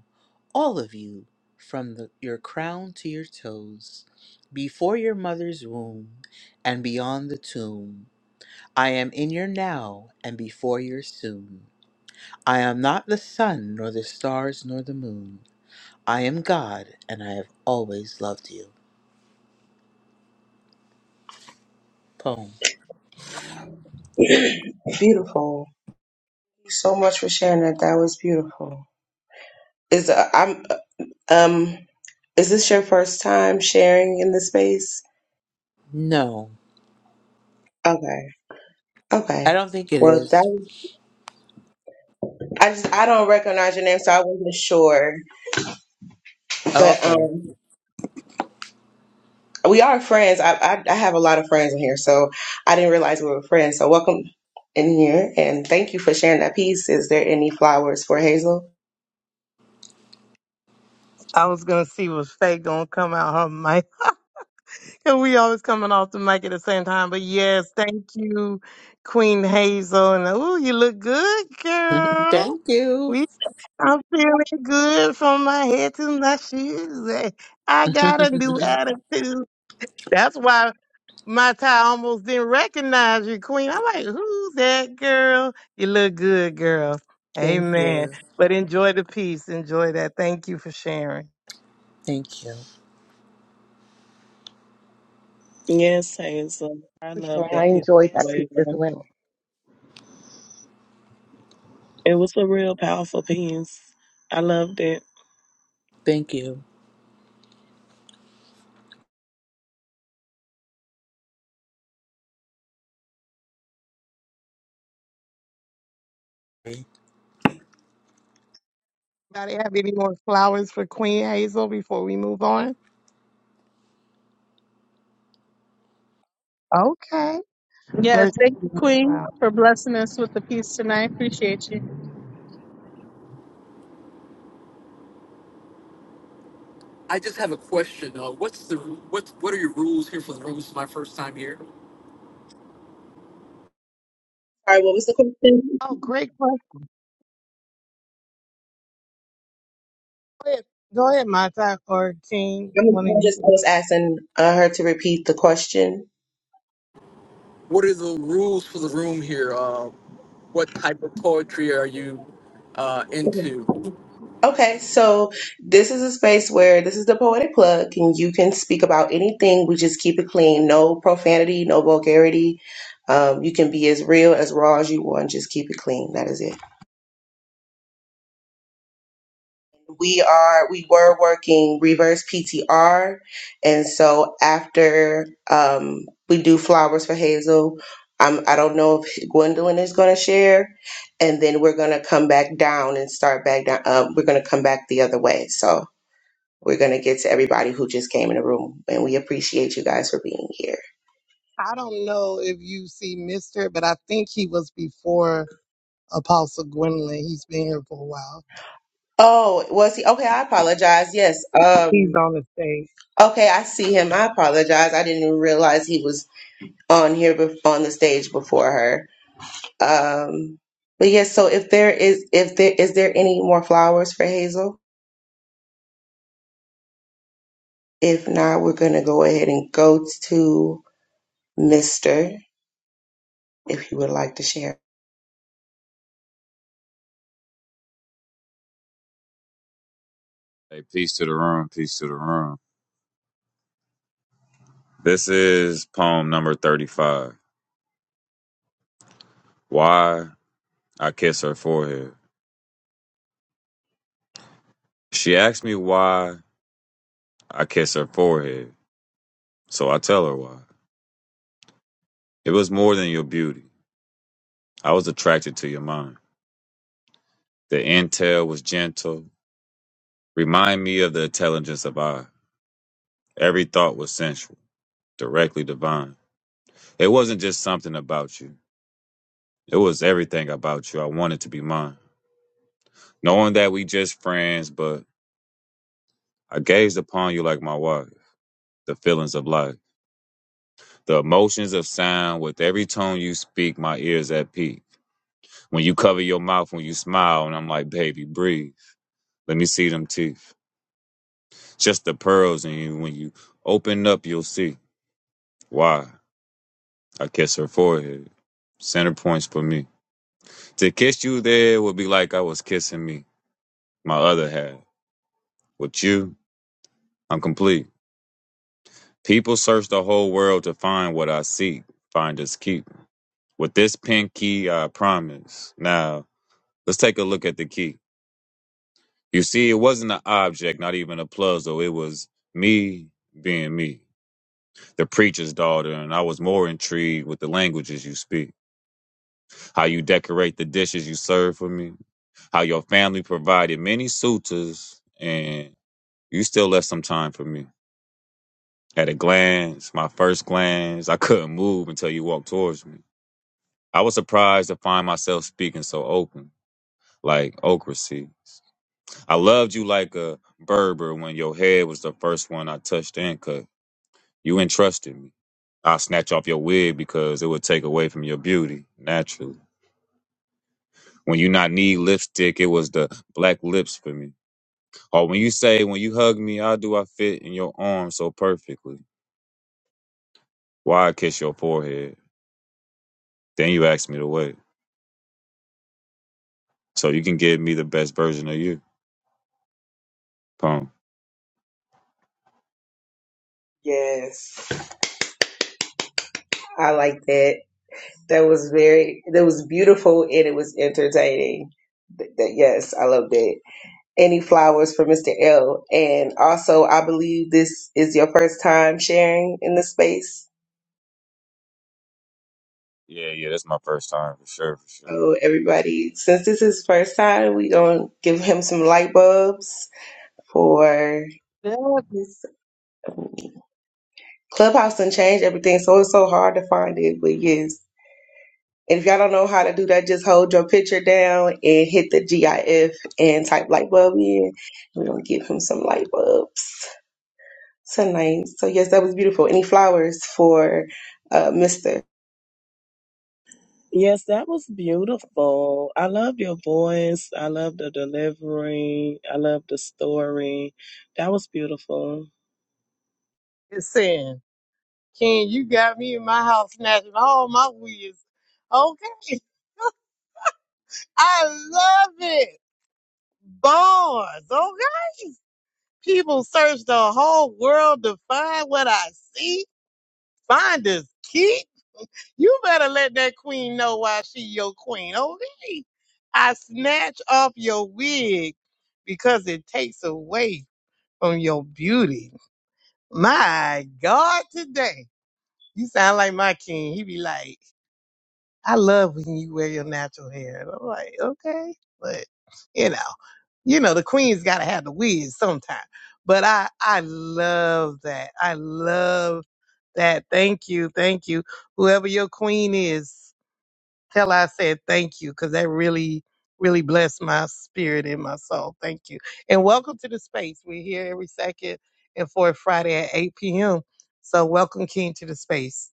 Speaker 14: all of you, from the, your crown to your toes, before your mother's womb and beyond the tomb. I am in your now and before your soon. I am not the sun, nor the stars, nor the moon. I am God and I have always loved you. Poem.
Speaker 3: Beautiful. Thank you so much for sharing that. That was beautiful. Is uh, I'm Um, is this your first time sharing in this space?
Speaker 14: No,
Speaker 3: Okay.
Speaker 14: I
Speaker 3: Okay.
Speaker 14: don't think it
Speaker 3: Well, that
Speaker 14: is.
Speaker 3: I just I don't recognize your name, so I wasn't sure. But
Speaker 14: Okay.
Speaker 3: um, we are friends. I I, I have a lot of friends in here, so I didn't realize we were friends. So welcome in here, and thank you for sharing that piece. Is there any flowers for Hazel?
Speaker 2: I was gonna see was Faye gonna come out her mic. and we always coming off the mic at the same time. But yes, thank you, Queen Hazel. And oh, you look good, girl.
Speaker 14: Thank you.
Speaker 2: We I'm feeling good from my head to my shoes. Eh, I got a new attitude. That's why my tie almost didn't recognize you, Queen. I'm like, who's that girl? You look good, girl.
Speaker 14: Thank
Speaker 2: Amen.
Speaker 14: you.
Speaker 2: But enjoy the peace. Enjoy that. Thank you for sharing.
Speaker 14: Thank you.
Speaker 5: Yes, Hazel. I love
Speaker 15: And I
Speaker 5: that piece.
Speaker 15: enjoy that piece
Speaker 5: as
Speaker 15: as
Speaker 5: well.
Speaker 15: well.
Speaker 5: It was a real powerful piece. I loved it.
Speaker 14: Thank you. I
Speaker 2: Anybody have any more flowers for Queen Hazel before we move on? Okay.
Speaker 6: Yes,
Speaker 2: Mercy.
Speaker 6: thank
Speaker 2: be
Speaker 6: you,
Speaker 2: with you.
Speaker 6: Queen, for blessing us with the piece tonight. Appreciate you.
Speaker 16: I just have a question. Uh, what's the what? What are your rules here for the room? This is my first time here.
Speaker 3: All right. What was the question?
Speaker 2: Oh, great question. Go ahead, Go ahead, Mata or King,
Speaker 3: I'm
Speaker 2: one of
Speaker 3: I'm
Speaker 2: you.
Speaker 3: just I was asking uh, her to repeat the question.
Speaker 16: What are the rules for the room here? Uh, what type of poetry are you uh, into?
Speaker 3: Okay, so this is a space where this is the poetic plug, and you can speak about anything. We just keep it clean, no profanity, no vulgarity. Um, you can be as real as raw as you want. Just keep it clean. That is it. We are we were working reverse PTR, and so after um, we do flowers for Hazel, I am I don't know if Gwendolyn is going to share, and then we're going to come back down and start back down. Um, we're going to come back the other way. So. We're going to get to everybody who just came in the room, and we appreciate you guys for being here.
Speaker 2: I don't know if you see Mister, but I think he was before Apostle Gwendolyn. He's been here for a while.
Speaker 3: Oh, was he? Okay, I apologize. Yes.
Speaker 2: He's
Speaker 3: Um.
Speaker 2: on the stage.
Speaker 3: Okay, I see him. I apologize. I didn't even realize he was on here bef- on the stage before her. Um. But yes. So if there is, if there is there any more flowers for Hazel? If not, we're gonna go ahead and go to Mister. If you would like to share.
Speaker 17: Hey, peace to the room, peace to the room. This is poem number 35. Why I Kiss Her Forehead. She asked me why I kiss her forehead, so I tell her why. It was more than your beauty. I was attracted to your mind. The intel was gentle. Remind me of the intelligence of I. Every thought was sensual, directly divine. It wasn't just something about you. It was everything about you. I wanted to be mine. Knowing that we just friends, but I gazed upon you like my wife. the feelings of life. The emotions of sound with every tone you speak, my ears at peak. When you cover your mouth when you smile, and I'm like, baby, breathe. Let me see them teeth. Just the pearls in you. When you open up, you'll see why. I kiss her forehead. Center points for me. To kiss you there would be like I was kissing me, my other half. With you, I'm complete. People search the whole world to find what I seek. Find us keep. With this pinky, I promise. Now, Let's take a look at the key. You see, it wasn't an object, not even a puzzle. It was me being me, the preacher's daughter, and I was more intrigued with the languages you speak, how you decorate the dishes you serve for me, how your family provided many suitors, and you still left some time for me. At a glance, my first glance, I couldn't move until you walked towards me. I was surprised to find myself speaking so open, like okra seeds. I loved you like a Berber when your head was the first one I touched and cut. You entrusted me. I'll snatch off your wig because it would take away from your beauty, naturally. When you not need lipstick, it was the black lips for me. Or when you say, when you hug me, how do I fit in your arms so perfectly? Why I kiss your forehead? Then you ask me to wait. So you can give me the best version of you. Pum.
Speaker 3: Yes, I like that. That was very, that was beautiful and it was entertaining. Th- That, yes, I loved it. Any flowers for Mr. L. And also, I believe this is your first time sharing in the space.
Speaker 17: Yeah, yeah, that's my first time for sure, for
Speaker 3: So everybody, since this is first time, we gonna give him some light bulbs for
Speaker 6: Yep,
Speaker 3: this clubhouse and change everything. So it's so hard to find it, but yes. And if y'all don't know how to do that, just hold your picture down and hit the GIF and type light bulb in. We're gonna give him some light bulbs tonight. So yes, that was beautiful. Any flowers for uh Mr.
Speaker 5: Yes, that was beautiful. I love your voice. I love the delivery. I love the story. That was beautiful.
Speaker 2: It's saying, Ken, you got me in my house snatching all my wigs. Okay. I love it. Bars. Okay. People search the whole world to find what I see. Find is key. You better let that queen know why she your queen. Okay. I snatch off your wig because it takes away from your beauty. My God, today. You sound like my king. He be like, I love when you wear your natural hair. And I'm like, okay, but you know, you know, the queen's got to have the wigs sometime. But I, I love that. I love that. Thank you, thank you. Whoever your queen is, tell her I said thank you because that really, really blessed my spirit and my soul. Thank you, and welcome to the space. We're here every second and fourth Friday at 8 p.m. So welcome, King, to the space.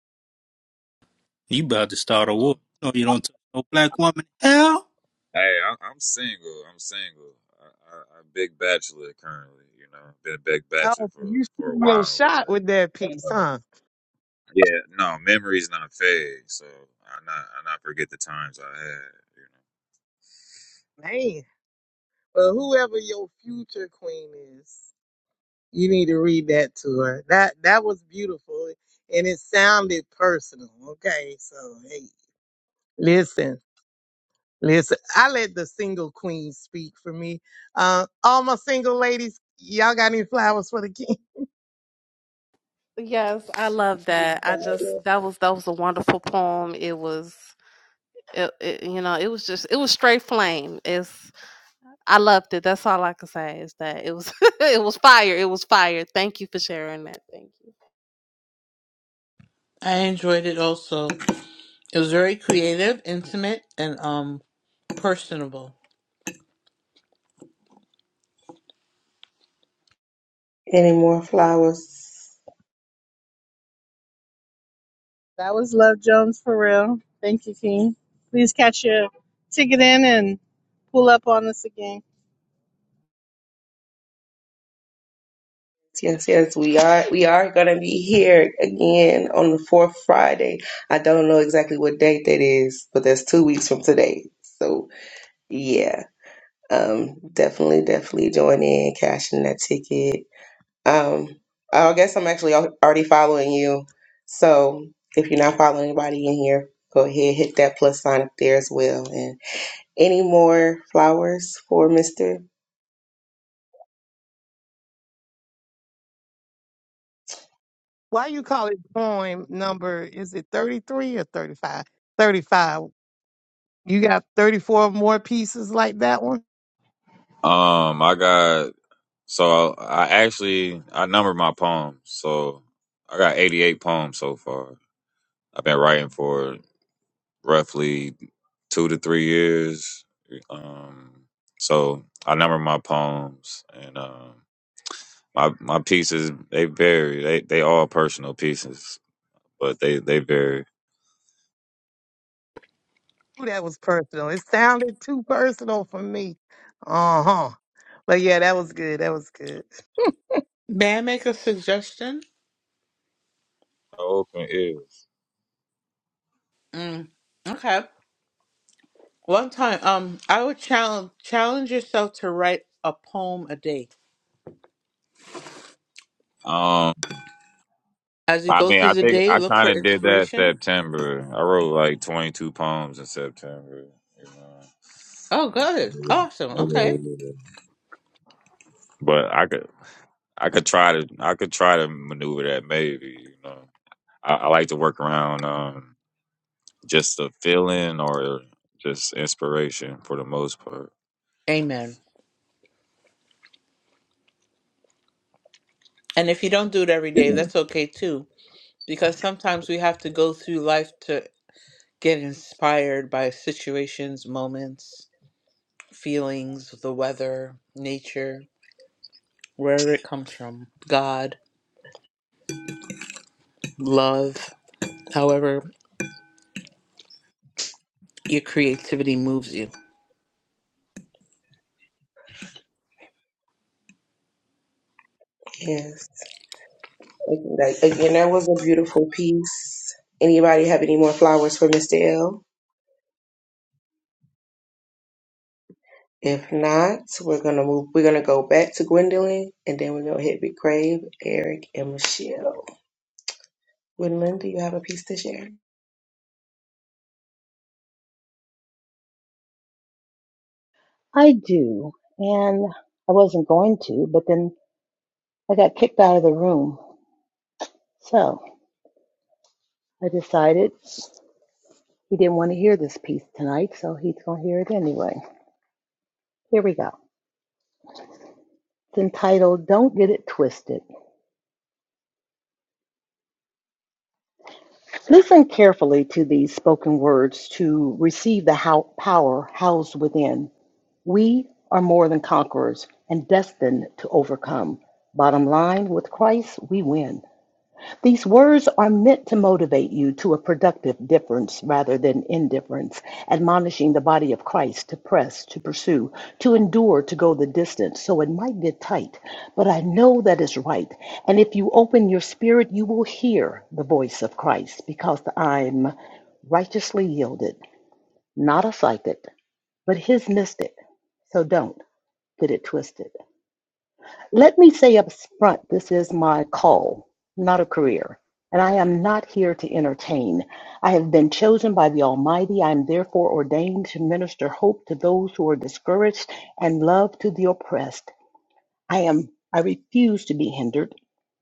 Speaker 1: You about to start a war.
Speaker 17: sure.
Speaker 1: No, you don't touch no black woman. Hell.
Speaker 17: Hey, I, I'm single. I'm single. I, I, I'm big bachelor currently. You know, been a big bachelor
Speaker 2: Oh,
Speaker 17: for
Speaker 2: you
Speaker 17: for a
Speaker 2: shoot your
Speaker 17: while,
Speaker 2: shot with
Speaker 17: but
Speaker 2: that piece,
Speaker 17: uh,
Speaker 2: huh?
Speaker 17: yeah, no, memories not fade. So I not I not forget the times I had. You
Speaker 2: Man, well, whoever your future queen is, you need to read that to her. That that was beautiful, and it sounded personal. Okay, so hey, listen, listen. I let the single queen speak for me. Uh, all my single ladies, y'all got any flowers for the king?
Speaker 11: Yes, I love that. I just that was that was a wonderful poem. It was it, it you know, it was just it was straight flame. It's I loved it. That's all I can say is that it was it was fire. It was fire. Thank you for sharing that. Thank you.
Speaker 14: enjoyed it also. It was very creative, intimate, and um personable.
Speaker 3: Any more flowers?
Speaker 6: that was Love Jones for real. Thank you, King. Please catch your ticket in and pull up on us again.
Speaker 3: Yes, yes, we are we are gonna be here again on the fourth Friday. I don't know exactly what date that is, but that's two weeks from today. So yeah. Um definitely, definitely join in, cashing that ticket Um, I guess I'm actually al- already following you. So if you're not following anybody in here, go ahead, hit that plus sign up there as well. And any more flowers for Mr.
Speaker 2: Why you call it poem number? Is it thirty three or thirty five? Thirty five. You got thirty four more pieces like that one.
Speaker 17: know. Um, I got so I actually I numbered my poems. So I got 88 poems so far. I've been writing for roughly two to three years. Um, so I number my poems and. Um, my my pieces they vary. They they all personal pieces, but they they vary.
Speaker 2: Ooh, that was personal. It sounded too personal for me. Uh huh. But yeah, that was good. That was good.
Speaker 14: May I make a suggestion?
Speaker 17: Open ears.
Speaker 14: Mm, okay. One time, um, I would challenge challenge yourself to write a poem a day.
Speaker 17: Um,
Speaker 14: As you
Speaker 17: I
Speaker 14: go
Speaker 17: mean,
Speaker 14: through
Speaker 17: I
Speaker 14: the
Speaker 17: think
Speaker 14: day,
Speaker 17: I
Speaker 14: look
Speaker 17: kind
Speaker 14: for
Speaker 17: of did that
Speaker 14: inspiration
Speaker 17: September. I wrote like twenty two poems in September. You
Speaker 14: Oh, good. Awesome. Okay.
Speaker 17: know, but I could I could try to I could try to maneuver that maybe. You know, I, I like to work around um just the feeling or just inspiration for the most part.
Speaker 14: Amen. And if you don't do it every day, that's okay too, because sometimes we have to go through life to get inspired by situations, moments, feelings, the weather, nature, wherever it comes from, God, love, however your creativity moves you.
Speaker 3: Yes. Like, Again, that was a beautiful piece. Anybody have any more flowers for Mr. L? If not, we're gonna move. We're gonna go back to Gwendolyn, and then we're gonna hit Big Crave, Eric, and Michelle. Gwendolyn, do you have a piece to share?
Speaker 15: I do. And I wasn't going to, but then I got kicked out of the room. So I decided he didn't want to hear this piece tonight, so he's going to hear it anyway. Here we go. It's entitled Don't Get It Twisted. Listen carefully to these spoken words to receive the how- power housed within. We are more than conquerors and destined to overcome. Bottom line, with Christ, we win. These words are meant to motivate you to a productive difference rather than indifference, admonishing the body of Christ to press, to pursue, to endure, to go the distance. So it might get tight, but I know that is right. And if you open your spirit, you will hear the voice of Christ because I'm righteously yielded, not a psychic, but his mystic. So don't get it twisted. Let me say up front, this is my call, not a career. And I am not here to entertain. I have been chosen by the Almighty. I am therefore ordained to minister hope to those who are discouraged and love to the oppressed. I am I refuse to be hindered,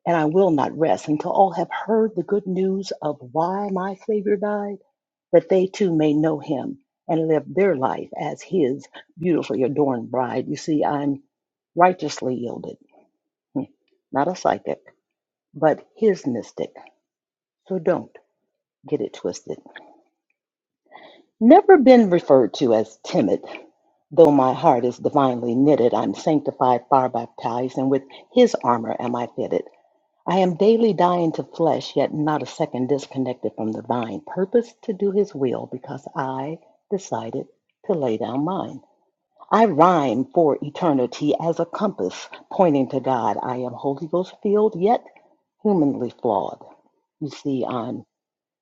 Speaker 15: and I will not rest until all have heard the good news of why my Savior died, that they too may know him and live their life as his beautifully adorned bride. You see, I'm righteously yielded. Hmm. not a psychic, but his mystic. So don't get it twisted. Never been referred to as timid. Though my heart is divinely knitted, I'm sanctified, fire baptized, and with his armor am I fitted. I am daily dying to flesh, yet not a second disconnected from the vine. Purpose to do his will because I decided to lay down mine. I rhyme for eternity as a compass pointing to God. I am Holy Ghost filled, yet humanly flawed. You see, I'm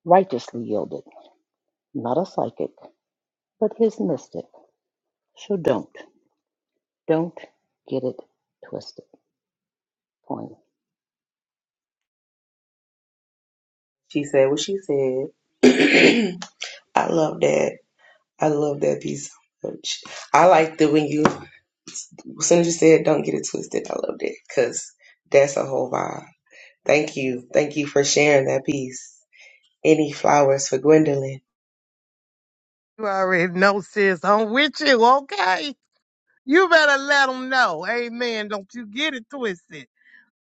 Speaker 15: righteously yielded, not a psychic, but his mystic. So don't, don't get it twisted. Point.
Speaker 3: She said what she said. I love that. I love that piece so much. I like the when you, as soon as you said, don't get it twisted. I loved it because that's a whole vibe. Thank you. Thank you for sharing that piece. Any flowers for Gwendolyn?
Speaker 2: You already know, sis. I'm with you, okay? You better let them know. Amen. Don't you get it twisted.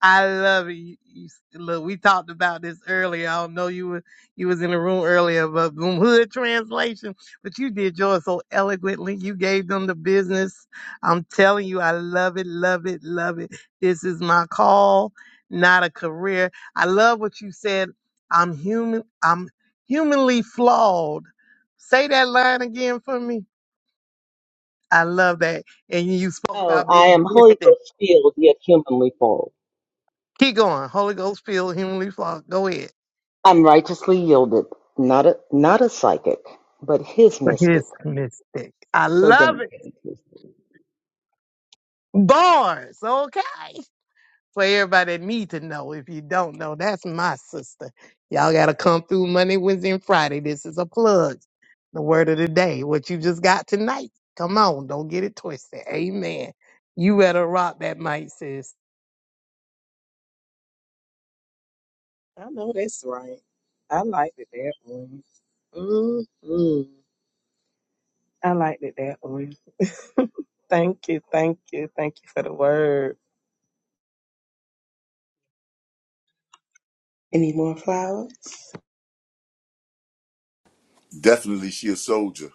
Speaker 2: I love it. You, you, look, we talked about this earlier. I don't know you were you was in the room earlier, but boom, hood translation. But you did yours so eloquently. You gave them the business. I'm telling you, I love it, love it, love it. This is my call, not a career. I love what you said. I'm human. I'm humanly flawed. Say that line again for me. I love that. And you spoke
Speaker 15: Oh,
Speaker 2: about being
Speaker 15: I am Holy
Speaker 2: listed.
Speaker 15: Ghost filled, yet humanly flawed.
Speaker 2: Keep going. Holy Ghost filled, humanly flawed. Go ahead.
Speaker 15: I'm righteously yielded, not a not a psychic, but his
Speaker 2: for
Speaker 15: mystic.
Speaker 2: his mistake, I
Speaker 15: So
Speaker 2: love
Speaker 15: don't
Speaker 2: it.
Speaker 15: get it twisted.
Speaker 2: Bars, okay. For everybody that need to know. If you don't know, that's my sister. Y'all gotta come through Monday, Wednesday, and Friday. This is a plug. The word of the day. What you just got tonight. Come on, don't get it twisted. Amen. You better rock that mic, sis.
Speaker 5: I know that's right. I liked it that one. Mm-hmm. I liked it that one. Thank you. Thank you. Thank you for the word.
Speaker 3: Any more flowers?
Speaker 13: Definitely, she a soldier.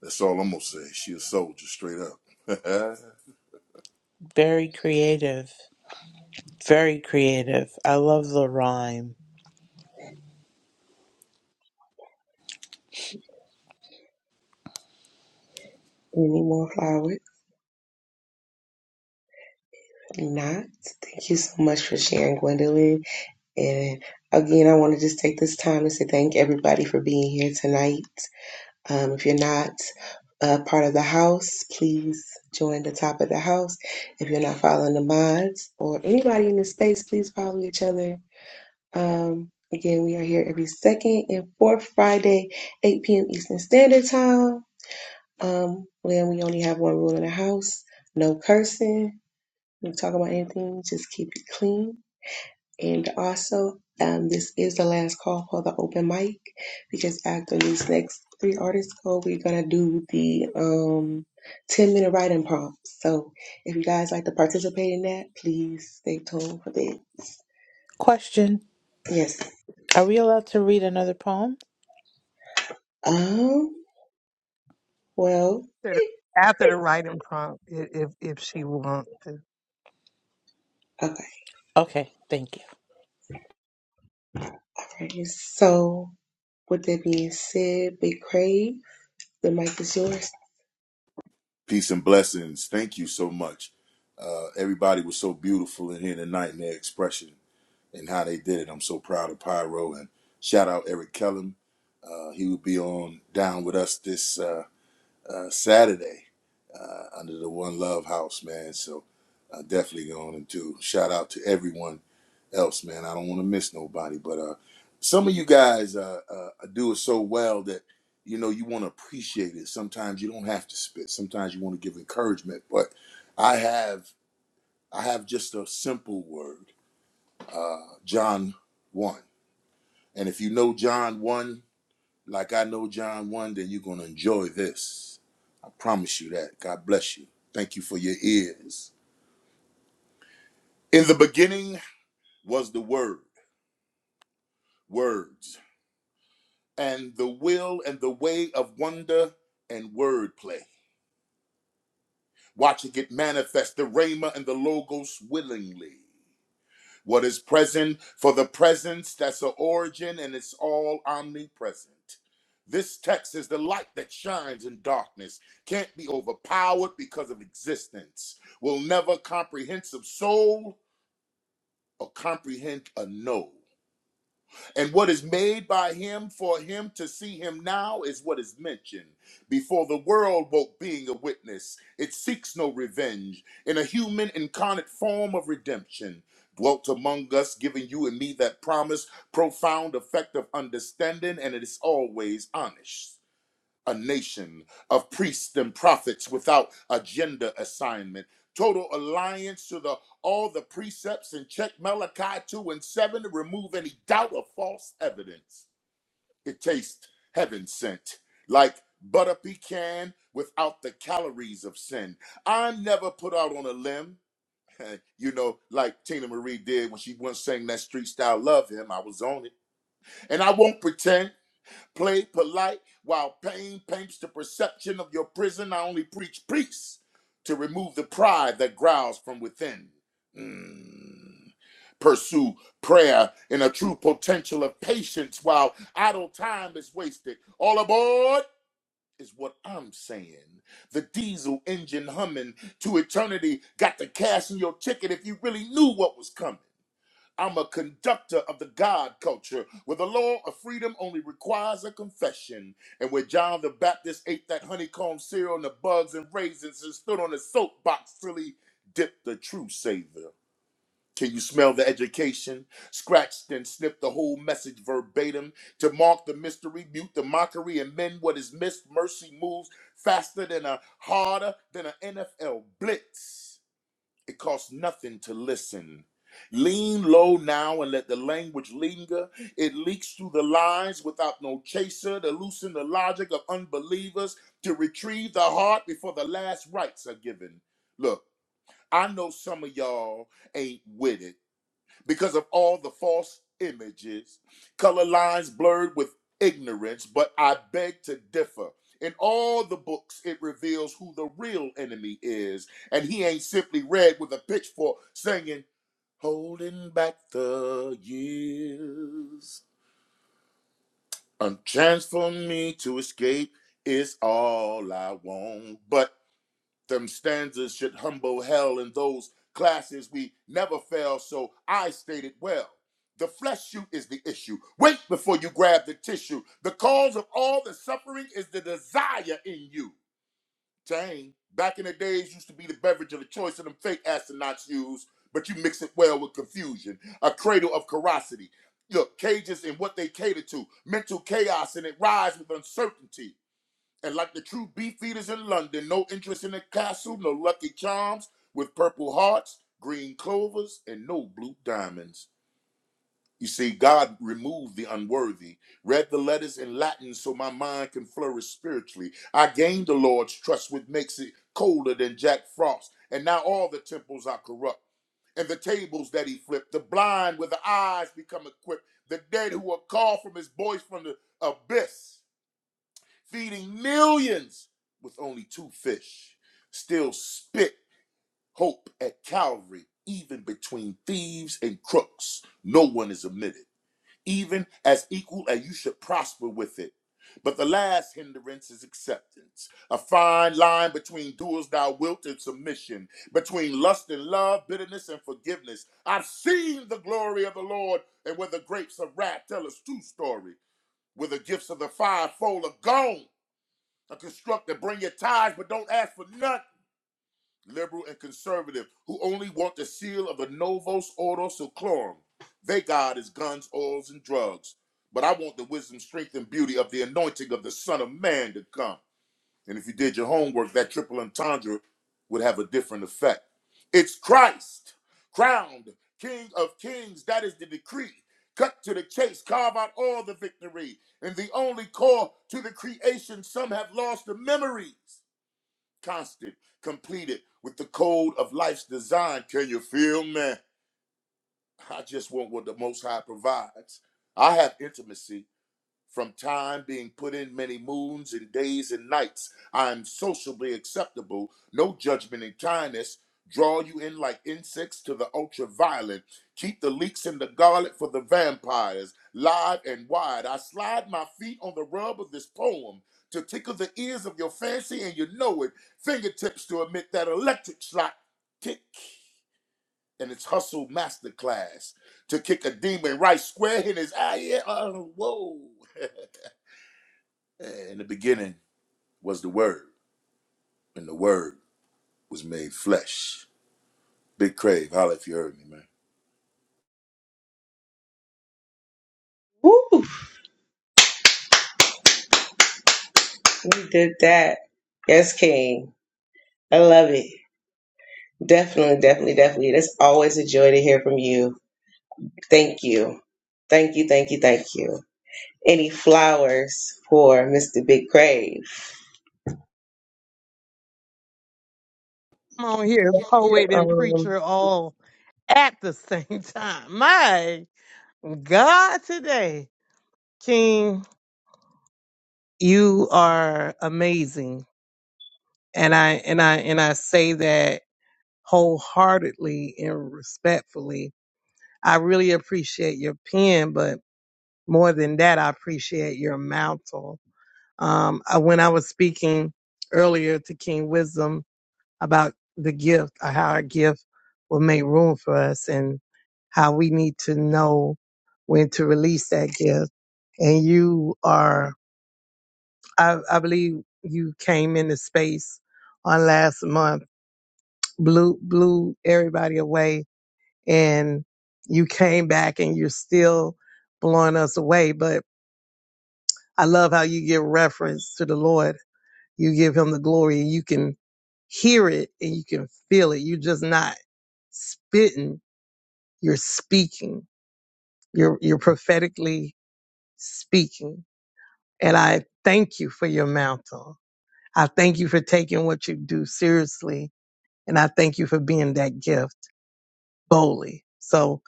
Speaker 13: That's all I'm gonna say. She a soldier, straight up.
Speaker 14: Very creative. Very creative. I love the rhyme.
Speaker 3: Any more flowers? Not. Thank you so much for sharing, Gwendolyn. And again, I want to just take this time to say thank everybody for being here tonight. Um, if you're not a part of the house, please join the top of the house. If you're not following the mods or anybody in the space, please follow each other. Um, again, we are here every second and fourth Friday, 8 p.m. Eastern Standard Time. Um, when we only have one rule in the house no cursing. When We talk about anything, just keep it clean. And also, um, this is the last call for the open mic because after these next three artists go, we're gonna do the um 10 minute writing prompt. So if you guys like to participate in that, please stay tuned for that.
Speaker 14: Question
Speaker 3: Yes.
Speaker 14: Are we allowed to read another poem?
Speaker 3: Um, well,
Speaker 2: After the after the writing prompt, i- if if she wants to.
Speaker 3: okay,
Speaker 14: Okay, thank you.
Speaker 3: all right. So with that being said, Big Crave, the mic is yours.
Speaker 13: peace and blessings. Thank you so much. Uh, everybody was so beautiful in here tonight in their expression and how they did it. I'm so proud of Pyro and shout out Eric Kellum. Uh, he will be on down with us this uh, uh, Saturday uh, under the One Love House, man. So uh, definitely going to. shout out to everyone else, man. I don't want to miss nobody, but uh, some of you guys uh, uh, do it so well that you know you want to appreciate it. Sometimes you don't have to spit. Sometimes you want to give encouragement, but I have I have just a simple word, uh, John one. And if you know John 1, like I know John 1, then you're going to enjoy this. I promise you that. God bless you. Thank you for your ears. In the beginning was the Word, words, and the will and the way of wonder and wordplay. Watching it manifest the Rhema and the Logos willingly. What is present for the presence, that's the origin, and it's all omnipresent. This text is the light that shines in darkness, can't be overpowered because of existence, will never comprehensive soul or comprehend a no. And what is made by him for him to see him now is what is mentioned. Before the world woke being a witness, it seeks no revenge. In a human incarnate form of redemption, dwelt among us, giving you and me that promise, profound effect of understanding, and it is always honest a nation of priests and prophets without agenda assignment. Total alliance to the all the precepts and check Malachi 2 and 7 to remove any doubt of false evidence. It tastes heaven sent, like butter pecan without the calories of sin. I'm never put out on a limb. You know, like Tina Marie did when she once sang that street style, Love Him. I was on it. And I won't pretend. Play polite while pain paints the perception of your prison. I only preach peace to remove the pride that growls from within. Mm. Pursue prayer in a true potential of patience while idle time is wasted. All aboard is what I'm saying. The diesel engine humming to eternity got to cash in your ticket if you really knew what was coming. I'm a conductor of the God culture, where the law of freedom only requires a confession, and where John the Baptist ate that honeycomb cereal and the bugs and raisins and stood on a soapbox till he dipped the true savior. Can you smell the education? Scratched and snipped the whole message verbatim to mark the mystery, mute the mockery, and mend what is missed. Mercy moves faster than a harder than an NFL blitz. It costs nothing to listen. Lean low now and let the language linger. It leaks through the lines without no chaser to loosen the logic of unbelievers, to retrieve the heart before the last rites are given. Look, I know some of y'all ain't with it because of all the false images, color lines blurred with ignorance, but I beg to differ. In all the books, it reveals who the real enemy is, and he ain't simply read with a pitchfork singing, Holding back the years. A chance for me to escape is all I want, but them stanzas should humble hell in those classes we never fail, so I stated well. The flesh shoot is the issue. Wait before you grab the tissue. The cause of all the suffering is the desire in you. Dang. Back in the days, used to be the beverage of the choice of them fake astronauts use, but you mix it well with confusion. A cradle of carosity. Look, cages in what they cater to, mental chaos, and it rise with uncertainty. And like the true beef eaters in London, no interest in the castle, no lucky charms, with purple hearts, green clovers, and no blue diamonds. You see, God removed the unworthy, read the letters in Latin so my mind can flourish spiritually. I gained the Lord's trust, which makes it colder than Jack Frost. And now all the temples are corrupt, and the tables that he flipped, the blind with the eyes become equipped, the dead who are called from his voice from the abyss feeding millions with only two fish, still spit hope at Calvary, even between thieves and crooks. No one is omitted, even as equal, and you should prosper with it. But the last hindrance is acceptance, a fine line between doers thou wilt and submission, between lust and love, bitterness and forgiveness. I've seen the glory of the Lord, and where the grapes of wrath tell us true story, where the gifts of the fivefold are gone a constructor. Bring your tithes, but don't ask for nothing. Liberal and conservative who only want the seal of a novos ordo seclorum. They God is guns, oils, and drugs. But I want the wisdom, strength, and beauty of the anointing of the Son of Man to come. And if you did your homework, that triple entendre would have a different effect. It's Christ, crowned King of Kings. That is the decree. Cut to the chase, carve out all the victory. And the only call to the creation, some have lost the memories. Constant, completed with the code of life's design. Can you feel man? I just want what the Most High provides. I have intimacy from time being put in many moons and days and nights, I am sociably acceptable, no judgment and kindness. Draw you in like insects to the ultraviolet. Keep the leeks and the garlic for the vampires. Live and wide, I slide my feet on the rub of this poem to tickle the ears of your fancy, and you know it. Fingertips to emit that electric slot kick and its hustle masterclass to kick a demon right square in his eye. Yeah, uh, whoa. Eh, In the beginning was the Word, and the Word was made flesh. Big Crave, holla if you heard me, man.
Speaker 3: Woo! We did that. Yes, King. I love it. Definitely, definitely, definitely. It's always a joy to hear from you. Thank you. Thank you, thank you, thank you. Any flowers for Mr. Big Crave?
Speaker 2: Come on here, poet and
Speaker 5: Um,
Speaker 2: preacher all at the same time. My God today. King, you are amazing. And I and I and I say that wholeheartedly and respectfully. I really appreciate your pen, but more than that, I appreciate your mantle. Um, I- when I was speaking earlier to King Wisdom about the gift, uh, how our gift will make room for us, and how we need to know when to release that gift, and you are I, I believe you came into space on last month, blew blew everybody away, and you came back and you're still blowing us away. But I love how you give reference to the Lord. You give him the glory you can hear it and you can feel it. You're just not spitting, you're speaking. You're you're prophetically speaking. And I thank you for your mantle. I thank you for taking what you do seriously And I thank you for being that gift boldly. So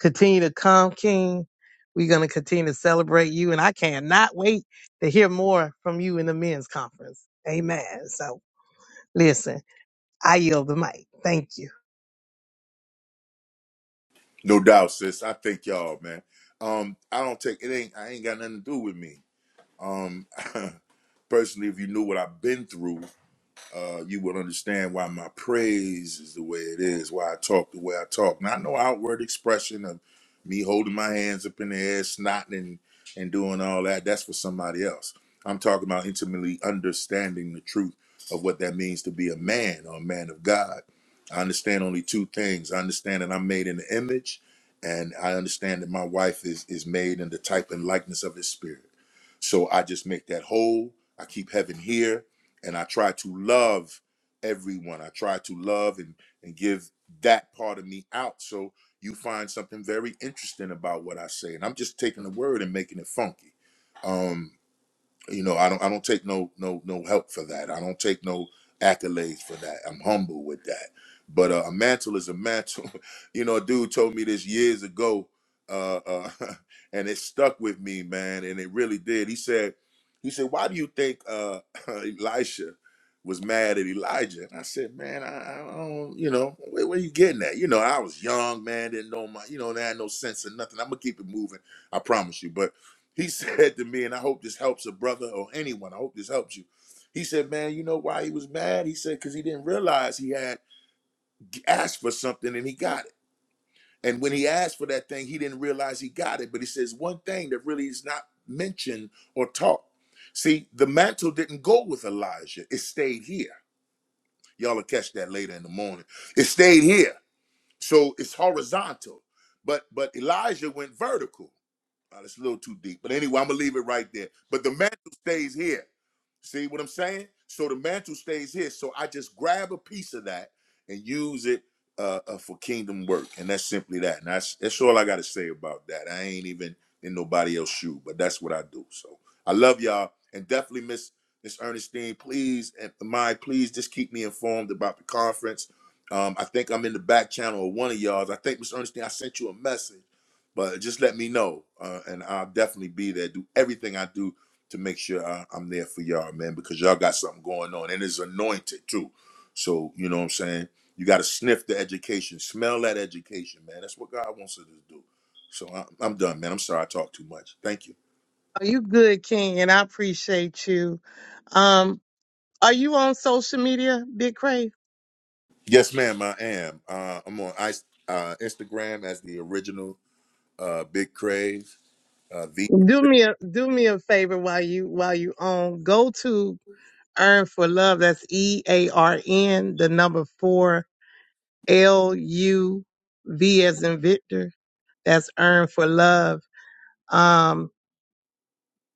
Speaker 2: continue to come, King. We're going to continue to celebrate you. And I cannot wait to hear more from you in the men's conference. Amen. So listen, I yield the mic. Thank you.
Speaker 13: No doubt, sis. I thank y'all, man. Um, I don't take it ain't I ain't got nothing to do with me. Um, personally, if you knew what I've been through, uh, you will understand why my praise is the way it is, why I talk the way I talk. Not no outward expression of me holding my hands up in the air, snotting and, and doing all that. That's for somebody else. I'm talking about intimately understanding the truth of what that means to be a man or a man of God. I understand only two things. I understand that I'm made in the image, and I understand that my wife is is made in the type and likeness of his spirit. So I just make that whole. I keep heaven here and I try to love everyone. I try to love and and give that part of me out. So you find something very interesting about what I say, and I'm just taking the word and making it funky. Um, you know i don't i don't take no no no help for that i don't take no accolades for that i'm humble with that but uh, a mantle is a mantle you know a dude told me this years ago uh, uh and it stuck with me man and it really did he said he said why do you think uh elisha was mad at elijah and i said man i, I don't you know where, where you getting at you know i was young man didn't know my you know there had no sense or nothing i'm gonna keep it moving i promise you but he said to me, and I hope this helps a brother or anyone. I hope this helps you. He said, Man, you know why he was mad? He said, Because he didn't realize he had asked for something and he got it. And when he asked for that thing, he didn't realize he got it. But he says, One thing that really is not mentioned or taught. See, the mantle didn't go with Elijah, it stayed here. Y'all will catch that later in the morning. It stayed here. So it's horizontal. But but Elijah went vertical. Uh, it's a little too deep. But anyway, I'm gonna leave it right there. But the mantle stays here. See what I'm saying? So the mantle stays here. So I just grab a piece of that and use it uh, uh, for kingdom work, and that's simply that. And that's that's all I got to say about that. I ain't even in nobody else's shoe, but that's what I do. So I love y'all, and definitely miss Miss Ernestine. Please, and my please, just keep me informed about the conference. Um, I think I'm in the back channel of one of y'all's. I think Miss Ernestine, I sent you a message but just let me know, uh, and I'll definitely be there. Do everything I do to make sure I, I'm there for y'all, man, because y'all got something going on, and it's anointed too. So you know what I'm saying. You got to sniff the education, smell that education, man. That's what God wants us to do. So I, I'm done, man. I'm sorry I talked too much. Thank you.
Speaker 2: Are you good, King? And I appreciate you. Um, are you on social media, Big Crave?
Speaker 13: Yes, ma'am. I am. Uh, I'm on I, uh, Instagram as the original uh, Big Crave. Uh, v.
Speaker 2: Do me a do me a favor while you while you on. Go to Earn for Love. That's E A R N the number four L U V as in Victor. That's earn for love. Um,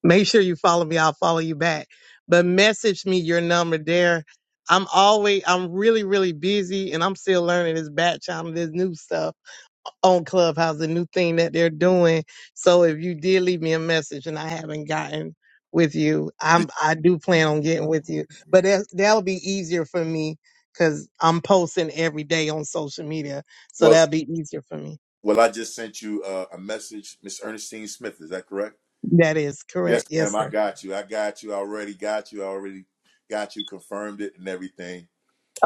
Speaker 2: make sure you follow me. I'll follow you back. But message me your number there. I'm always, I'm really, really busy and I'm still learning this batch. I'm this new stuff on Clubhouse, the new thing that they're doing. So if you did leave me a message and I haven't gotten with you, I'm I do plan on getting with you. But that that'll be easier for me because I'm posting every day on social media, so
Speaker 13: Well,
Speaker 2: that'll be easier for me.
Speaker 13: well, I just sent you uh, a message, Miss Ernestine Smith. Is that correct?
Speaker 2: That is
Speaker 13: Yes,
Speaker 2: correct. Yes,
Speaker 13: ma'am. I
Speaker 2: sir.
Speaker 13: got you. I got you. I already got you. I already got you confirmed it and everything.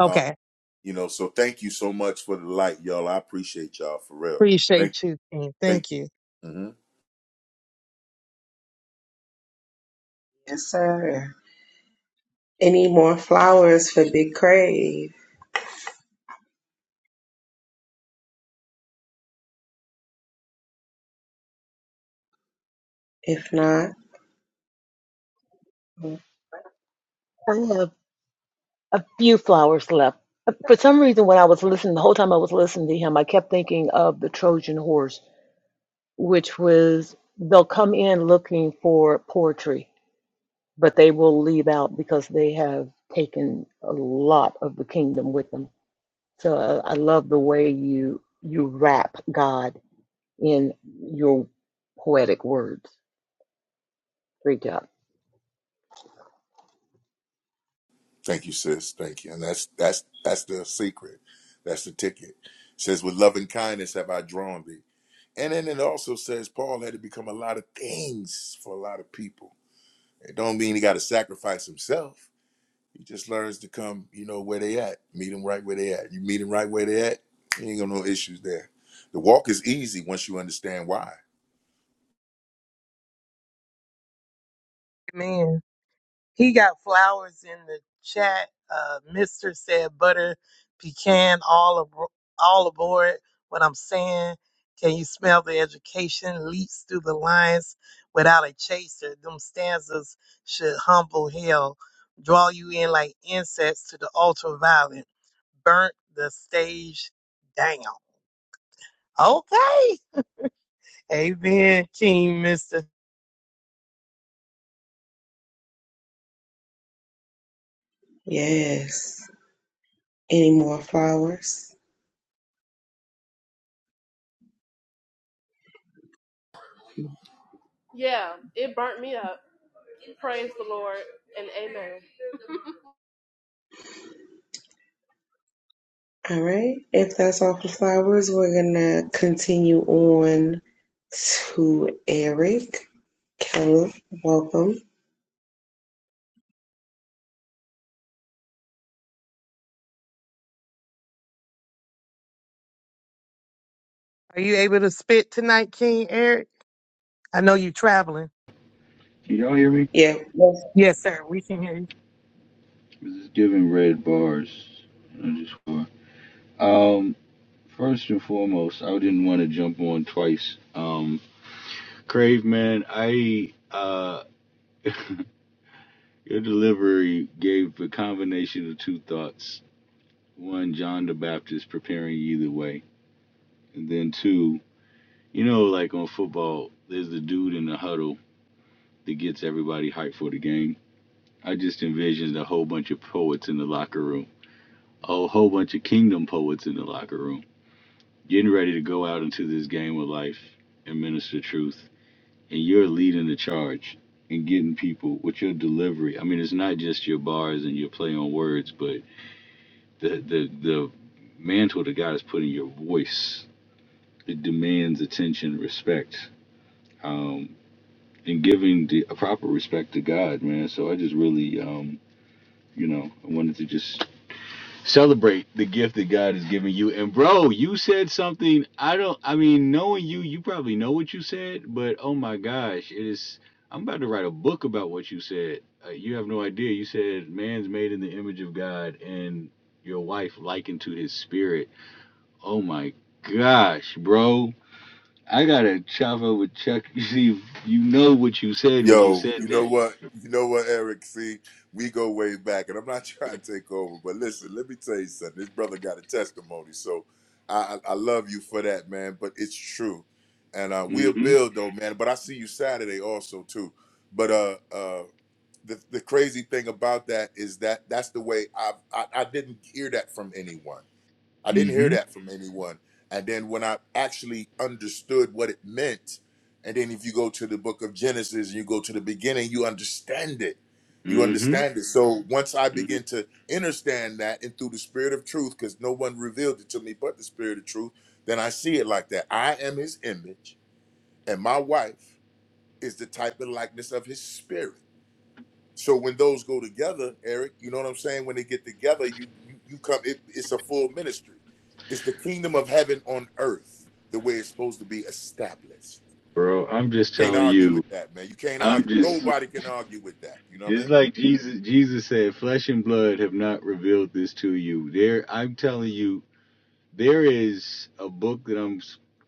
Speaker 13: Uh, you know, so thank you so much for the light, y'all. I appreciate y'all for real. Thank,
Speaker 2: Appreciate you. King.
Speaker 13: thank,
Speaker 2: Thank you.
Speaker 13: mhm.
Speaker 3: Yes, sir. Any more flowers for Big Crave? If not,
Speaker 15: I have a few flowers left. For some reason, when I was listening, the whole time I was listening to him, I kept thinking of the Trojan horse, which was they'll come in looking for poetry, but they will leave out because they have taken a lot of the kingdom with them. So uh, I love the way you you wrap God in your poetic words. Great job.
Speaker 13: thank you, sis. Thank you. And that's that's that's the secret. That's the ticket. says, with loving kindness have I drawn thee. And then it also says Paul had to become a lot of things for a lot of people. It don't mean he got to sacrifice himself. He just learns to come, you know, where they at. Meet them right where they at. You meet them right where they at. You ain't gonna no issues there. The walk is easy once you understand why.
Speaker 2: Amen. He got flowers in the chat. Uh, Mister said butter, pecan, all abo- all aboard. What I'm saying, can you smell the education leaks through the lines without a chaser? Them stanzas should humble hell, draw you in like insects to the ultraviolet, burnt the stage down. Okay, amen, King Mister.
Speaker 3: yes. Any more flowers?
Speaker 11: Yeah, it burnt me up. Praise the Lord and amen.
Speaker 3: All right. If that's all for flowers, we're going to continue on to Eric. Carol, welcome.
Speaker 2: Are you able to spit tonight, King Eric? I know you're traveling.
Speaker 12: Can y'all hear me?
Speaker 3: Yeah, yes.
Speaker 2: Yes, sir. We can hear you.
Speaker 12: This is giving red bars. I just Um, first and foremost, I didn't want to jump on twice. Um, Crave man, I uh, your delivery gave a combination of two thoughts. One, John the Baptist preparing you either way, and then two, you know, like on football, there's the dude in the huddle that gets everybody hyped for the game. I just envisioned a whole bunch of poets in the locker room, a whole bunch of kingdom poets in the locker room, getting ready to go out into this game of life and minister truth. And you're leading the charge and getting people with your delivery. I mean, it's not just your bars and your play on words, but the the the mantle that God has put in your voice. It demands attention, respect, um, and giving the a proper respect to God, man. So I just really um, You know, I wanted to just celebrate the gift that God has given you. And bro, you said something. I don't. I mean, knowing you, you probably know what you said, but oh my gosh, it is. I'm about to write a book about what you said. Uh, you have no idea. You said man's made in the image of God, and your wife likened to his spirit. Oh my gosh, bro. I gotta chop up with Chuck. You see, you know what you said when you
Speaker 13: Yo,
Speaker 12: said
Speaker 13: you know
Speaker 12: that.
Speaker 13: what? You know what, Eric? See, we go way back, and I'm not trying to take over, but listen, let me tell you something. This brother got a testimony, so I, I I love you for that, man. But it's true, and uh, we'll
Speaker 12: Mm-hmm.
Speaker 13: build though, man. But I see you Saturday also too. But uh, uh, the, the crazy thing about that is that that's the way I've, I I didn't hear that from anyone. I didn't hear
Speaker 12: Mm-hmm.
Speaker 13: that from anyone. And then when I actually understood what it meant, and then if you go to the book of Genesis and you go to the beginning, you understand it. You
Speaker 12: Mm-hmm.
Speaker 13: understand it. So once I
Speaker 12: Mm-hmm.
Speaker 13: begin to understand that, and through the spirit of truth, because no one revealed it to me but the spirit of truth, then I see it like that. I am His image, and my wife is the type and likeness of His spirit. So when those go together, Eric, you know what I'm saying? When they get together, you you you come. It, it's a full ministry. It's the kingdom of heaven on earth, the way it's supposed to be established.
Speaker 12: bro. I'm just
Speaker 13: Can't
Speaker 12: telling
Speaker 13: argue with
Speaker 12: you.
Speaker 13: that, man. You can't
Speaker 12: I'm
Speaker 13: argue.
Speaker 12: just
Speaker 13: Nobody can argue with that. You know what I mean?
Speaker 12: it's like Jesus. Jesus said, "Flesh and blood have not revealed this to you." There, I'm telling you, there is a book that I'm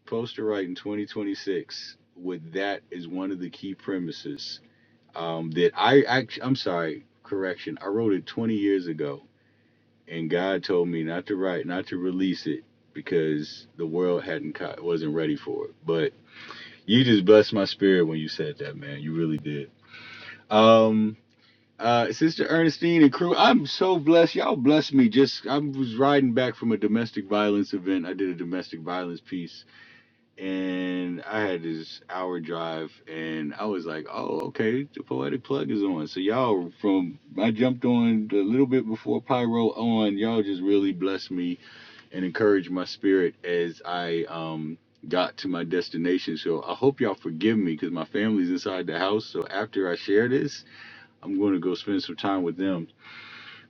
Speaker 12: supposed to write in 2026. With that is one of the key premises um, that I actually. I'm sorry, correction. I wrote it 20 years ago, and God told me not to write, not to release it because the world hadn't caught, wasn't ready for it. But you just blessed my spirit when you said that, man. You really did. Um, uh, Sister Ernestine and crew, I'm so blessed. Y'all blessed me. Just I was riding back from a domestic violence event. I did a domestic violence piece, and I had this hour drive, and I was like, oh, okay, the poetic plug is on. So y'all from I jumped on a little bit before Pyro on. Y'all just really blessed me and encouraged my spirit as I um got to my destination. So I hope y'all forgive me because my family's inside the house. So after I share this. I'm going to go spend some time with them.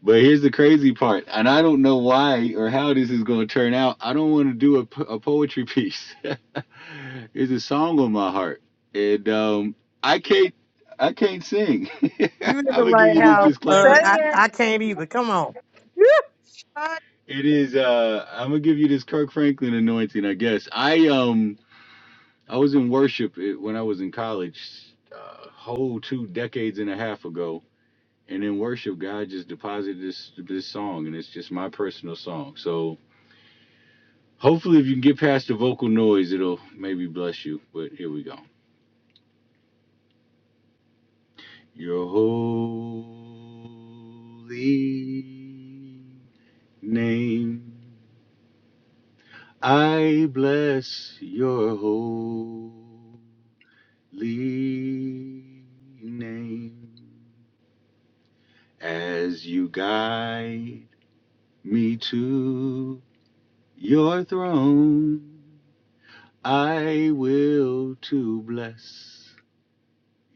Speaker 12: But here's the crazy part, and I don't know why or how this is going to turn out. I don't want to do a, a poetry piece. it's a song on my heart, and um, I can't I can't sing.
Speaker 2: You in
Speaker 12: I'm
Speaker 2: the
Speaker 12: gonna give
Speaker 2: right
Speaker 12: you
Speaker 6: Say
Speaker 12: this
Speaker 2: house.
Speaker 6: it.
Speaker 12: disclaimer.
Speaker 2: Uh, I, I can't either. Come on.
Speaker 12: It is uh, I'm gonna give you this Kirk Franklin anointing, I guess. I um I was in worship eh, when I was in college, a uh, whole two decades and a half ago and in worship, God just deposited this this song, and it's just my personal song. So hopefully, if you can get past the vocal noise, it'll maybe bless you. But here we go. Your holy name, I bless your holy name as you guide me to your throne. I will to bless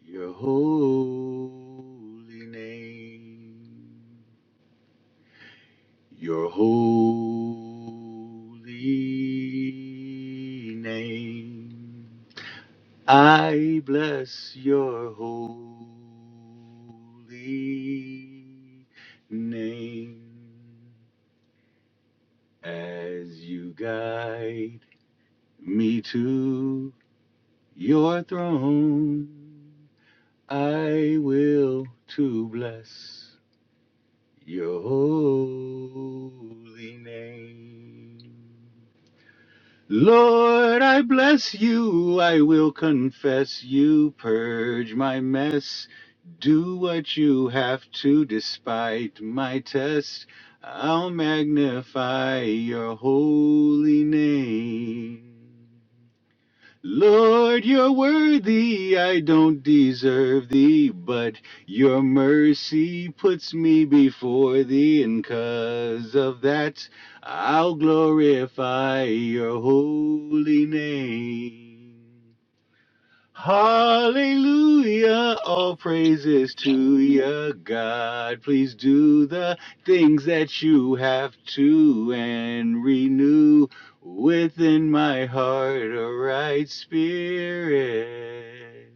Speaker 12: your holy name, your holy name. I bless your holy name as you guide me to your throne. I will to bless your holy name. Lord, I bless you. I will confess you. Purge my mess. Do what you have to despite my test. I'll magnify your holy name. Lord, you're worthy, I don't deserve thee, but your mercy puts me before thee, and 'cause of that I'll glorify your holy name. Hallelujah, all praises to your God. Please do the things that you have to and renew within my heart a right spirit.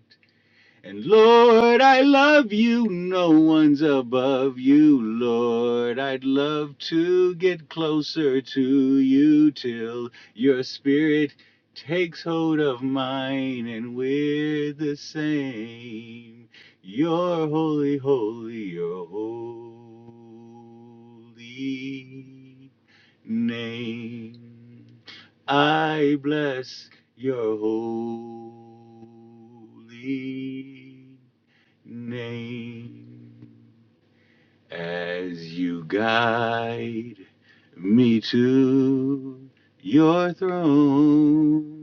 Speaker 12: And Lord, I love you. No one's above you, Lord. I'd love to get closer to you till your spirit takes hold of mine and we're the same. You're holy, holy, you're holy name. I bless your holy name as you guide me to your throne.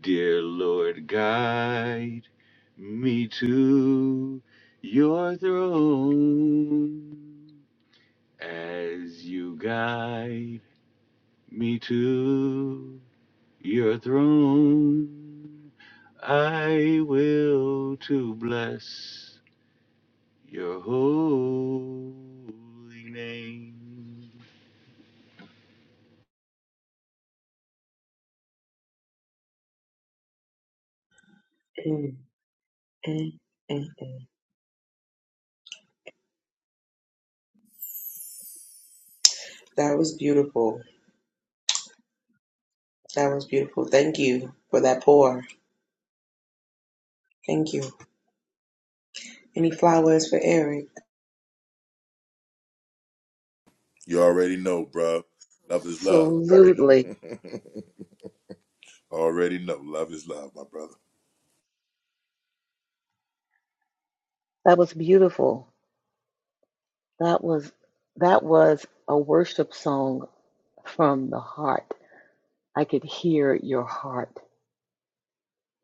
Speaker 12: Dear Lord, guide me to your throne as you guide me to your throne. I will to bless your holy name.
Speaker 3: Mm, mm, mm, mm. That was beautiful. That was beautiful. Thank you for that pour. Thank you. Any flowers for Eric?
Speaker 13: You already know, bro. Love is love.
Speaker 15: Absolutely.
Speaker 13: already know. Love is love, my brother.
Speaker 15: That was beautiful. That was that was a worship song from the heart. I could hear your heart.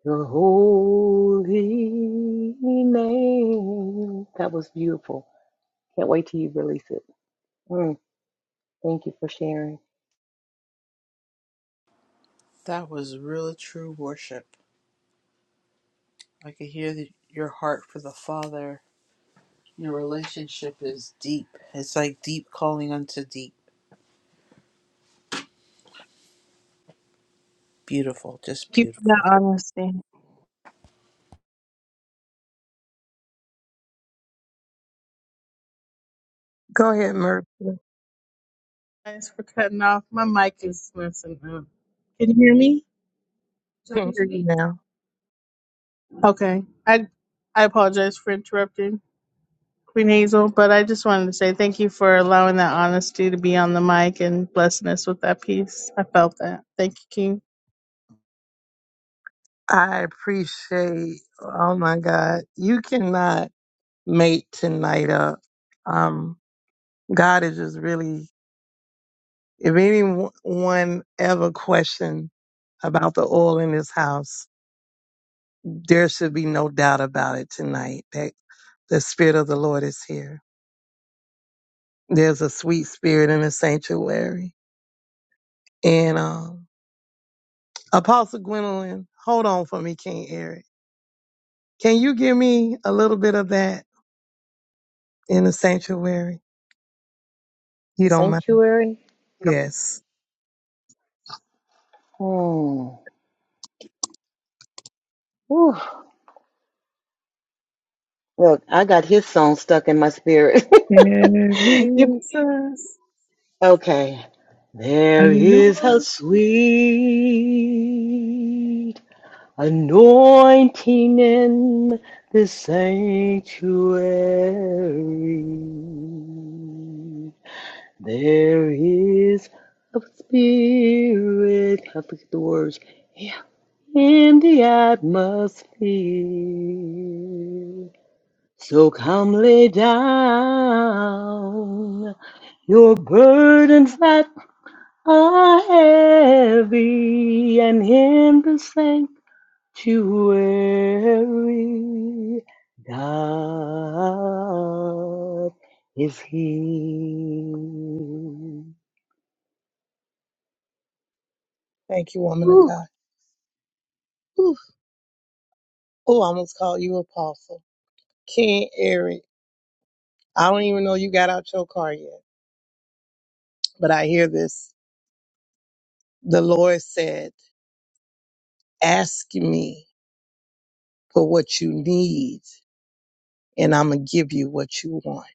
Speaker 15: Your holy name. That was beautiful. Can't wait till you release it. Mm, thank you for sharing.
Speaker 14: That was really true worship. I could hear the, your heart for the Father. Your relationship is deep. It's like deep calling unto deep. Beautiful, just
Speaker 6: Thank you for
Speaker 14: beautiful.
Speaker 6: that honesty.
Speaker 2: Go ahead, Murph.
Speaker 6: Thanks for cutting off. My mic is messing up. Can you hear me?
Speaker 2: I can hear you now.
Speaker 6: Okay. I I apologize for interrupting Queen Hazel, but I just wanted to say thank you for allowing that honesty to be on the mic and blessing us with that peace. I felt that. Thank you, King.
Speaker 2: I appreciate. Oh my God, you cannot make tonight up. Um, God is just really. If anyone ever questioned about the oil in this house, there should be no doubt about it tonight. That the spirit of the Lord is here. There's a sweet spirit in the sanctuary, and um. Apostle Gwendolyn, hold on for me, King Eric. Can you give me a little bit of that in the sanctuary? You
Speaker 15: The
Speaker 2: don't mind?
Speaker 15: sanctuary.
Speaker 2: Yes.
Speaker 15: Mm. Whew. Look, I got his song stuck in my spirit.
Speaker 2: There
Speaker 15: You-
Speaker 2: is us
Speaker 15: okay. There is a
Speaker 2: unknown.
Speaker 15: sweet Anointing in the sanctuary. There is a spirit. I forget the words. Yeah. In the atmosphere. So come lay down your burdens that are heavy and in the sanctuary to weary God is He.
Speaker 2: Thank you, woman of
Speaker 15: Woo!
Speaker 2: God. Ooh. Oh, I almost called you apostle. King Eric, I don't even know you got out your car yet, but I hear this. The Lord said, ask me for what you need and I'm going to give you what you want.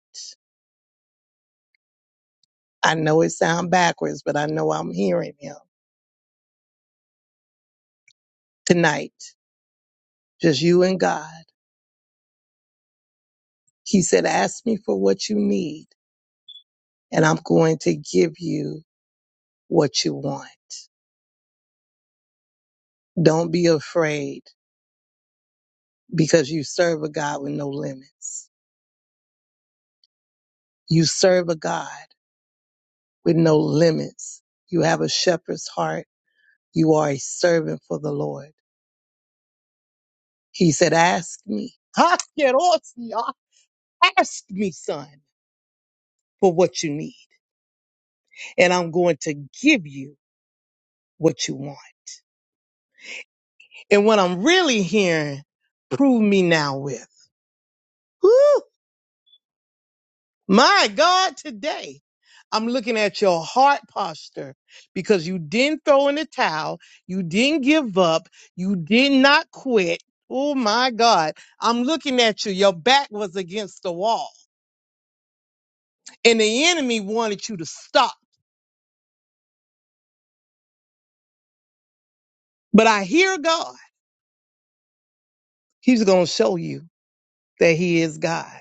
Speaker 2: I know it sounds backwards, but I know I'm hearing him. tonight, just you and God. He said, ask me for what you need and I'm going to give you what you want. Don't be afraid because you serve a God with no limits. You serve a God with no limits. You have a shepherd's heart. You are a servant for the Lord. He said, ask me. Ha, get off, y'all. Ask me, son, for what you need and I'm going to give you what you want. and what I'm really hearing, prove me now with. Woo! My God, today I'm looking at your heart posture because you didn't throw in the towel, you didn't give up, you did not quit. Oh my God, I'm looking at you. Your back was against the wall, and the enemy wanted you to stop. But I hear God. He's going to show you that He is God.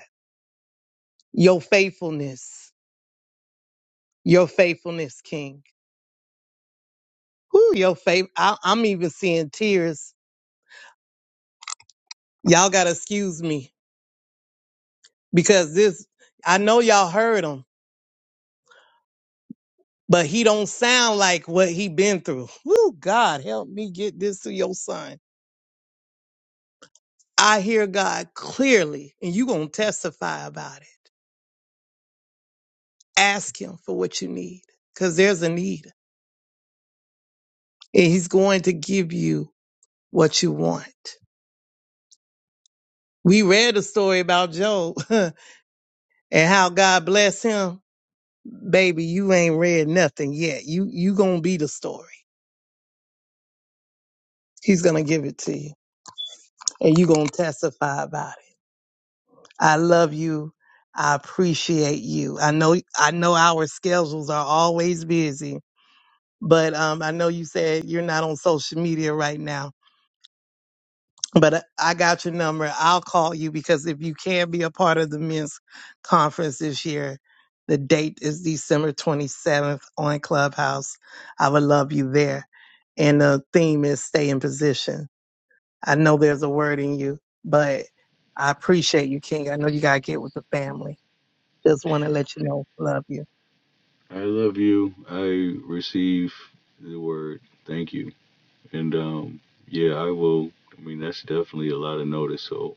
Speaker 2: Your faithfulness, your faithfulness, King. Who your favorite? I, I'm even seeing tears. Y'all gotta excuse me because this. I know y'all heard him, but he don't sound like what he been through. Woo, God help me get this to your son. I hear God clearly, and you gonna testify about it. Ask Him for what you need, cause there's a need, and He's going to give you what you want. We read a story about Job and how God blessed him baby, you ain't read nothing yet. You you gonna be the story. He's gonna give it to you, and you gonna testify about it. I love you. I appreciate you. I know I know our schedules are always busy, but um, I know you said you're not on social media right now But I got your number. I'll call you because if you can be a part of the men's conference this year, the date is December 27th on Clubhouse. I would love you there. And the theme is stay in position. I know there's a word in you, but I appreciate you, King. I know you got to get with the family. Just want to let you know, love you.
Speaker 12: I love you. I receive the word. Thank you. And um, yeah, I will. I mean, that's definitely a lot of notice. So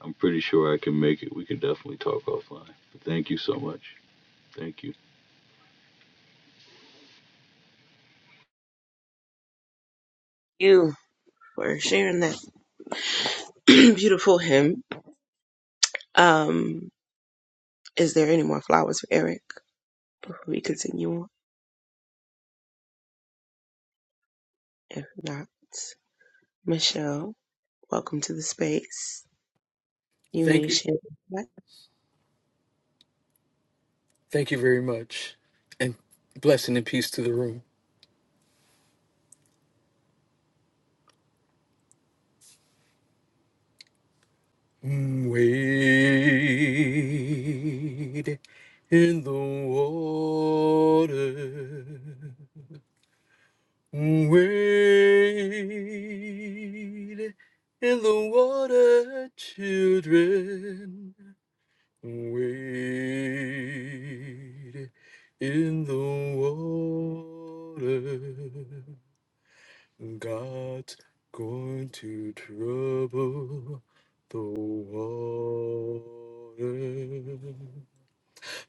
Speaker 12: I'm pretty sure I can make it. We can definitely talk offline. But thank you so much. Thank you.
Speaker 3: You for sharing that beautiful hymn. Um, is there any more flowers for Eric before we continue on? If not, Michelle, welcome to the space. You
Speaker 16: Thank
Speaker 3: may
Speaker 16: you.
Speaker 3: share.
Speaker 16: Thank you very much, and blessing and peace to the room. Wade in the water. Wade in the water, children. Wade in the water. God's going to trouble the water.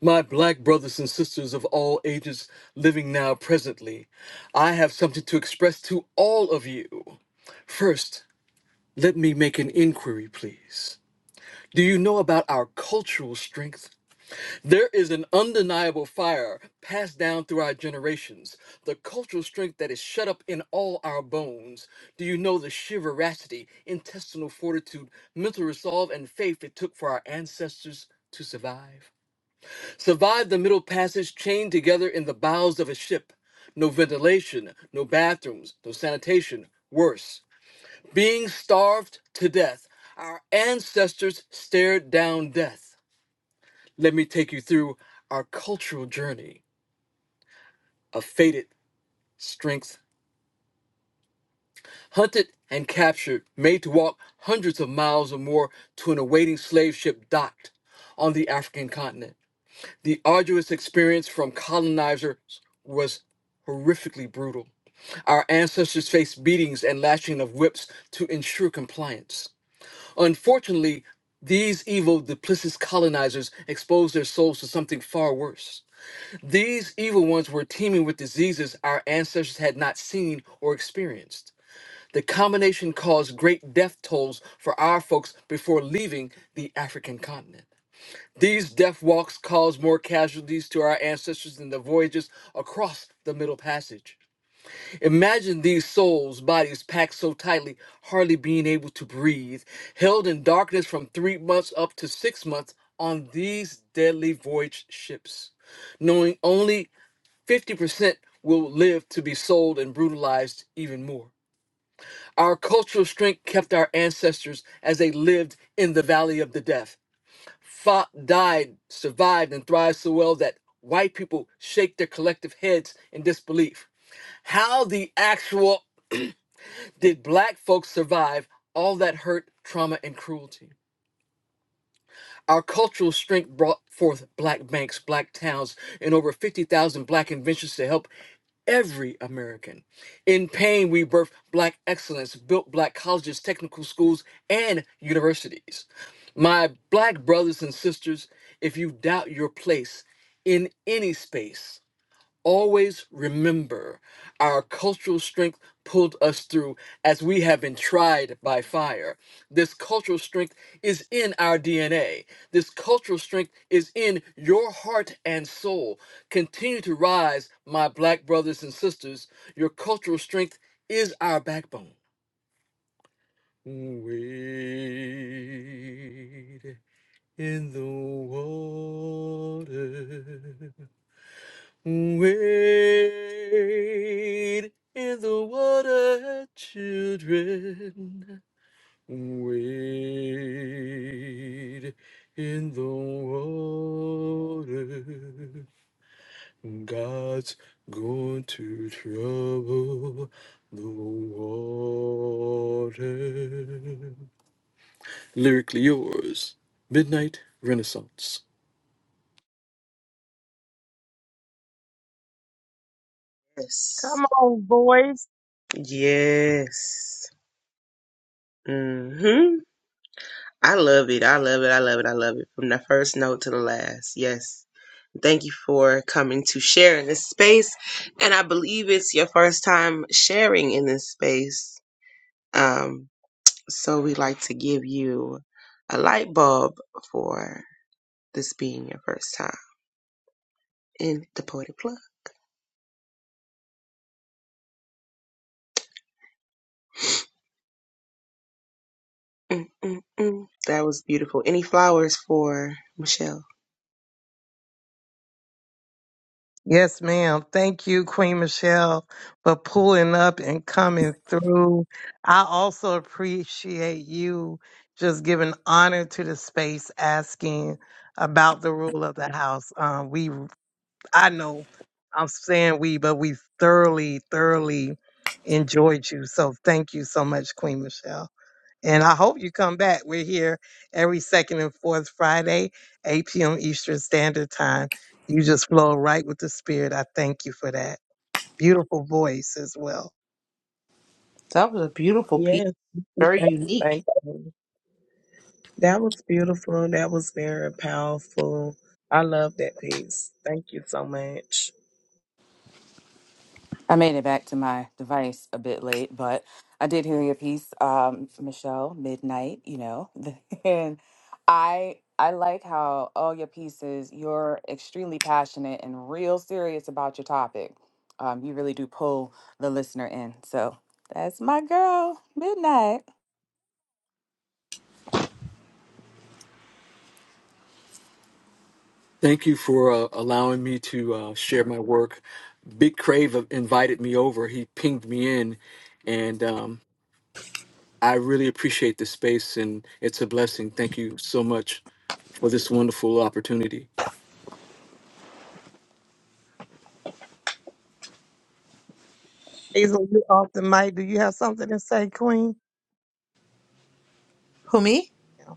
Speaker 16: My black brothers and sisters of all ages living now presently, I have something to express to all of you. First, let me make an inquiry, please. Do you know about our cultural strength? There is an undeniable fire passed down through our generations, the cultural strength that is shut up in all our bones. Do you know the sheer veracity, intestinal fortitude, mental resolve, and faith it took for our ancestors to survive? Survived the middle passage chained together in the bows of a ship. No ventilation, no bathrooms, no sanitation. Worse, being starved to death. Our ancestors stared down death. Let me take you through our cultural journey of fated strength. Hunted and captured, made to walk hundreds of miles or more to an awaiting slave ship docked on the African continent. The arduous experience from colonizers was horrifically brutal. Our ancestors faced beatings and lashing of whips to ensure compliance. Unfortunately, these evil, duplicitous colonizers exposed their souls to something far worse. These evil ones were teeming with diseases our ancestors had not seen or experienced. The combination caused great death tolls for our folks before leaving the African continent. These death walks caused more casualties to our ancestors than the voyages across the Middle Passage. Imagine these souls, bodies packed so tightly, hardly being able to breathe, held in darkness from three months up to six months on these deadly voyage ships, knowing only 50% will live to be sold and brutalized even more. Our cultural strength kept our ancestors as they lived in the valley of the death, fought, died, survived, and thrived so well that white people shake their collective heads in disbelief. How the actual did black folks survive all that hurt, trauma, and cruelty? Our cultural strength brought forth black banks, black towns, and over 50,000 black inventions to help every American. In pain, we birthed black excellence, built black colleges, technical schools, and universities. My black brothers and sisters, if you doubt your place in any space, always remember our cultural strength pulled us through as we have been tried by fire. This cultural strength is in our DNA. This cultural strength is in your heart and soul. Continue to rise, my black brothers and sisters. Your cultural strength is our backbone. Wade in the water Wade in the water, children. Wade in the water. God's going to trouble the water. Lyrically yours, Midnight Renaissance.
Speaker 3: Yes.
Speaker 2: Come on, boys.
Speaker 3: Yes. hmm I love it. I love it. I love it. I love it. From the first note to the last. Yes. Thank you for coming to share in this space. And I believe it's your first time sharing in this space. Um, so we like to give you a light bulb for this being your first time in the Poetic Plug. Mm, mm, mm. That was beautiful. Any flowers for Michelle?
Speaker 2: Yes, ma'am. Thank you, Queen Michelle, for pulling up and coming through. I also appreciate you just giving honor to the space, asking about the rule of the house. Um, we, I know, I'm saying we, but we thoroughly, thoroughly enjoyed you. So thank you so much, Queen Michelle. And I hope you come back. We're here every second and fourth Friday, 8 p.m. Eastern Standard Time. You just flow right with the Spirit. I thank you for that. Beautiful voice as well.
Speaker 14: That was a beautiful piece,
Speaker 5: yes. Thank you.
Speaker 14: very
Speaker 5: Thank you.
Speaker 14: unique.
Speaker 5: Thank you. That was beautiful. That was very powerful. I love that piece. Thank you so much.
Speaker 18: I made it back to my device a bit late, but I did hear your piece, um, Michelle, midnight, you know. and I I like how all your pieces, you're extremely passionate and real serious about your topic. Um, you really do pull the listener in. So that's my girl, midnight.
Speaker 16: Thank you for uh, allowing me to uh, share my work. Big Crave uh, invited me over. He pinged me in, and um, I really appreciate the space, and it's a blessing. Thank you so much for this wonderful opportunity.
Speaker 2: Hazel, you off the mic. Do you have something to say, Queen?
Speaker 14: Who me?
Speaker 2: Yeah.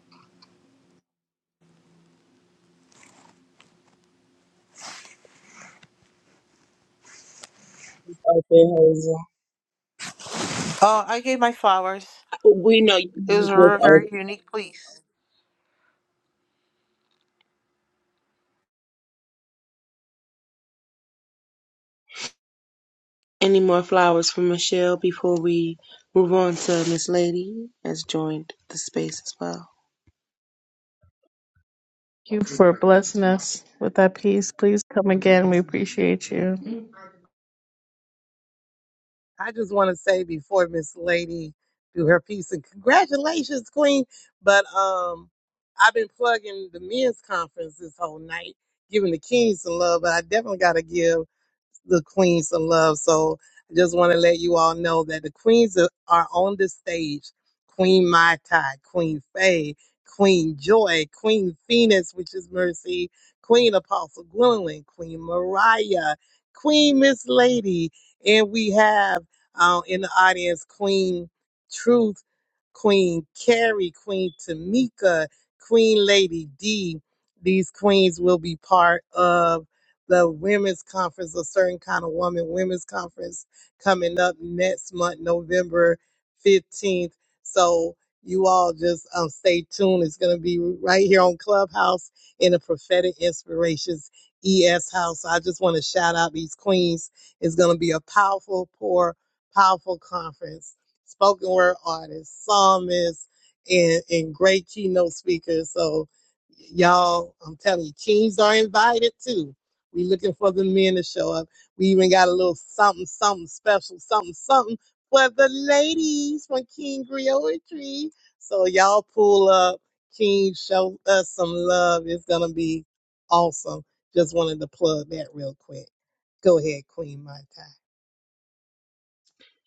Speaker 3: Open Hazel.
Speaker 14: Oh, I gave my flowers.
Speaker 3: We know
Speaker 14: It was a re-
Speaker 3: you
Speaker 14: very unique piece.
Speaker 3: Any more flowers for Michelle before we move on to Miss Lady has joined the space as well.
Speaker 6: Thank you for blessing us with that peace. Please come again. We appreciate you.
Speaker 2: I just want to say before Miss Lady do her piece, and congratulations, Queen. But um, I've been plugging the men's conference this whole night, giving the kings some love. But I definitely got to give. the queen some love. So I just want to let you all know that the queens are are on the stage. Queen Mai Tai, Queen Faye, Queen Joy, Queen Phoenix, which is Mercy, Queen Apostle Gwendolyn, Queen Mariah, Queen Miss Lady, and we have uh, in the audience Queen Truth, Queen Carrie, Queen Tamika, Queen Lady D. These queens will be part of the women's conference, a certain kind of woman women's conference coming up next month, November 15th. So you all just um, stay tuned. It's going to be right here on Clubhouse in the Prophetic Inspirations ES House. I just want to shout out these queens. It's going to be a powerful, poor, powerful conference. Spoken word artists, psalmists, and, and great keynote speakers. So, y'all, I'm telling you, teens are invited too we looking for the men to show up. We even got a little something, something special, something, something for the ladies from King Griotry. So y'all pull up. King, show us some love. It's gonna be awesome. Just wanted to plug that real quick. Go ahead, Queen Mai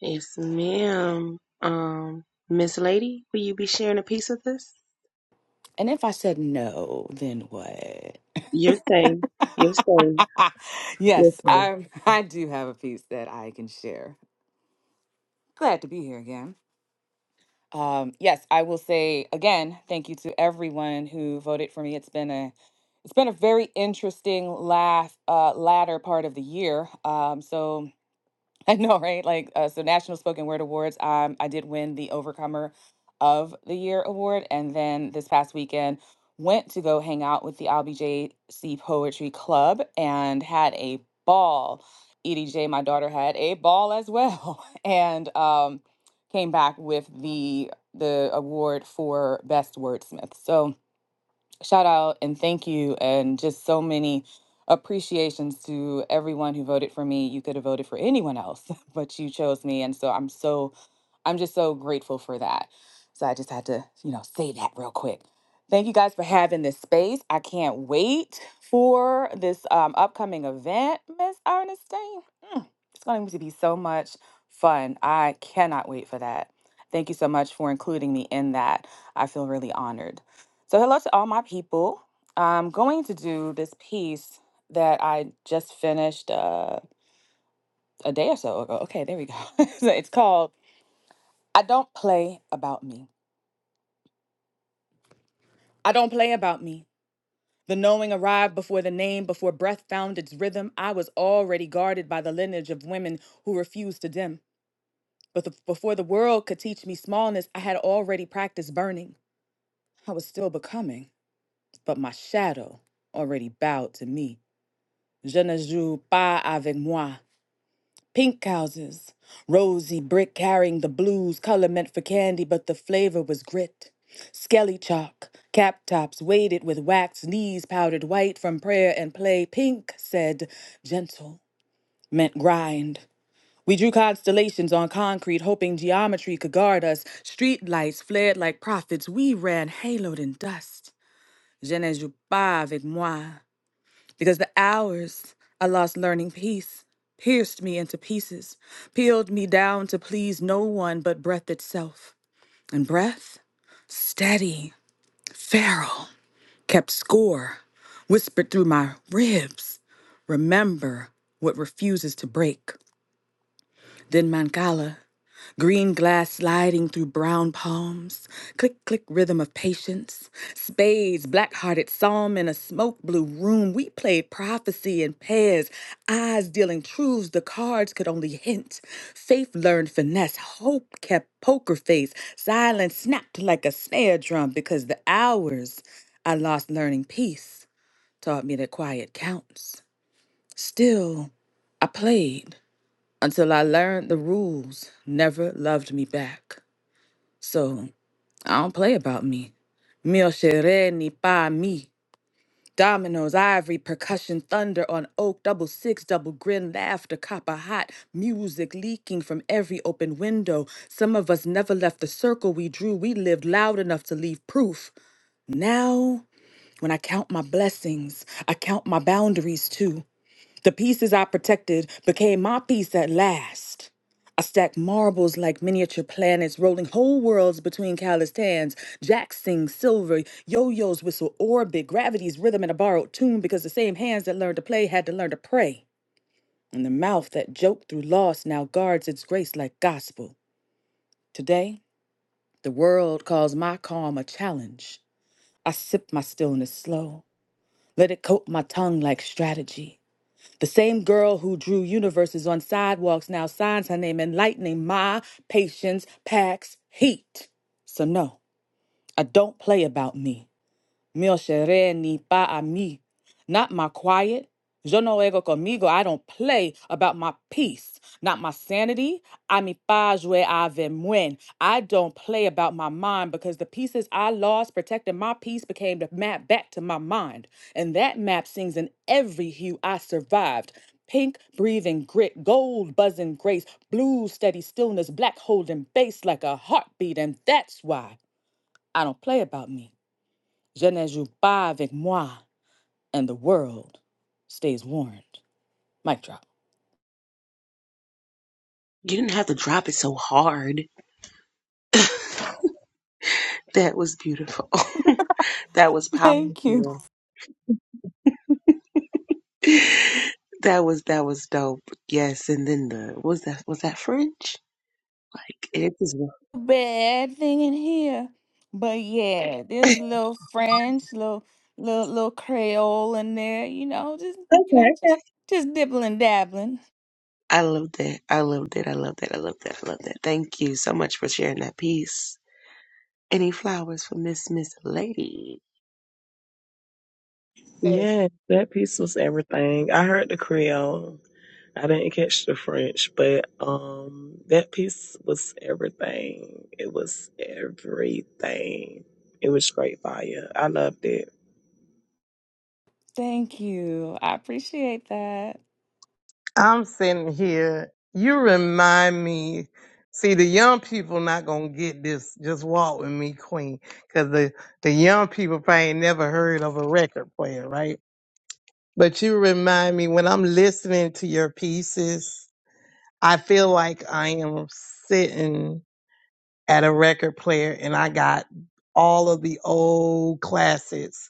Speaker 3: Yes, ma'am. Um, Miss Lady, will you be sharing a piece of this?
Speaker 18: And if I said no, then what?
Speaker 3: You're safe. You're safe.
Speaker 18: yes,
Speaker 3: Listen,
Speaker 18: I I do have a piece that I can share. Glad to be here again. Um, yes, I will say again, thank you to everyone who voted for me. It's been a it's been a very interesting last uh, latter part of the year. Um, so I know, right? Like, uh, so National Spoken Word Awards, um, I did win the Overcomer of the Year award. And then this past weekend, went to go hang out with the LBJC Poetry Club and had a ball. EDJ, my daughter, had a ball as well. And um, came back with the the award for best wordsmith. So, shout out and thank you and just so many appreciations to everyone who voted for me you could have voted for anyone else but you chose me and so i'm so I'm just so grateful for that. So I just had to, you know, say that real quick. Thank you guys for having this space. I can't wait for this um, upcoming event, Miss Ernestine. Mm, it's going to be so much fun. I cannot wait for that. Thank you so much for including me in that. I feel really honored. So, hello to all my people. I'm going to do this piece that I just finished uh, a day or so ago. Okay, there we go. So it's called I don't play about me. I don't play about me. The knowing arrived before the name, before breath found its rhythm. I was already guarded by the lineage of women who refused to dim. But the, before the world could teach me smallness, I had already practiced burning. I was still becoming, but my shadow already bowed to me. Je ne joue pas avec moi. Pink houses, rosy brick carrying the blues, color meant for candy, but the flavor was grit. Skelly chalk, cap tops weighted with wax, knees powdered white from prayer and play. Pink said gentle, meant grind. We drew constellations on concrete, hoping geometry could guard us. Street lights flared like prophets. We ran haloed in dust. Je ne joue pas avec moi because the hours I lost learning peace pierced me into pieces, peeled me down to please no one but breath itself. And breath, steady, feral, kept score, whispered through my ribs, remember what refuses to break. Then Mancala, green glass sliding through brown palms, click click rhythm of patience, spades, black hearted psalm in a smoke blue room. We played prophecy in pairs, eyes dealing truths the cards could only hint. Faith learned finesse, hope kept poker face, silence snapped like a snare drum because the hours I lost learning peace taught me that quiet counts. Still, I played until I learned the rules, never loved me back. So I don't play about me. Mio Shere ni pa mi. Dominoes, ivory, percussion, thunder on oak, double six, double grin, laughter, copper hot, music leaking from every open window. Some of us never left the circle we drew. We lived loud enough to leave proof. Now, when I count my blessings, I count my boundaries too. The pieces I protected became my peace at last. I stack marbles like miniature planets, rolling whole worlds between calloused hands. Jacks sing silver, yo-yos whistle orbit, gravity's rhythm in a borrowed tune because the same hands that learned to play had to learn to pray. And the mouth that joked through loss now guards its grace like gospel. Today, the world calls my calm a challenge. I sip my stillness slow, let it coat my tongue like strategy. The same girl who drew universes on sidewalks now signs her name in lightning. My patience packs heat. So, no, I don't play about me. Mio seré ni pa a mí. Not my quiet. Yo no ego conmigo. I don't play about my peace. Not my sanity. A mi paz jue ave muen. I don't play about my mind because the pieces I lost protecting my peace became the map back to my mind. And that map sings in every hue I survived. Pink breathing grit, gold buzzing grace, blue steady stillness, black holding bass like a heartbeat. And that's why I don't play about me. Je ne joue pas avec moi, and the world stays warned. Mic drop.
Speaker 3: you didn't have to drop it so hard. that was beautiful. that was
Speaker 18: Thank you.
Speaker 3: powerful. That was that was dope. Yes, and then the was that was that French? Like it just
Speaker 18: Bad thing in here. But yeah, there's
Speaker 3: okay.
Speaker 18: a little French, little little little Creole in there, you know, just you know,
Speaker 3: okay.
Speaker 18: just just dibbling dabbling.
Speaker 3: I love that. I love that. I love that. I love that. I love that. Thank you so much for sharing that piece. Any flowers for Miss Miss Lady?
Speaker 2: Tai.
Speaker 5: Yeah, that piece was everything. I heard the Creole. I didn't catch the French, but um that piece was everything. It was everything. It was straight fire. I loved it.
Speaker 18: Thank you. I appreciate that.
Speaker 2: I'm sitting here. You remind me. See, the young people not gonna get this. Just walk with me, Queen, because the the young people probably ain't never heard of a record player, right? But you remind me when I'm listening to your pieces, I feel like I am sitting at a record player, and I got all of the old classics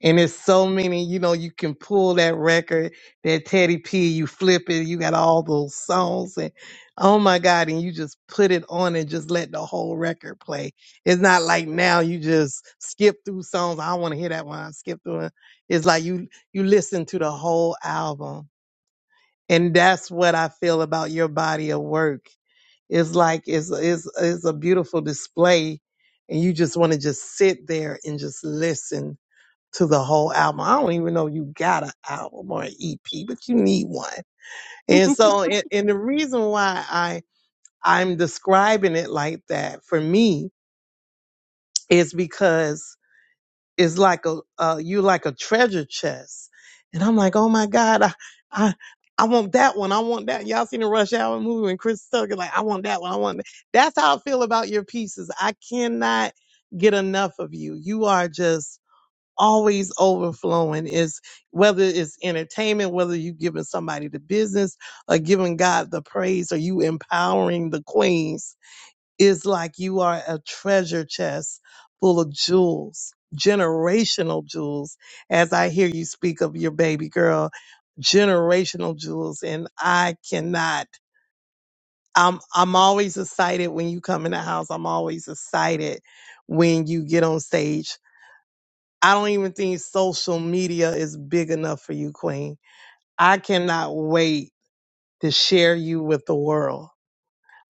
Speaker 2: and it's so many, you know, you can pull that record, that Teddy P, you flip it, you got all those songs and oh my God, and you just put it on and just let the whole record play. It's not like now you just skip through songs. I want to hear that one. I skip through it. It's like you you listen to the whole album. And that's what I feel about your body of work. It's like it's it's it's a beautiful display and you just want to just sit there and just listen to the whole album. I don't even know you got an album or an EP, but you need one. And so, and, and the reason why I I'm describing it like that for me is because it's like a uh, you like a treasure chest, and I'm like, oh my god, I I I want that one. I want that. Y'all seen the Rush Hour movie when Chris Tucker like, I want that one. I want that. That's how I feel about your pieces. I cannot get enough of you. You are just always overflowing is whether it's entertainment, whether you giving somebody the business or giving God the praise or you empowering the queens is like you are a treasure chest full of jewels, generational jewels. As I hear you speak of your baby girl, generational jewels and I cannot I'm I'm always excited when you come in the house. I'm always excited when you get on stage I don't even think social media is big enough for you, Queen. I cannot wait to share you with the world.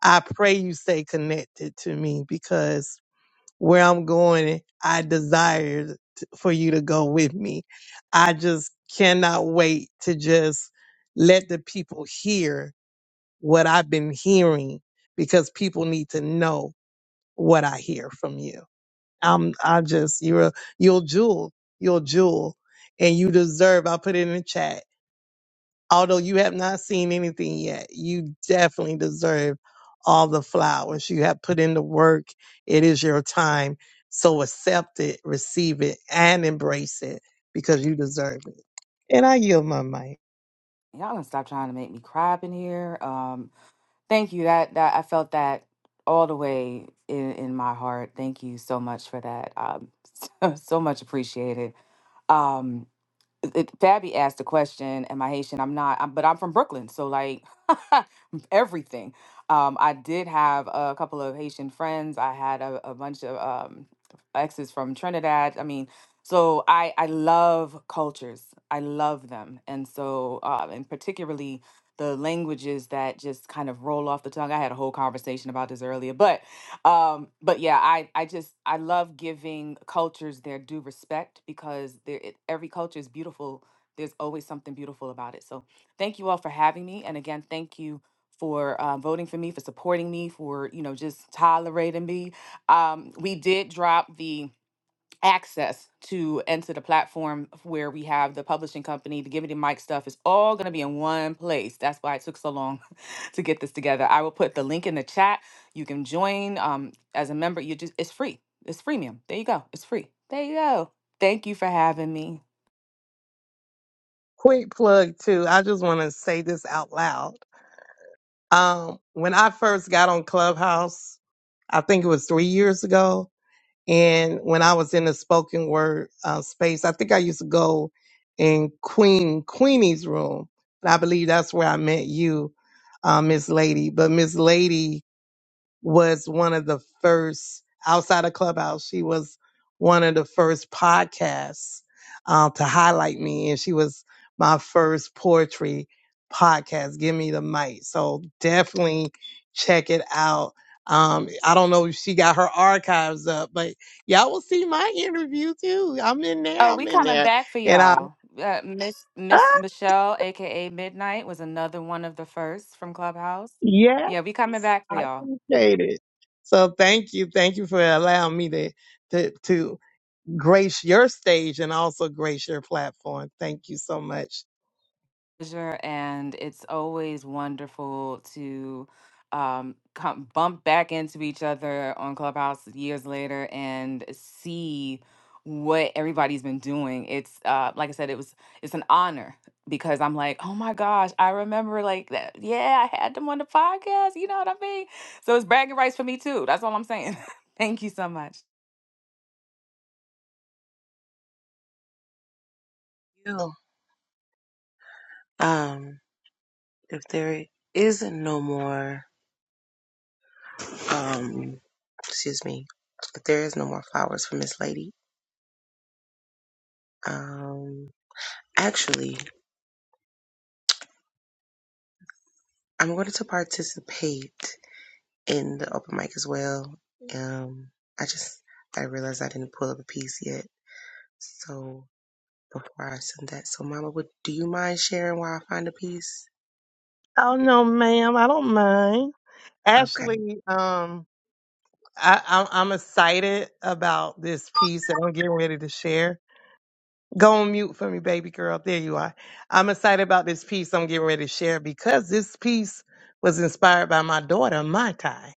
Speaker 2: I pray you stay connected to me because where I'm going, I desire t- for you to go with me. I just cannot wait to just let the people hear what I've been hearing because people need to know what I hear from you. I'm I just you're a you're a jewel. You're a jewel. And you deserve, i put it in the chat. Although you have not seen anything yet, you definitely deserve all the flowers. You have put in the work. It is your time. So accept it, receive it, and embrace it because you deserve it. And I yield my mic.
Speaker 18: Y'all gonna stop trying to make me cry up in here. Um, Thank you. That that I felt that all the way in in my heart. Thank you so much for that. Um, so, so much appreciated. Um, it, Fabi asked the question, "Am I Haitian?" I'm not, I'm, but I'm from Brooklyn, so like everything. Um, I did have a couple of Haitian friends. I had a, a bunch of um, exes from Trinidad. I mean, so I I love cultures. I love them, and so uh, and particularly the languages that just kind of roll off the tongue. I had a whole conversation about this earlier, but um but yeah i i just i love giving cultures their due respect because there it- every culture is beautiful there's always something beautiful about it so thank you all for having me and again thank you for uh, voting for me for supporting me for you know just tolerating me um we did drop the access to enter the platform where we have the publishing company, the giving the Mic stuff. It's all going to be in one place. That's why it took so long to get this together. I will put the link in the chat. You can join um, as a member. You just it's free. It's freemium. There you go. It's free. There you go. Thank you for having me.
Speaker 2: Quick plug too. I just want to say this out loud. Um, when I first got on Clubhouse, I think it was three years ago, And when I was in the spoken word uh, space, I think I used to go in Queen Queenie's room. And I believe that's where I met you, uh, Miss Lady. But Miss Lady was one of the first outside of Clubhouse. She was one of the first podcasts um, to highlight me, and she was my first poetry podcast. Give me the mic. So definitely check it out. Um, I don't know if she got her archives up, but y'all will see my interview too. I'm in there.
Speaker 18: Oh,
Speaker 2: I'm
Speaker 18: we
Speaker 2: in
Speaker 18: coming
Speaker 2: there,
Speaker 18: back for
Speaker 2: and I
Speaker 18: y'all. Uh, Miss Miss
Speaker 2: ah,
Speaker 18: Michelle, aka Midnight, was another one of the first from Clubhouse.
Speaker 2: yes,
Speaker 18: Yeah, we coming back for
Speaker 2: I
Speaker 18: y'all.
Speaker 2: appreciate it. So thank you, thank you for allowing me to to to grace your stage and also grace your platform. Thank you so much.
Speaker 18: pleasure, and it's always wonderful to um, come bump back into each other on Clubhouse years later and see what everybody's been doing. It's uh, like I said, it was it's an honor because I'm like, oh my gosh, I remember like that. Yeah, I had them on the podcast. You know what I mean? So it's bragging rights for me too. That's all I'm saying. Thank you so much.
Speaker 3: You. Um, if there is no more, um, excuse me, if there is no more flowers for Miss Lady, um, actually, I'm going to participate in the open mic as well. Um, I just I realized I didn't pull up a piece yet, so before I send that. So, Mama, would do you mind sharing while I find a piece?
Speaker 2: Oh no, ma'am, I don't mind.
Speaker 3: Okay.
Speaker 2: Actually, um, I, I'm, I'm excited about this piece that I'm getting ready to share. Go on mute for me, baby girl. There you are. I'm excited about this piece I'm getting ready to share because this piece was inspired by my daughter, Mai Tai.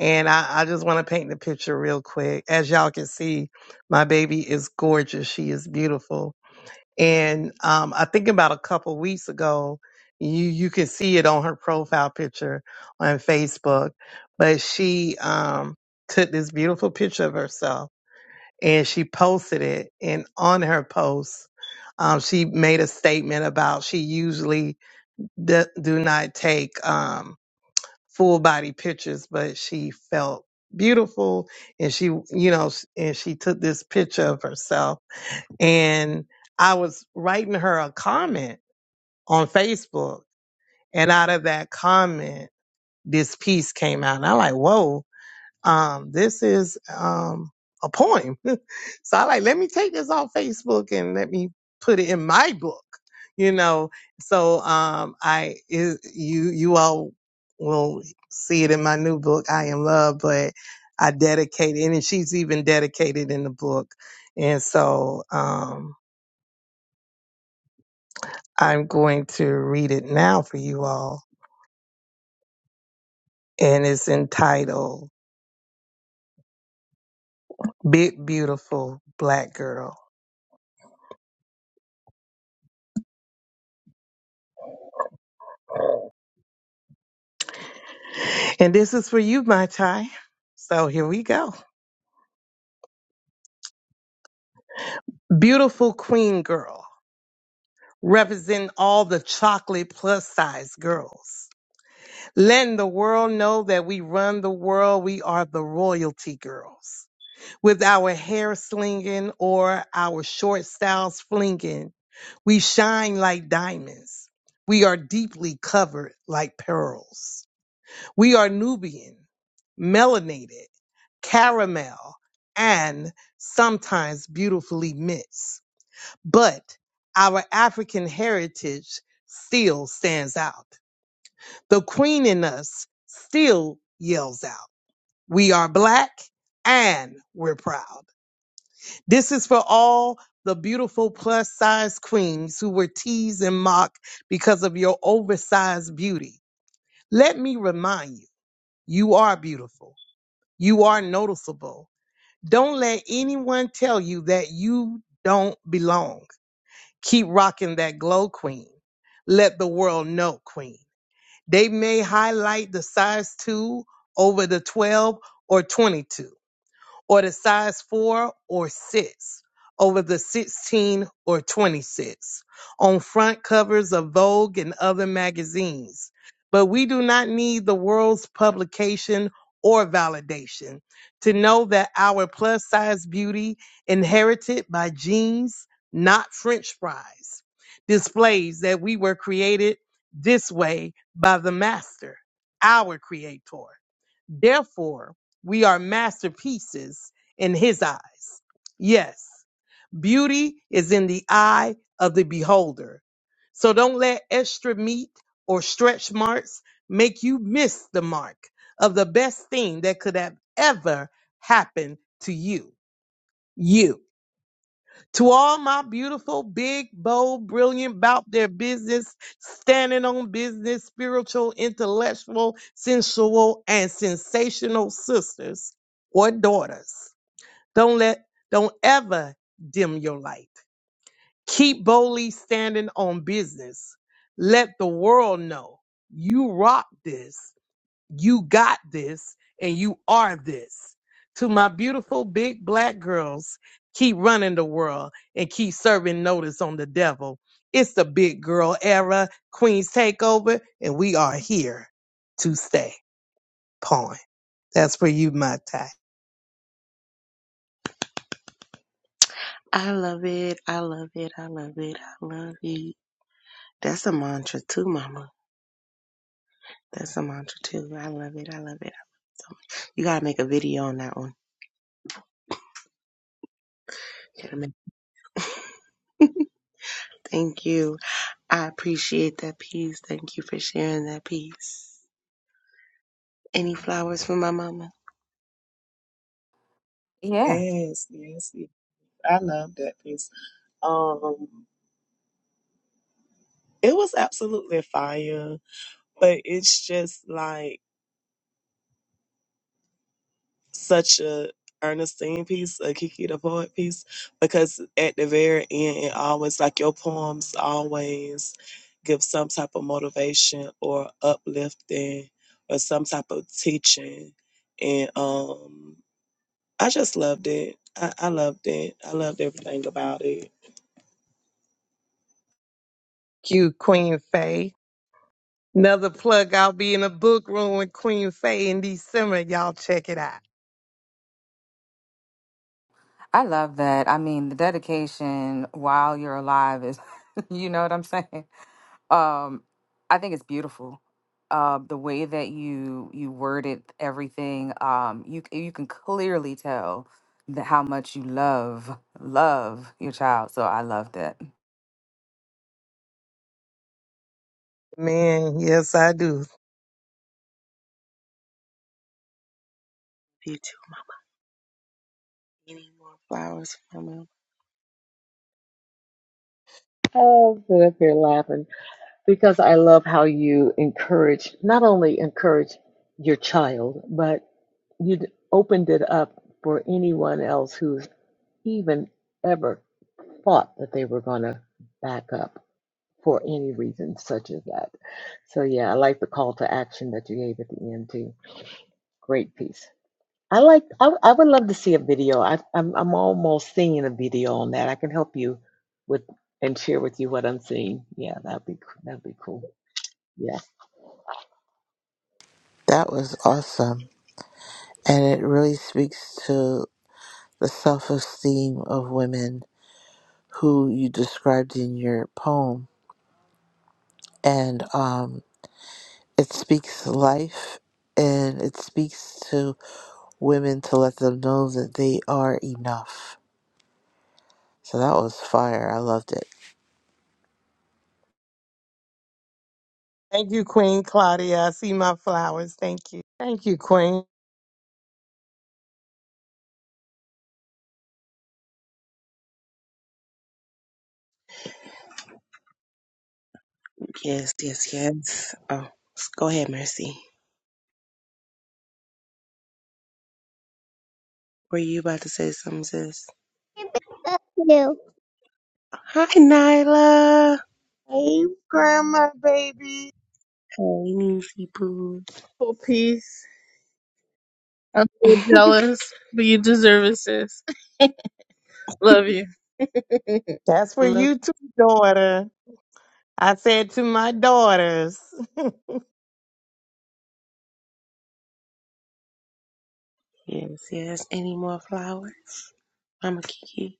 Speaker 2: And I, I just want to paint the picture real quick. As y'all can see, my baby is gorgeous. She is beautiful And um, I think about a couple weeks ago, you you can see it on her profile picture on Facebook, but she um, took this beautiful picture of herself and she posted it. And on her post, um, she made a statement about she usually d- do not take um, full body pictures, but she felt beautiful and she you know and she took this picture of herself and I was writing her a comment on Facebook. And out of that comment, this piece came out. And I'm like, whoa, um, this is um, a poem. So I like, let me take this off Facebook and let me put it in my book, you know. So um I is you you all will see it in my new book, I Am Love, but I dedicate it and she's even dedicated in the book. And so um I'm going to read it now for you all, and it's entitled Big Beautiful Black Girl. And this is for you, my Chai. So here we go. Beautiful queen girl, represent all the chocolate plus size girls. Letting the world know that we run the world, we are the royalty girls. With our hair slinging or our short styles flinging, We shine like diamonds. We are deeply covered like pearls. We are Nubian, melanated, caramel, and sometimes beautifully mixed. But our African heritage still stands out. The queen in us still yells out. We are black and we're proud. This is for all the beautiful plus size queens who were teased and mocked because of your oversized beauty. Let me remind you, you are beautiful. You are noticeable. Don't let anyone tell you that you don't belong. Keep rocking that glow, queen. Let the world know, queen. They may highlight the size 2 over the 12 or 22 or the size 4 or 6 over the 16 or 26 on front covers of Vogue and other magazines. But we do not need the world's publication or validation to know that our plus size beauty, inherited by genes, not french fries, displays that we were created this way by the master, our creator. Therefore, we are masterpieces in his eyes. Yes, beauty is in the eye of the beholder. So don't let extra meat or stretch marks make you miss the mark of the best thing that could have ever happened to you. You. To all my beautiful, big, bold, brilliant about their business, standing on business, spiritual, intellectual, sensual, and sensational sisters or daughters, don't let, don't ever dim your light. Keep boldly standing on business. Let the world know you rock this you got this and you are this. To my beautiful big black girls, keep running the world and keep serving notice on the devil. It's the big girl era, Queen's Takeover, and we are here to stay. Pawn. That's for you, my tie.
Speaker 3: I love it. I love it. I love it. I love it. That's a mantra too, Mama. That's a mantra too. I love it. I love it. I love it so much. You gotta make a video on that one. You gotta make Thank you. I appreciate that piece. Thank you for sharing that piece. Any flowers for my mama?
Speaker 18: Yeah,
Speaker 5: Yes, yes, yes. I love that piece. Um It was absolutely fire, but it's just like such a Ernestine piece, a Kiki the poet piece, because at the very end, it always like your poems always give some type of motivation or uplifting or some type of teaching, and um I just loved it. I, I loved it. I loved everything about it.
Speaker 2: Cue Queen Faye. Another plug, I'll be in a book room with Queen Faye in December. Y'all check it out.
Speaker 18: I love that. I mean, the dedication while you're alive is, you know what I'm saying? Um, I think it's beautiful. Uh, the way that you you worded everything, um, you c- you can clearly tell the, how much you love love your child. So I love that.
Speaker 2: Man, yes, I do.
Speaker 3: You too. Any more flowers for my mama?
Speaker 15: I'm sitting up here laughing because I love how you encourage, not only encourage your child, but you opened it up for anyone else who's even ever thought that they were going to back up for any reason such as that. So yeah, I like the call to action that you gave at the end too. Great piece. I like. I, w- I would love to see a video. I, I'm I'm almost seeing a video on that. I can help you with and share with you what I'm seeing. Yeah, that'd be c- that'd be cool. Yeah,
Speaker 14: That was awesome. And it really speaks to the self esteem of women who you described in your poem. And um. It speaks life and it speaks to women to let them know that they are enough. So that was fire. I loved it.
Speaker 2: Thank you, Queen Claudia. I see my flowers. Thank you. Thank you, Queen.
Speaker 3: Yes, yes, yes. Oh, go ahead, Mercy. Were you about to say something, sis? Hi, Nyla.
Speaker 2: Hey, grandma, baby.
Speaker 3: Hey, Nisi boo.
Speaker 6: Full peace. I'm so jealous, but you deserve it, sis. Love you.
Speaker 2: That's for
Speaker 3: Love you.
Speaker 2: you too, daughter. I said to my daughters.
Speaker 3: Yes, yes. Any more flowers? I'm a Kiki.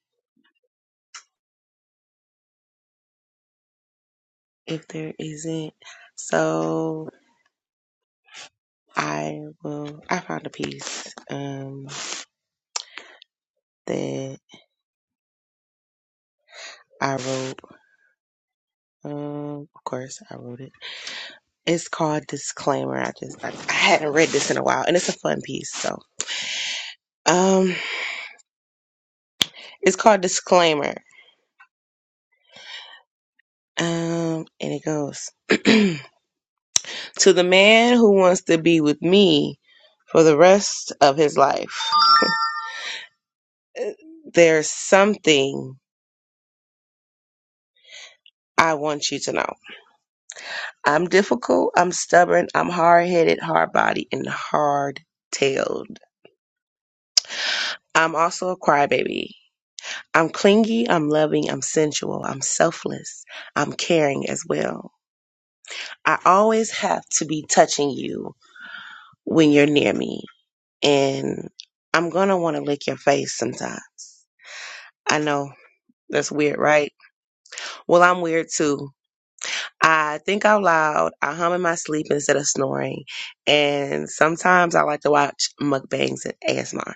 Speaker 3: If there isn't, so I will. I found a piece um, that I wrote. Um, of course, I wrote it. It's called Disclaimer. I just I, I hadn't read this in a while, and it's a fun piece. So, um, it's called Disclaimer. Um, and it goes. to the man who wants to be with me for the rest of his life, there's something I want you to know. I'm difficult, I'm stubborn, I'm hard headed, hard bodied, and hard tailed. I'm also a crybaby. I'm clingy, I'm loving, I'm sensual, I'm selfless, I'm caring as well. I always have to be touching you when you're near me, and I'm gonna wanna lick your face sometimes. I know that's weird, right? Well, I'm weird too. I think out loud, I hum in my sleep instead of snoring, and sometimes I like to watch mukbangs and ASMR.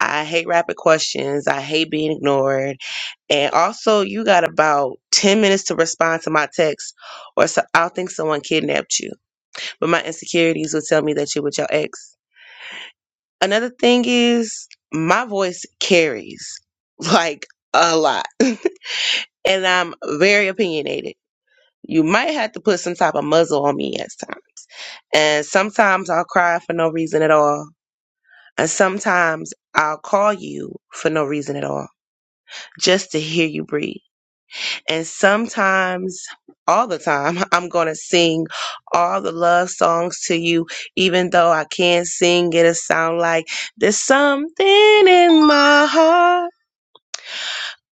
Speaker 3: I hate rapid questions. I hate being ignored. And also, you got about 10 minutes to respond to my text, or so I'll think someone kidnapped you. But my insecurities will tell me that you're with your ex. Another thing is, my voice carries like a lot, and I'm very opinionated. You might have to put some type of muzzle on me at times. And sometimes I'll cry for no reason at all. And sometimes I'll call you for no reason at all, just to hear you breathe. And sometimes, all the time, I'm going to sing all the love songs to you, even though I can't sing it. It sound like there's something in my heart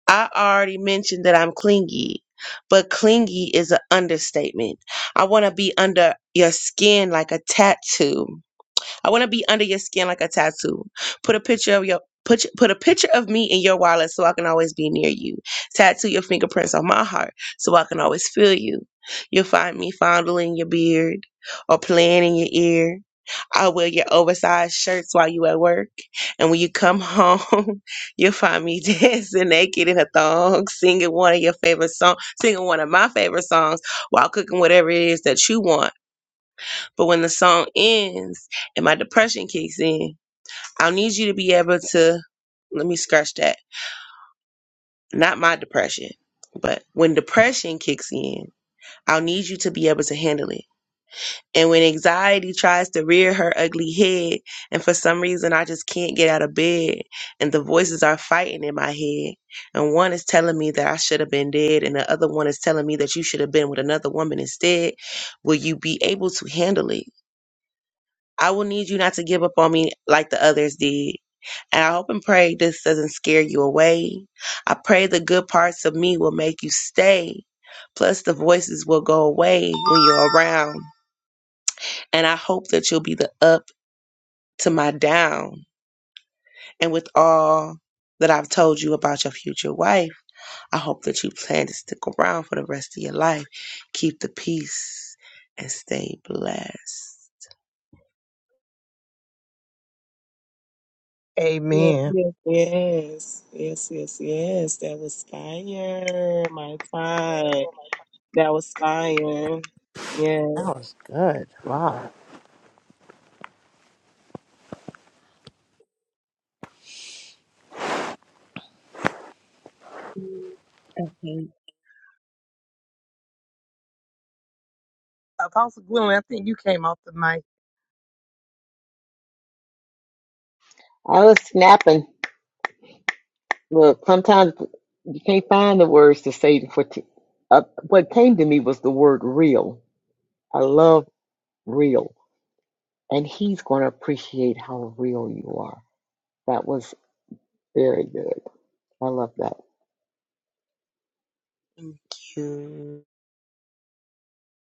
Speaker 3: I already mentioned that I'm clingy, but clingy is an understatement. I want to be under your skin like a tattoo. I want to be under your skin like a tattoo. Put a picture of your put put a picture of me in your wallet so I can always be near you. Tattoo your fingerprints on my heart so I can always feel you. You'll find me fondling your beard or playing in your ear. I'll wear your oversized shirts while you at work. And when you come home, you'll find me dancing naked in a thong, singing one of your favorite songs, singing one of my favorite songs while cooking whatever it is that you want but when the song ends and my depression kicks in, I'll need you to be able to let me scratch that. Not my depression, but when depression kicks in, I'll need you to be able to handle it. And when anxiety tries to rear her ugly head, and for some reason I just can't get out of bed, and the voices are fighting in my head, and one is telling me that I should have been dead, and the other one is telling me that you should have been with another woman instead, will you be able to handle it? I will need you not to give up on me like the others did. And I hope and pray this doesn't scare you away. I pray the good parts of me will make you stay. Plus, the voices will go away when you're around. And I hope that you'll be the up to my down. And with all that I've told you about your future wife. I hope that you plan to stick around for the rest of your life. Keep the peace and stay blessed.
Speaker 5: Yes,
Speaker 2: Amen.
Speaker 5: yes, yes, yes, yes, yes. That was fire, my fire. That was fire. Yeah,
Speaker 14: That was good. Wow.
Speaker 3: Okay. Thank you.
Speaker 2: Apostle Gwendolyn, I think you came off the mic.
Speaker 15: I was snapping. Look, sometimes you can't find the words to say for. T- uh, what came to me was the word real. I love real, and he's going to appreciate how real you are. That was. Very good. I love that.
Speaker 3: Thank you.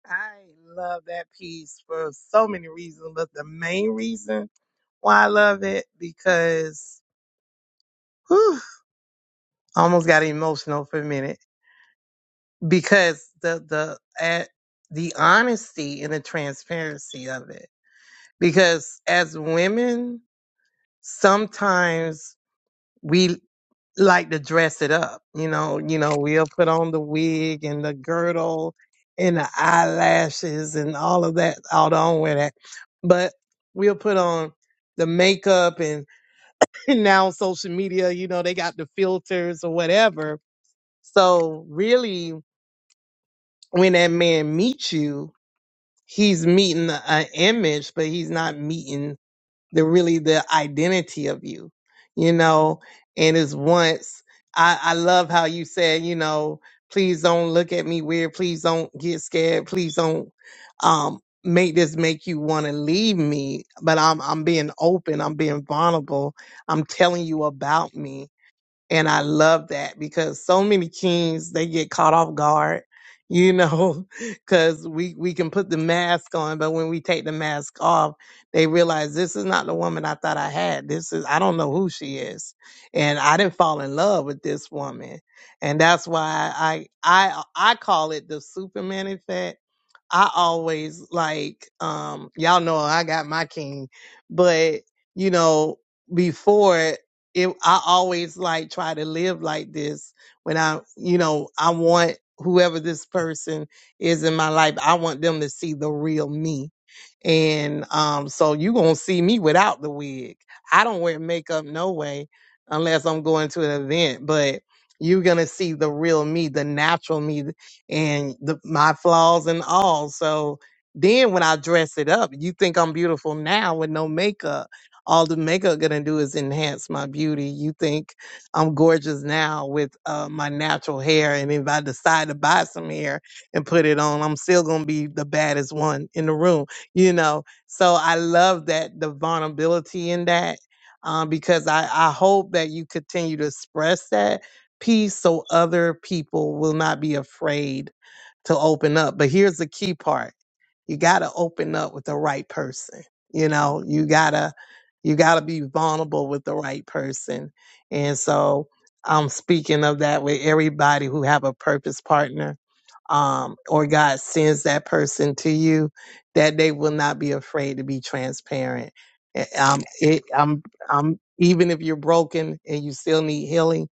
Speaker 2: I love that piece for so many reasons, but the main reason why I love it because whew, I almost got emotional for a minute because the the at the honesty and the transparency of it. Because as women, sometimes we like to dress it up. You know, you know, we'll put on the wig and the girdle and the eyelashes and all of that. Although I don't wear that, but we'll put on the makeup and, and now social media, you know, they got the filters or whatever. So really, when that man meets you, he's meeting an image, but he's not meeting the really the identity of you, you know. And it's once I, I love how you said, you know, please don't look at me weird. Please don't get scared. Please don't um, make this make you want to leave me. But I'm I'm being open. I'm being vulnerable. I'm telling you about me. And I love that because so many kings, they get caught off guard, you know, because we, we can put the mask on, but when we take the mask off, they realize this is not the woman I thought I had. This is, I don't know who she is. And I didn't fall in love with this woman. And that's why I, I, I call it the Superman effect I always like, um, y'all know I got my king, but you know, before it, I always like try to live like this when I, you know, I want whoever this person is in my life, I want them to see the real me and um, so you gonna see me without the wig. I don't wear makeup no way unless I'm going to an event, but you're gonna see the real me, the natural me and the, my flaws and all. So then when I dress it up, you think I'm beautiful now with no makeup. All the makeup gonna do is enhance my beauty. You think I'm gorgeous now with uh, my natural hair, and if I decide to buy some hair and put it on, I'm still gonna be the baddest one in the room you know. So I love that the vulnerability in that um, because I, I hope that you continue to express that peace so other people will not be afraid to open up. But here's the key part. You got to open up with the right person. You know, you got to you got to be vulnerable with the right person. And so I'm speaking of that with everybody who have a purpose partner um, or God sends that person to you that they will not be afraid to be transparent. Eh, Um, it, I'm, I'm, even if you're broken and you still need healing,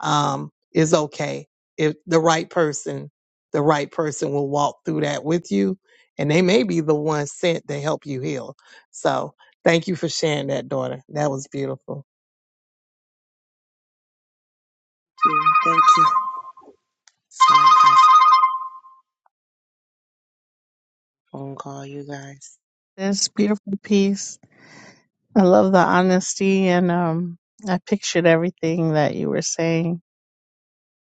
Speaker 2: um, it's okay. If the right person, the right person will walk through that with you, and they may be the one sent to help you heal. So thank you for sharing that, daughter. That was beautiful.
Speaker 3: Sorry, guys. Phone call, you guys.
Speaker 6: This beautiful piece. I love the honesty and um I pictured everything that you were saying.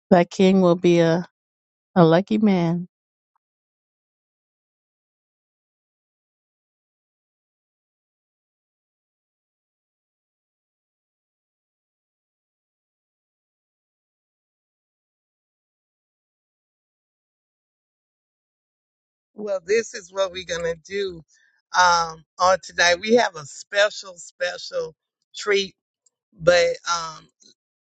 Speaker 6: That king will be a, a lucky man.
Speaker 2: Well, this is what we're gonna do um, on tonight. We have a special, special treat, but um,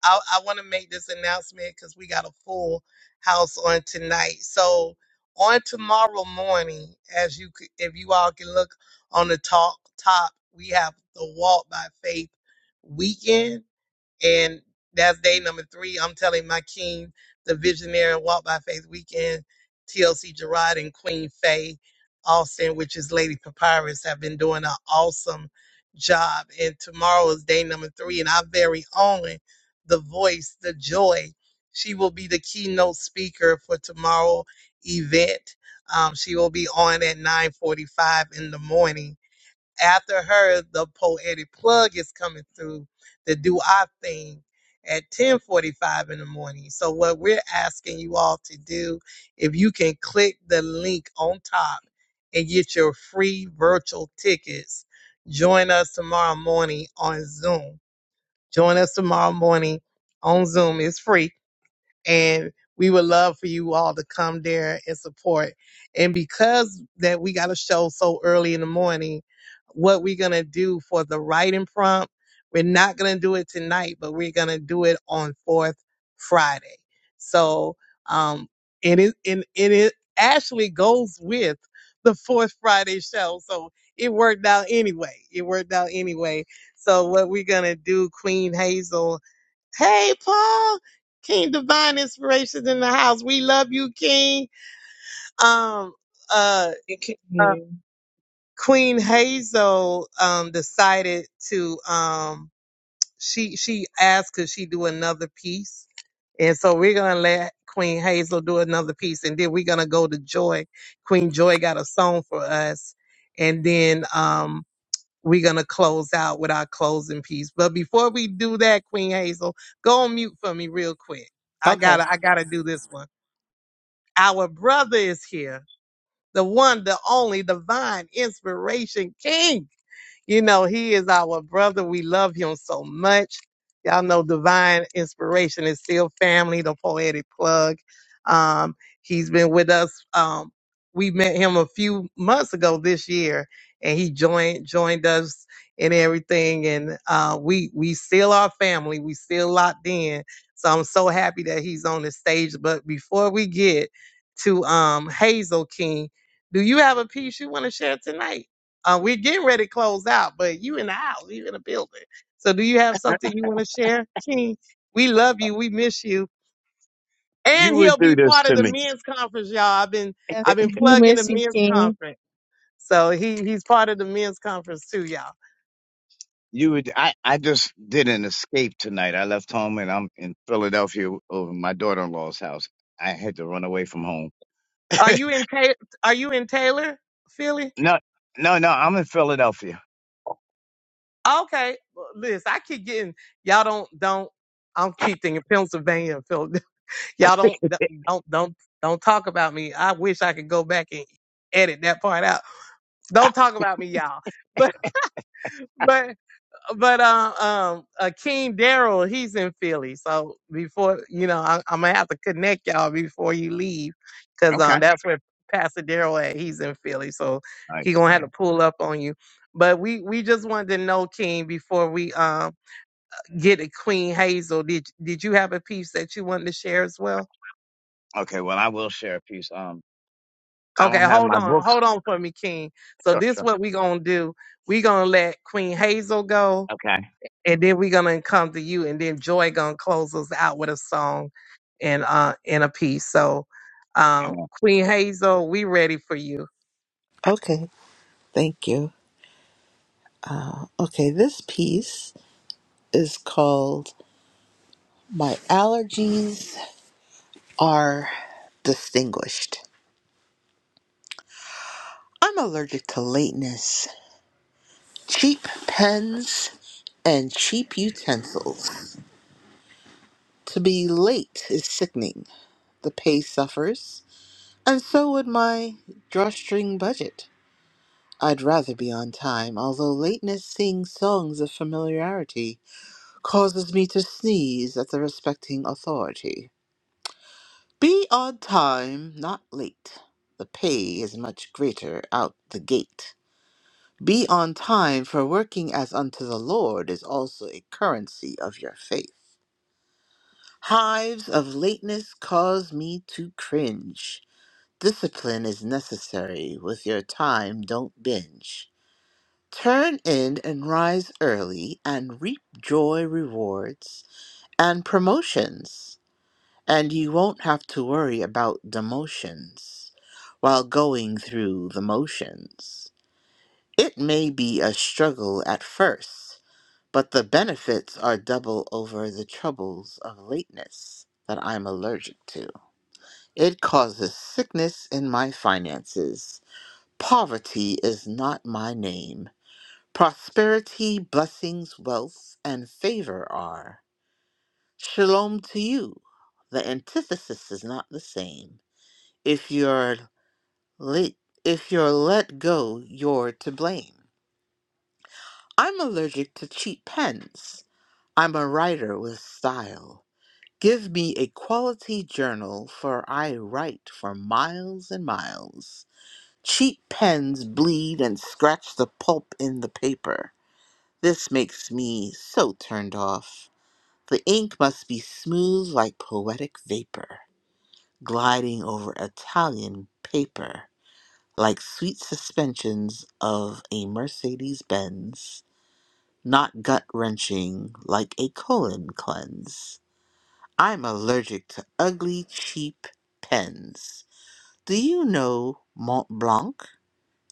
Speaker 2: I, I want to make this announcement because we got a full house on tonight. So on tomorrow morning, as you c- if you all can look on the top top, we have the Walk by Faith weekend. And that's day number three. I'm telling my king, the visionary and walk by faith weekend, TLC Gerard and Queen Faye Austin, which is Lady Papyrus, have been doing an awesome job. And tomorrow is day number three. And our very own, the voice, the joy, she will be the keynote speaker for tomorrow event. Um, she will be on at 9:45 in the morning after her, the poetic plug is coming through to do our thing at 10:45 in the morning. So what we're asking you all to do, if you can click the link on top and get your free virtual tickets, join us tomorrow morning on Zoom. Join us tomorrow morning on Zoom. It's free and we would love for you all to come there and support. And because that we got a show so early in the morning, what we're gonna do for the writing prompt, we're not gonna do it tonight, but we're gonna do it on fourth Friday. So um and it and, and it actually goes with the fourth Friday show. So it worked out anyway. It worked out anyway. So what we're gonna do, Queen Hazel Hey, Paul. King Divine Inspirations in the house. We love you, King. Um, uh,
Speaker 5: it
Speaker 2: uh,
Speaker 5: came.
Speaker 2: Queen Hazel, um, decided to, um, she, she asked could she do another piece. And so we're going to let Queen Hazel do another piece. And then we're going to go to Joy. Queen Joy got a song for us. And then, um, we're going to close out with our closing piece. But before we do that, Queen Hazel, go on mute for me real quick. I
Speaker 14: Okay.
Speaker 2: gotta, I gotta do this one. Our brother is here. The one, the only, the divine inspiration king. You know, he is our brother. We love him so much. Y'all know Divine Inspiration is still family, the poetic plug. Um, he's been with us. Um, we met him a few months ago this year, and he joined joined us and everything. And uh, we we still are family. We still locked in. So I'm so happy that he's on the stage. But before we get to um, Hazel King, do you have a piece you want to share tonight? Uh, we're getting ready to close out, but you in the house, you in the building. So do you have something you want to share, King? We love you. We miss you. And
Speaker 19: You
Speaker 2: he'll
Speaker 19: would
Speaker 2: be
Speaker 19: do this
Speaker 2: part of
Speaker 19: to
Speaker 2: the
Speaker 19: me.
Speaker 2: men's conference, y'all. I've been
Speaker 6: Yes,
Speaker 2: I've
Speaker 6: I
Speaker 2: been
Speaker 6: do
Speaker 2: plugging the
Speaker 6: miss you,
Speaker 2: men's
Speaker 6: King.
Speaker 2: conference. So he he's part of the men's conference too, y'all.
Speaker 19: You would. I, I just did an escape tonight. I left home and I'm in Philadelphia over my daughter-in-law's house. I had to run away from home.
Speaker 2: Are you in Ta- are you in Taylor, Philly?
Speaker 19: No, no, no. I'm in Philadelphia.
Speaker 2: Okay. Well, Listen, I keep getting y'all don't don't I'm keep thinking Pennsylvania and Philly. Y'all don't don't don't don't talk about me. I wish I could go back and edit that part out. Don't talk about me, y'all. But but but um um Akeem Daryl, he's in Philly. So before you know, I, I'm gonna have to connect y'all before you leave, cause
Speaker 19: Okay.
Speaker 2: um that's where Pastor Daryl at. He's in Philly, so he
Speaker 19: Nice.
Speaker 2: gonna have
Speaker 19: nice.
Speaker 2: to pull up on you. But we we just wanted to know, King, before we um get to Queen Hazel. Did did you have a piece that you wanted to share as well?
Speaker 19: Okay. Well, I will share a piece. Um, I
Speaker 2: Okay,
Speaker 19: don't have
Speaker 2: hold
Speaker 19: my
Speaker 2: on,
Speaker 19: books.
Speaker 2: hold on for me, King. So
Speaker 19: Sure,
Speaker 2: this
Speaker 19: sure.
Speaker 2: what we gonna do. We gonna let Queen Hazel go
Speaker 19: Okay.
Speaker 2: and then we're gonna come to you, and then Joy gonna close us out with a song and uh and a piece. So, uh,
Speaker 19: Amen.
Speaker 2: Queen Hazel, we ready for you.
Speaker 14: Okay, thank you. Okay, this piece is called My Allergies Are Distinguished. I'm allergic to lateness, cheap pens, and cheap utensils. To be late is sickening. The pay suffers, And so would my drawstring budget. I'd rather be on time, although lateness sings songs of familiarity causes me to sneeze at the respecting authority. Be on time, not late. The pay is much greater out the gate. Be on time, for working as unto the Lord is also a currency of your faith. Hives of lateness cause me to cringe. Discipline is necessary with your time, don't binge. Turn in and rise early and reap joy rewards and promotions, and you won't have to worry about demotions while going through the motions. It may be a struggle at first, but the benefits are double over the troubles of lateness that I'm allergic to. It causes sickness in my finances Poverty is not my name. Prosperity, blessings, wealth, and favor are. Shalom to you. The antithesis is not the same. If you're lit, if you're let go, you're to blame. I'm allergic to cheap pens. I'm a writer with style. Give me a quality journal, for I write for miles and miles. Cheap pens bleed and scratch the pulp in the paper. This makes me so turned off. The ink must be smooth like poetic vapor, gliding over Italian paper, like sweet suspensions of a Mercedes Benz, not gut wrenching like a colon cleanse. I'm allergic to ugly, cheap pens. Do you know Mont Blanc?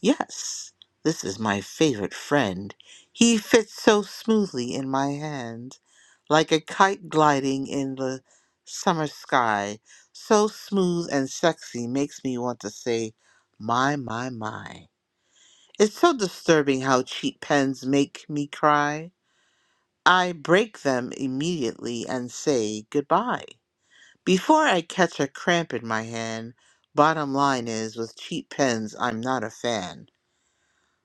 Speaker 14: Yes, this is my favorite friend. He fits so smoothly in my hand, like a kite gliding in the summer sky. So smooth and sexy makes me want to say, my, my, my. It's so disturbing how cheap pens make me cry. I break them immediately and say goodbye. Before I catch a cramp in my hand, bottom line is with cheap pens, I'm not a fan.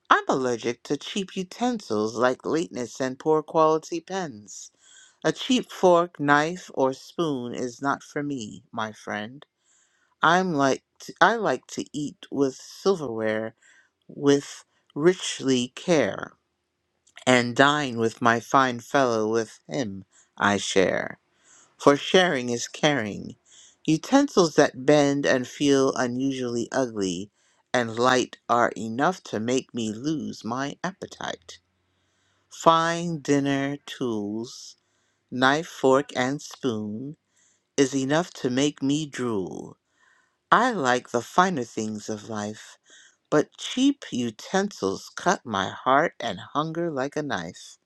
Speaker 14: I'm allergic to cheap utensils like lateness and poor quality pens. A cheap fork, knife, or spoon is not for me, my friend. I'm like to, I like to eat with silverware with richly care, and dine with my fine fellow with him I share. For sharing is caring. Utensils that bend and feel unusually ugly and light are enough to make me lose my appetite. Fine dinner tools, knife, fork, and spoon, is enough to make me drool. I like the finer things of life, but cheap utensils cut my heart and hunger like a knife.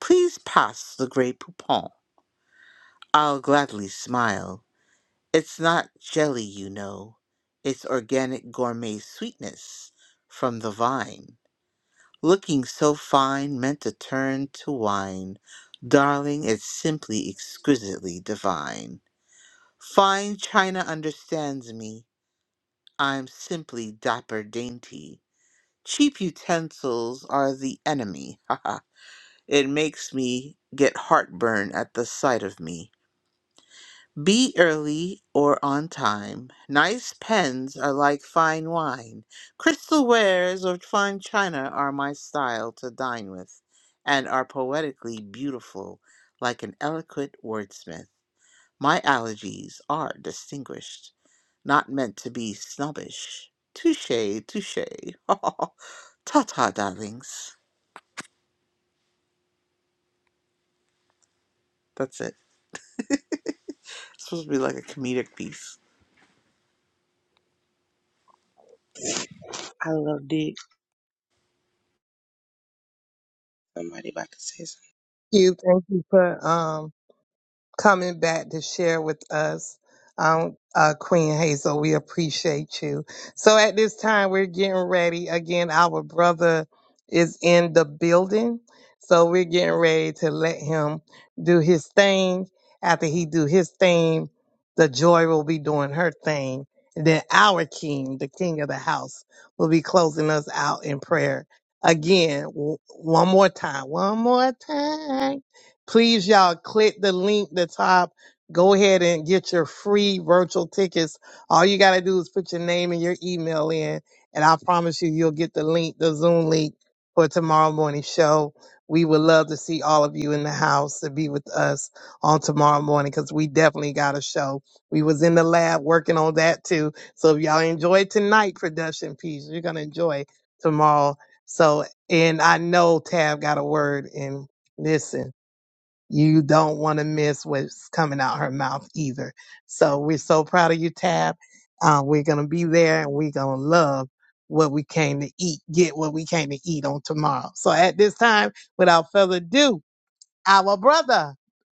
Speaker 14: Please pass the Grey Poupon. I'll gladly smile. It's not jelly, you know. It's organic gourmet sweetness from the vine. looking so fine meant to turn to wine. Darling, it's simply exquisitely divine. Fine china understands me. I'm simply dapper dainty. Cheap utensils are the enemy. Ha ha! It makes me get heartburn at the sight of me. Be early or on time. Nice pens are like fine wine. Crystal wares or fine china are my style to dine with, and are poetically beautiful, like an eloquent wordsmith. My allergies are distinguished, not meant to be snobbish. Touche, touche. ta ta, darlings. That's it. It's supposed to be like a comedic piece.
Speaker 3: I loved it. Somebody about to say something.
Speaker 2: Thank you, thank you for um coming back to share with us. Um, uh, Queen Hazel, we appreciate you. So at this time, we're getting ready. Again, our brother is in the building. So we're getting ready to let him do his thing. After he do his thing, the joy will be doing her thing. And then our king, the king of the house, will be closing us out in prayer. Again, w- one more time, one more time. Please, y'all, click the link at the top. Go ahead and get your free virtual tickets. All you got to do is put your name and your email in, and I promise you, you'll get the link, the Zoom link for tomorrow morning show. We would love to see all of you in the house to be with us on tomorrow morning because we definitely got a show. We was in the lab working on that too. So if y'all enjoy tonight production piece, you're gonna enjoy tomorrow. So and I know Tab got a word in. Listen you don't want to miss what's coming out her mouth either. So we're so proud of you, Tab. Uh, we're gonna be there and we're gonna love what we came to eat, get what we came to eat on tomorrow. So at this time, without further ado, our brother,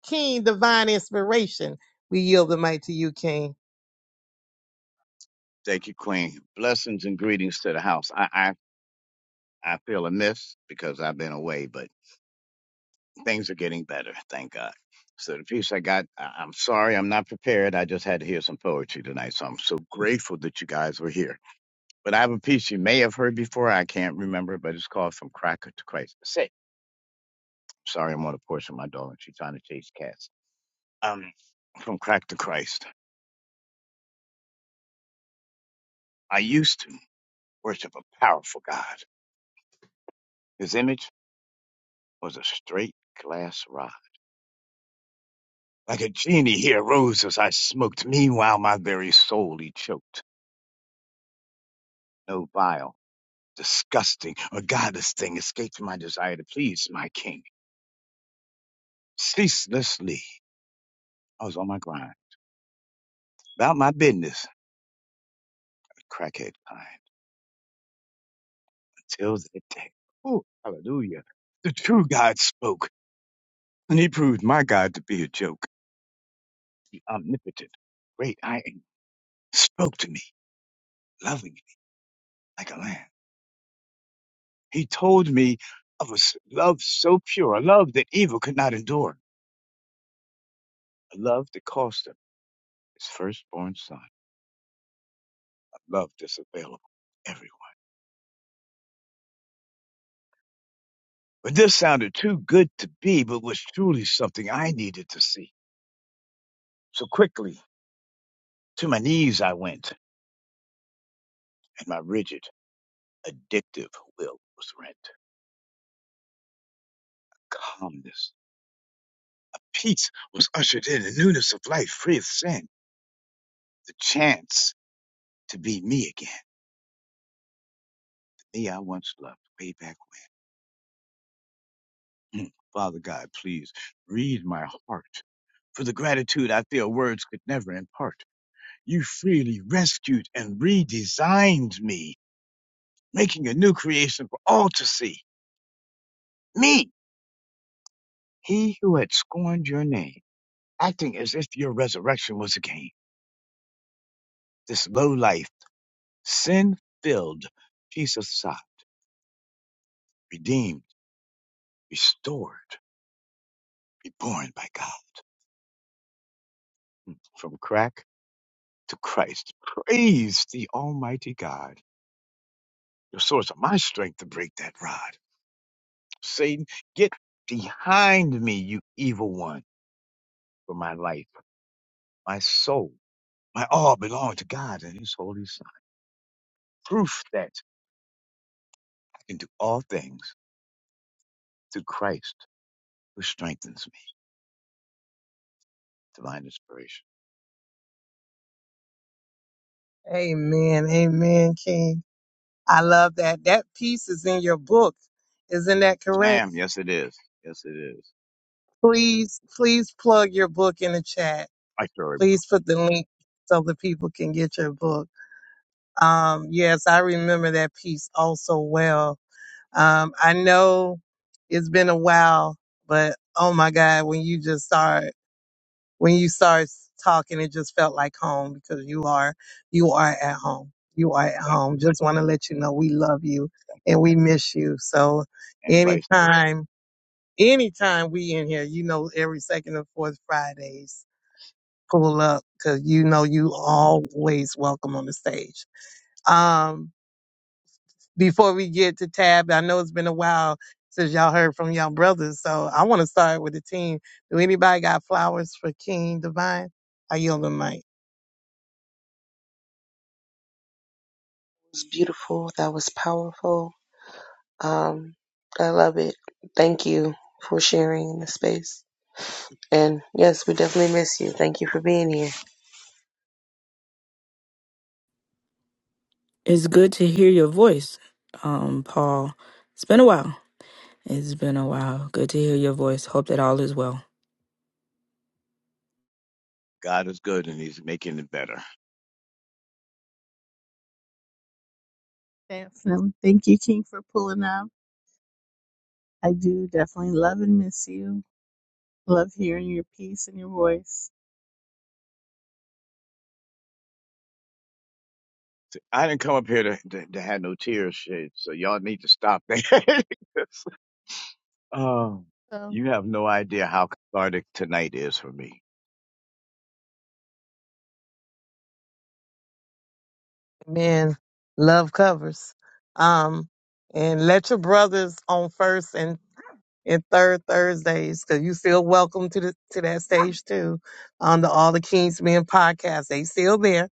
Speaker 2: King Divine Inspiration, we yield the mic to you, King.
Speaker 19: Thank you, Queen. Blessings and greetings to the house. I, I, I feel amiss because I've been away, but. things are getting better, thank God. So the piece I got, I- I'm sorry, I'm not prepared. I just had to hear some poetry tonight, so I'm so grateful that you guys were here. But I have a piece you may have heard before. I can't remember, but it's called "From Cracker to Christ." Say, sorry, I'm on a porch with my dog, and she's trying to chase cats. Um, from crack to Christ. I used to worship a powerful God. His image was a straight glass rod. Like a genie, he arose as I smoked. Meanwhile, my very soul he choked. No vial. disgusting, a godless thing escaped from my desire to please my king. Ceaselessly, I was on my grind, about my business, a crackhead kind, until that day. Oh, hallelujah. The true God spoke, and he proved my God to be a joke. The omnipotent, great I am, spoke to me, loving me like a lamb. He told me of a s- love so pure, a love that evil could not endure, a love that cost him his firstborn son, a love that's available everywhere But this sounded too good to be, but was truly something I needed to see. So quickly, to my knees I went, and my rigid, addictive will was rent. Calmness, a peace was ushered in, a newness of life free of sin, the chance to be me again, the me I once loved way back when. Mm. Father God, please read my heart for the gratitude I feel words could never impart. You freely rescued and redesigned me making a new creation for all to see. Me, he who had scorned your name, acting as if your resurrection was a game. This low life, sin filled piece of sod, redeemed, restored, reborn by God. Hmm. From crack to Christ. Praise the Almighty God, the source of my strength to break that rod. Satan, get behind me, you evil one, for my life, my soul, my all belong to God and His holy proof that I can do all things through Christ who strengthens me. Divine inspiration.
Speaker 2: Amen. Amen, King. I love that. That piece is in your book. Isn't that
Speaker 19: Yes,
Speaker 2: correct?
Speaker 19: ma'am. Yes, it is. Yes, it is.
Speaker 2: Please, please plug your book in the chat.
Speaker 19: My story, bro.
Speaker 2: Please put the link so the people can get your book. Um, yes, I remember that piece also well. Um, I know it's been a while, but oh my God, when you just start, when you start talking, it just felt like home because you are, you are at home. You are at
Speaker 19: Thank
Speaker 2: home.
Speaker 19: you.
Speaker 2: Just want to let you know we love you
Speaker 19: Thank you.
Speaker 2: and we miss you. So
Speaker 19: And vice versa.
Speaker 2: anytime, anytime we in here, you know, every second and fourth Fridays pull up because you know you always welcome on the stage. Um, before we get to Tab, I know it's been a while since y'all heard from y'all brothers, so I want to start with the team. Do anybody got flowers for King Divine? I yield the mic.
Speaker 3: It was beautiful. That was powerful. Um, I love it. Thank you for sharing in the space. And yes, we definitely miss you. Thank you for being here.
Speaker 4: It's good to hear your voice, um, Paul. It's been a while. It's been a while. Good to hear your voice. Hope that all is well.
Speaker 19: God is good and he's making it better.
Speaker 6: Thanks, um, Thank you, King, for pulling up. I do definitely love and miss you. Love hearing your piece and your voice.
Speaker 19: I didn't come up here to, to, to have no tears shed, so y'all need to stop that. um,
Speaker 6: So.
Speaker 19: you have no idea how cathartic tonight is for me.
Speaker 2: Men love covers. Um, and let your brothers on first and and third Thursdays, because you still welcome to the to that stage too on the All the Kings Men podcast. They still there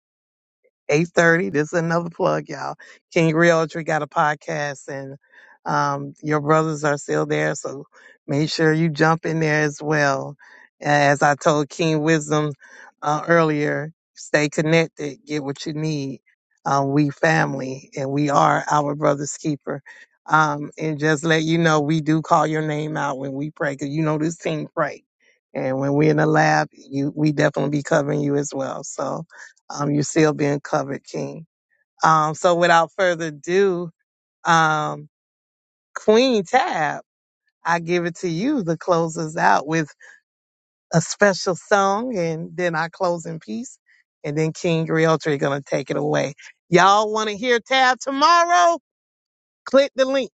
Speaker 2: 8.30. This is another plug, y'all. King Realtree got a podcast and um, your brothers are still there. So make sure you jump in there as well. As I told King Wisdom uh, earlier, stay connected, get what you need. Uh, we family and we are our brother's keeper. Um, and just let you know, we do call your name out when we pray because you know this team pray. And when we're in the lab, you, we definitely be covering you as well. So, um, you're still being covered, King. Um, so without further ado, um, Queen Tab, I give it to you to close us out with a special song and then our closing piece, And then King Realtor going to take it away. Y'all want to hear Tab tomorrow? Click the link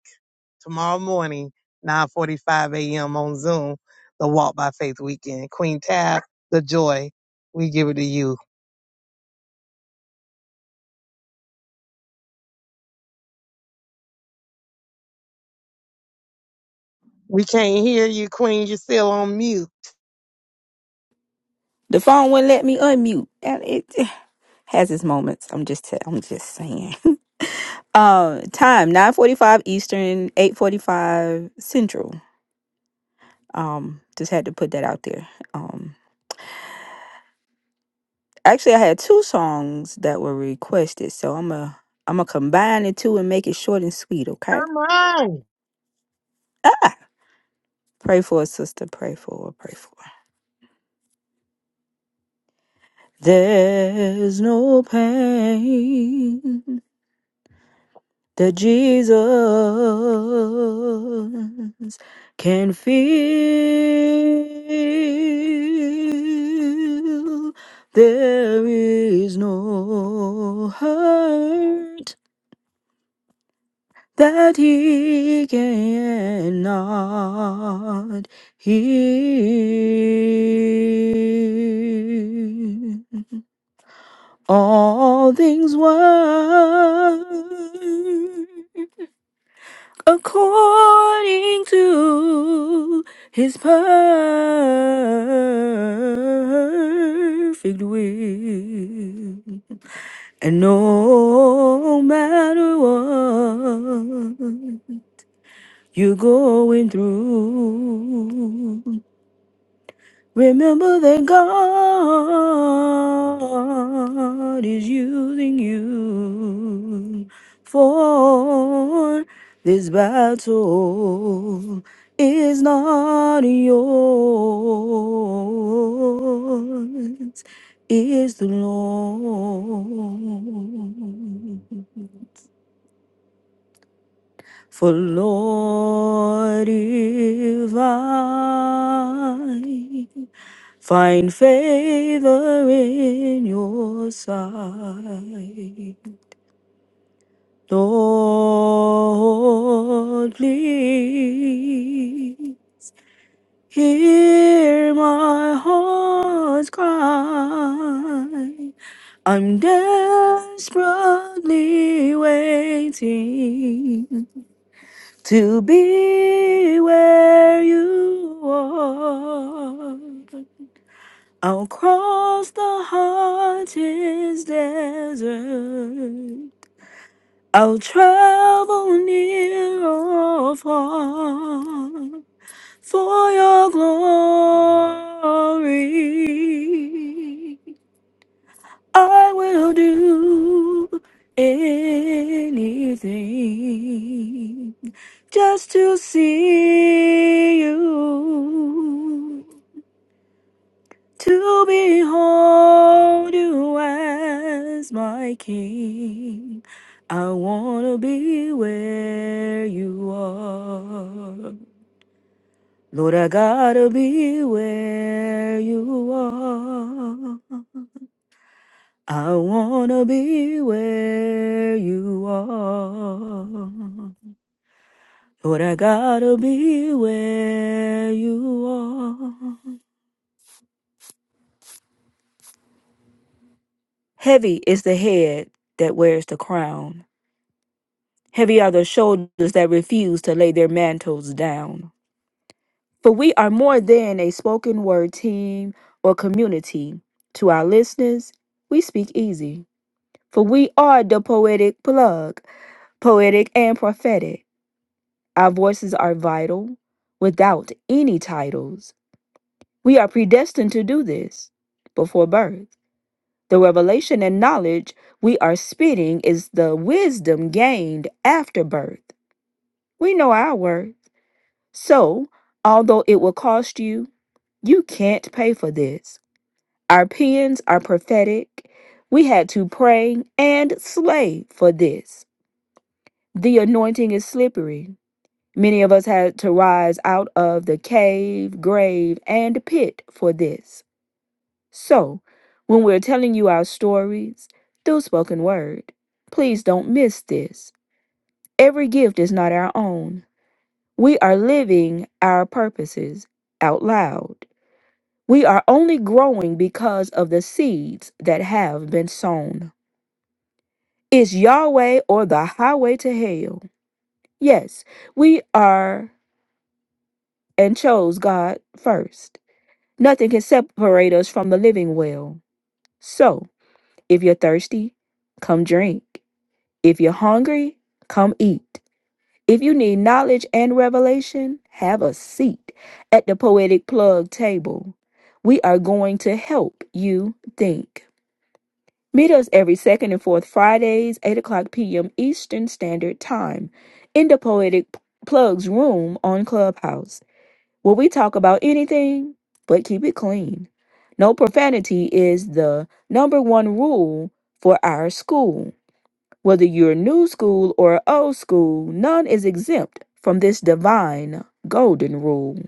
Speaker 2: tomorrow morning, 9.45 a.m. on Zoom, the Walk by Faith weekend. Queen Tab, the joy, we give it to you. We can't hear you, Queen. You're still on mute.
Speaker 4: The phone wouldn't let me unmute. And It it has its moments. I'm just i am just saying. Um, time nine forty five Eastern, eight forty five Central. Um, just had to put that out there. Um, actually, I had two songs that were requested, so I'm a I'm gonna combine the two and make it short and sweet. Okay.
Speaker 2: Come on.
Speaker 4: Pray for a sister. Pray for. Pray for. There's no pain that Jesus can feel. There is no hurt that he cannot heal. All things work according to his perfect will. And no matter what you're going through, Remember that God is using you for this battle is not yours, is the Lord. For Lord, if I find favor in your sight, Lord, please hear my heart's cry. I'm desperately waiting to be where you are. I'll cross the hottest desert. I'll travel near or far for your glory. I will do anything just to see you, to behold you as my king. I want to be where you are. Lord, I gotta be where you are. I wanna be where you are. Lord, I gotta be where you are. Heavy is the head that wears the crown. Heavy are the shoulders that refuse to lay their mantles down. For we are more than a spoken word team or community. To our listeners, we speak easy. For we are the poetic plug, poetic and prophetic. Our voices are vital without any titles. We are predestined to do this before birth. The revelation and knowledge we are spitting is the wisdom gained after birth. We know our worth. So, although it will cost you, you can't pay for this. Our pens are prophetic. We had to pray and slay for this. The anointing is slippery. Many of us had to rise out of the cave, grave, and pit for this. So, when we're telling you our stories through spoken word, please don't miss this. Every gift is not our own. We are living our purposes out loud. We are only growing because of the seeds that have been sown. It's Yahweh or the highway to hell. Yes, we are and chose God first. Nothing can separate us from the living well. So, if you're thirsty, come drink. If you're hungry, come eat. If you need knowledge and revelation, have a seat at the Poetic Plug table. We are going to help you think. Meet us every second and fourth Fridays, 8 o'clock p.m. Eastern Standard Time, in the Poetic Plug's room on Clubhouse where we talk about anything but keep it clean. No profanity is the number one rule for our school. Whether you're new school or old school, none is exempt from this divine golden rule.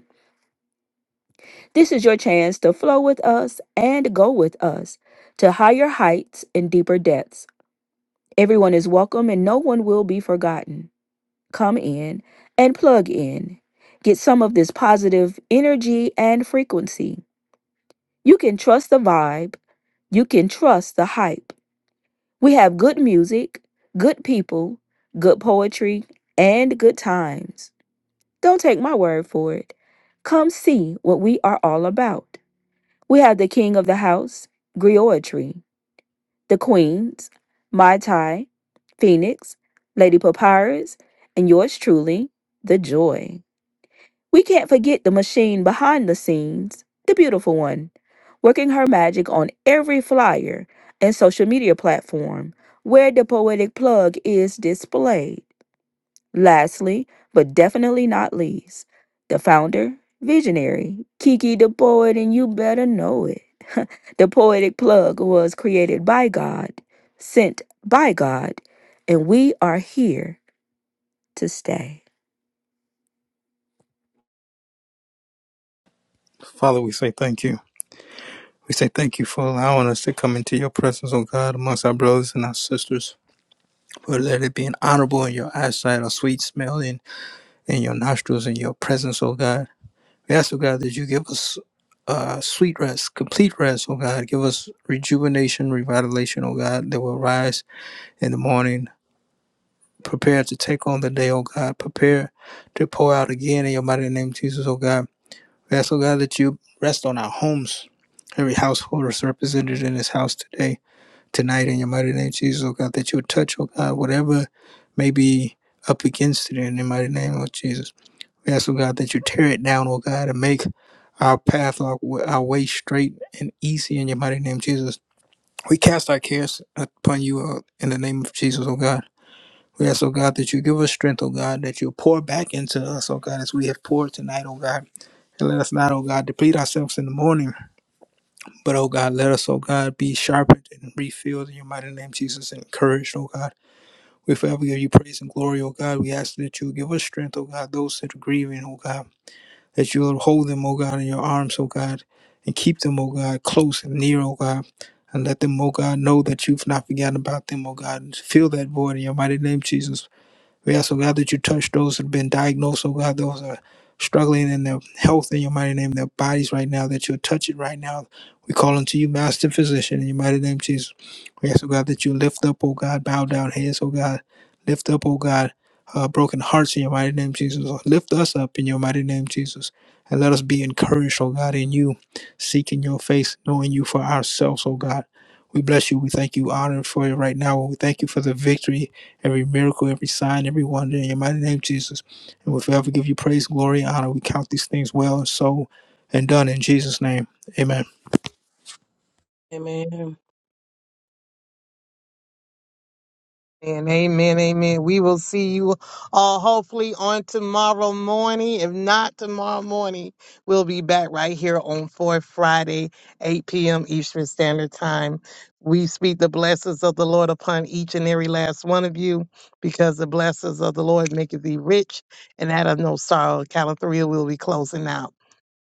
Speaker 4: This is your chance to flow with us and go with us to higher heights and deeper depths. Everyone is welcome and no one will be forgotten. Come in and plug in. Get some of this positive energy and frequency You can trust the vibe. You can trust the hype. We have good music, good people, good poetry, and good times. Don't take my word for it. Come see what we are all about. We have the king of the house, Griotry, the queens, Mai Tai, Phoenix, Lady Papyrus, and yours truly, The Joy. We can't forget the machine behind the scenes, the beautiful one, working her magic on every flyer and social media platform where the poetic plug is displayed. Lastly, but definitely not least, the founder, visionary, Kiki the poet, and you better know it. The poetic plug was created by God, sent by God, and we are here to stay.
Speaker 1: Father, we say thank you. We say thank you for allowing us to come into your presence, O God, amongst our brothers and our sisters. Lord, let it be an honorable in your eyesight, a sweet smell in, in your nostrils, in your presence, O God. We ask, O God, that you give us uh, sweet rest, complete rest, O God. Give us rejuvenation, revitalization, O God, that will rise in the morning. Prepare to take on the day, O God. Prepare to pour out again in your mighty name, Jesus, O God. We ask, O God, that you rest on our homes. Every household is represented in this house today. tonight in your mighty name, Jesus, oh God, that you would touch, oh God, whatever may be up against it in the mighty name of Jesus. We ask, oh God, that you tear it down, oh God, and make our path, our, our way straight and easy in your mighty name, Jesus. We cast our cares upon you uh, in the name of Jesus, oh God. We ask, oh God, that you give us strength, oh God, that you pour back into us, oh God, as we have poured tonight, oh God. And let us not, oh God, deplete ourselves in the morning. But oh God, let us, oh God, be sharpened and refilled in your mighty name, Jesus, and encouraged, oh God. We forever give you praise and glory, oh God. We ask that you give us strength, oh God, those that are grieving, oh God, that you'll hold them, oh God, in your arms, oh God, and keep them, oh God, close and near, oh God. And let them, oh God, know that you've not forgotten about them, oh God. And Fill that void in your mighty name, Jesus. We ask, oh God, that you touch those that have been diagnosed, oh God, those that are struggling in their health in your mighty name, their bodies right now, that you'll touch it right now. We call unto you, Master Physician, in your mighty name, Jesus. We ask, oh God, that you lift up, oh God, bow down heads, oh God. Lift up, oh God, uh, broken hearts in your mighty name, Jesus. Lift us up in your mighty name, Jesus. And let us be encouraged, oh God, in you, seeking your face, knowing you for ourselves, oh God. We bless you. We thank you, honor for you right now. We thank you for the victory every miracle, every sign, every wonder in your mighty name, Jesus. And we'll forever give you praise, glory, and honor. We count these things well and so and done in Jesus' name. Amen.
Speaker 5: Amen.
Speaker 2: Amen, amen, amen. We will see you all hopefully on tomorrow morning. If not tomorrow morning, we'll be back right here on Fourth Friday, 8 p.m. Eastern Standard Time. We speak the blessings of the Lord upon each and every last one of you, because the blessings of the Lord maketh thee rich, and out of no sorrow. Count of three, we'll be closing out.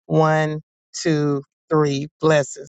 Speaker 2: One, two, three. Blessings.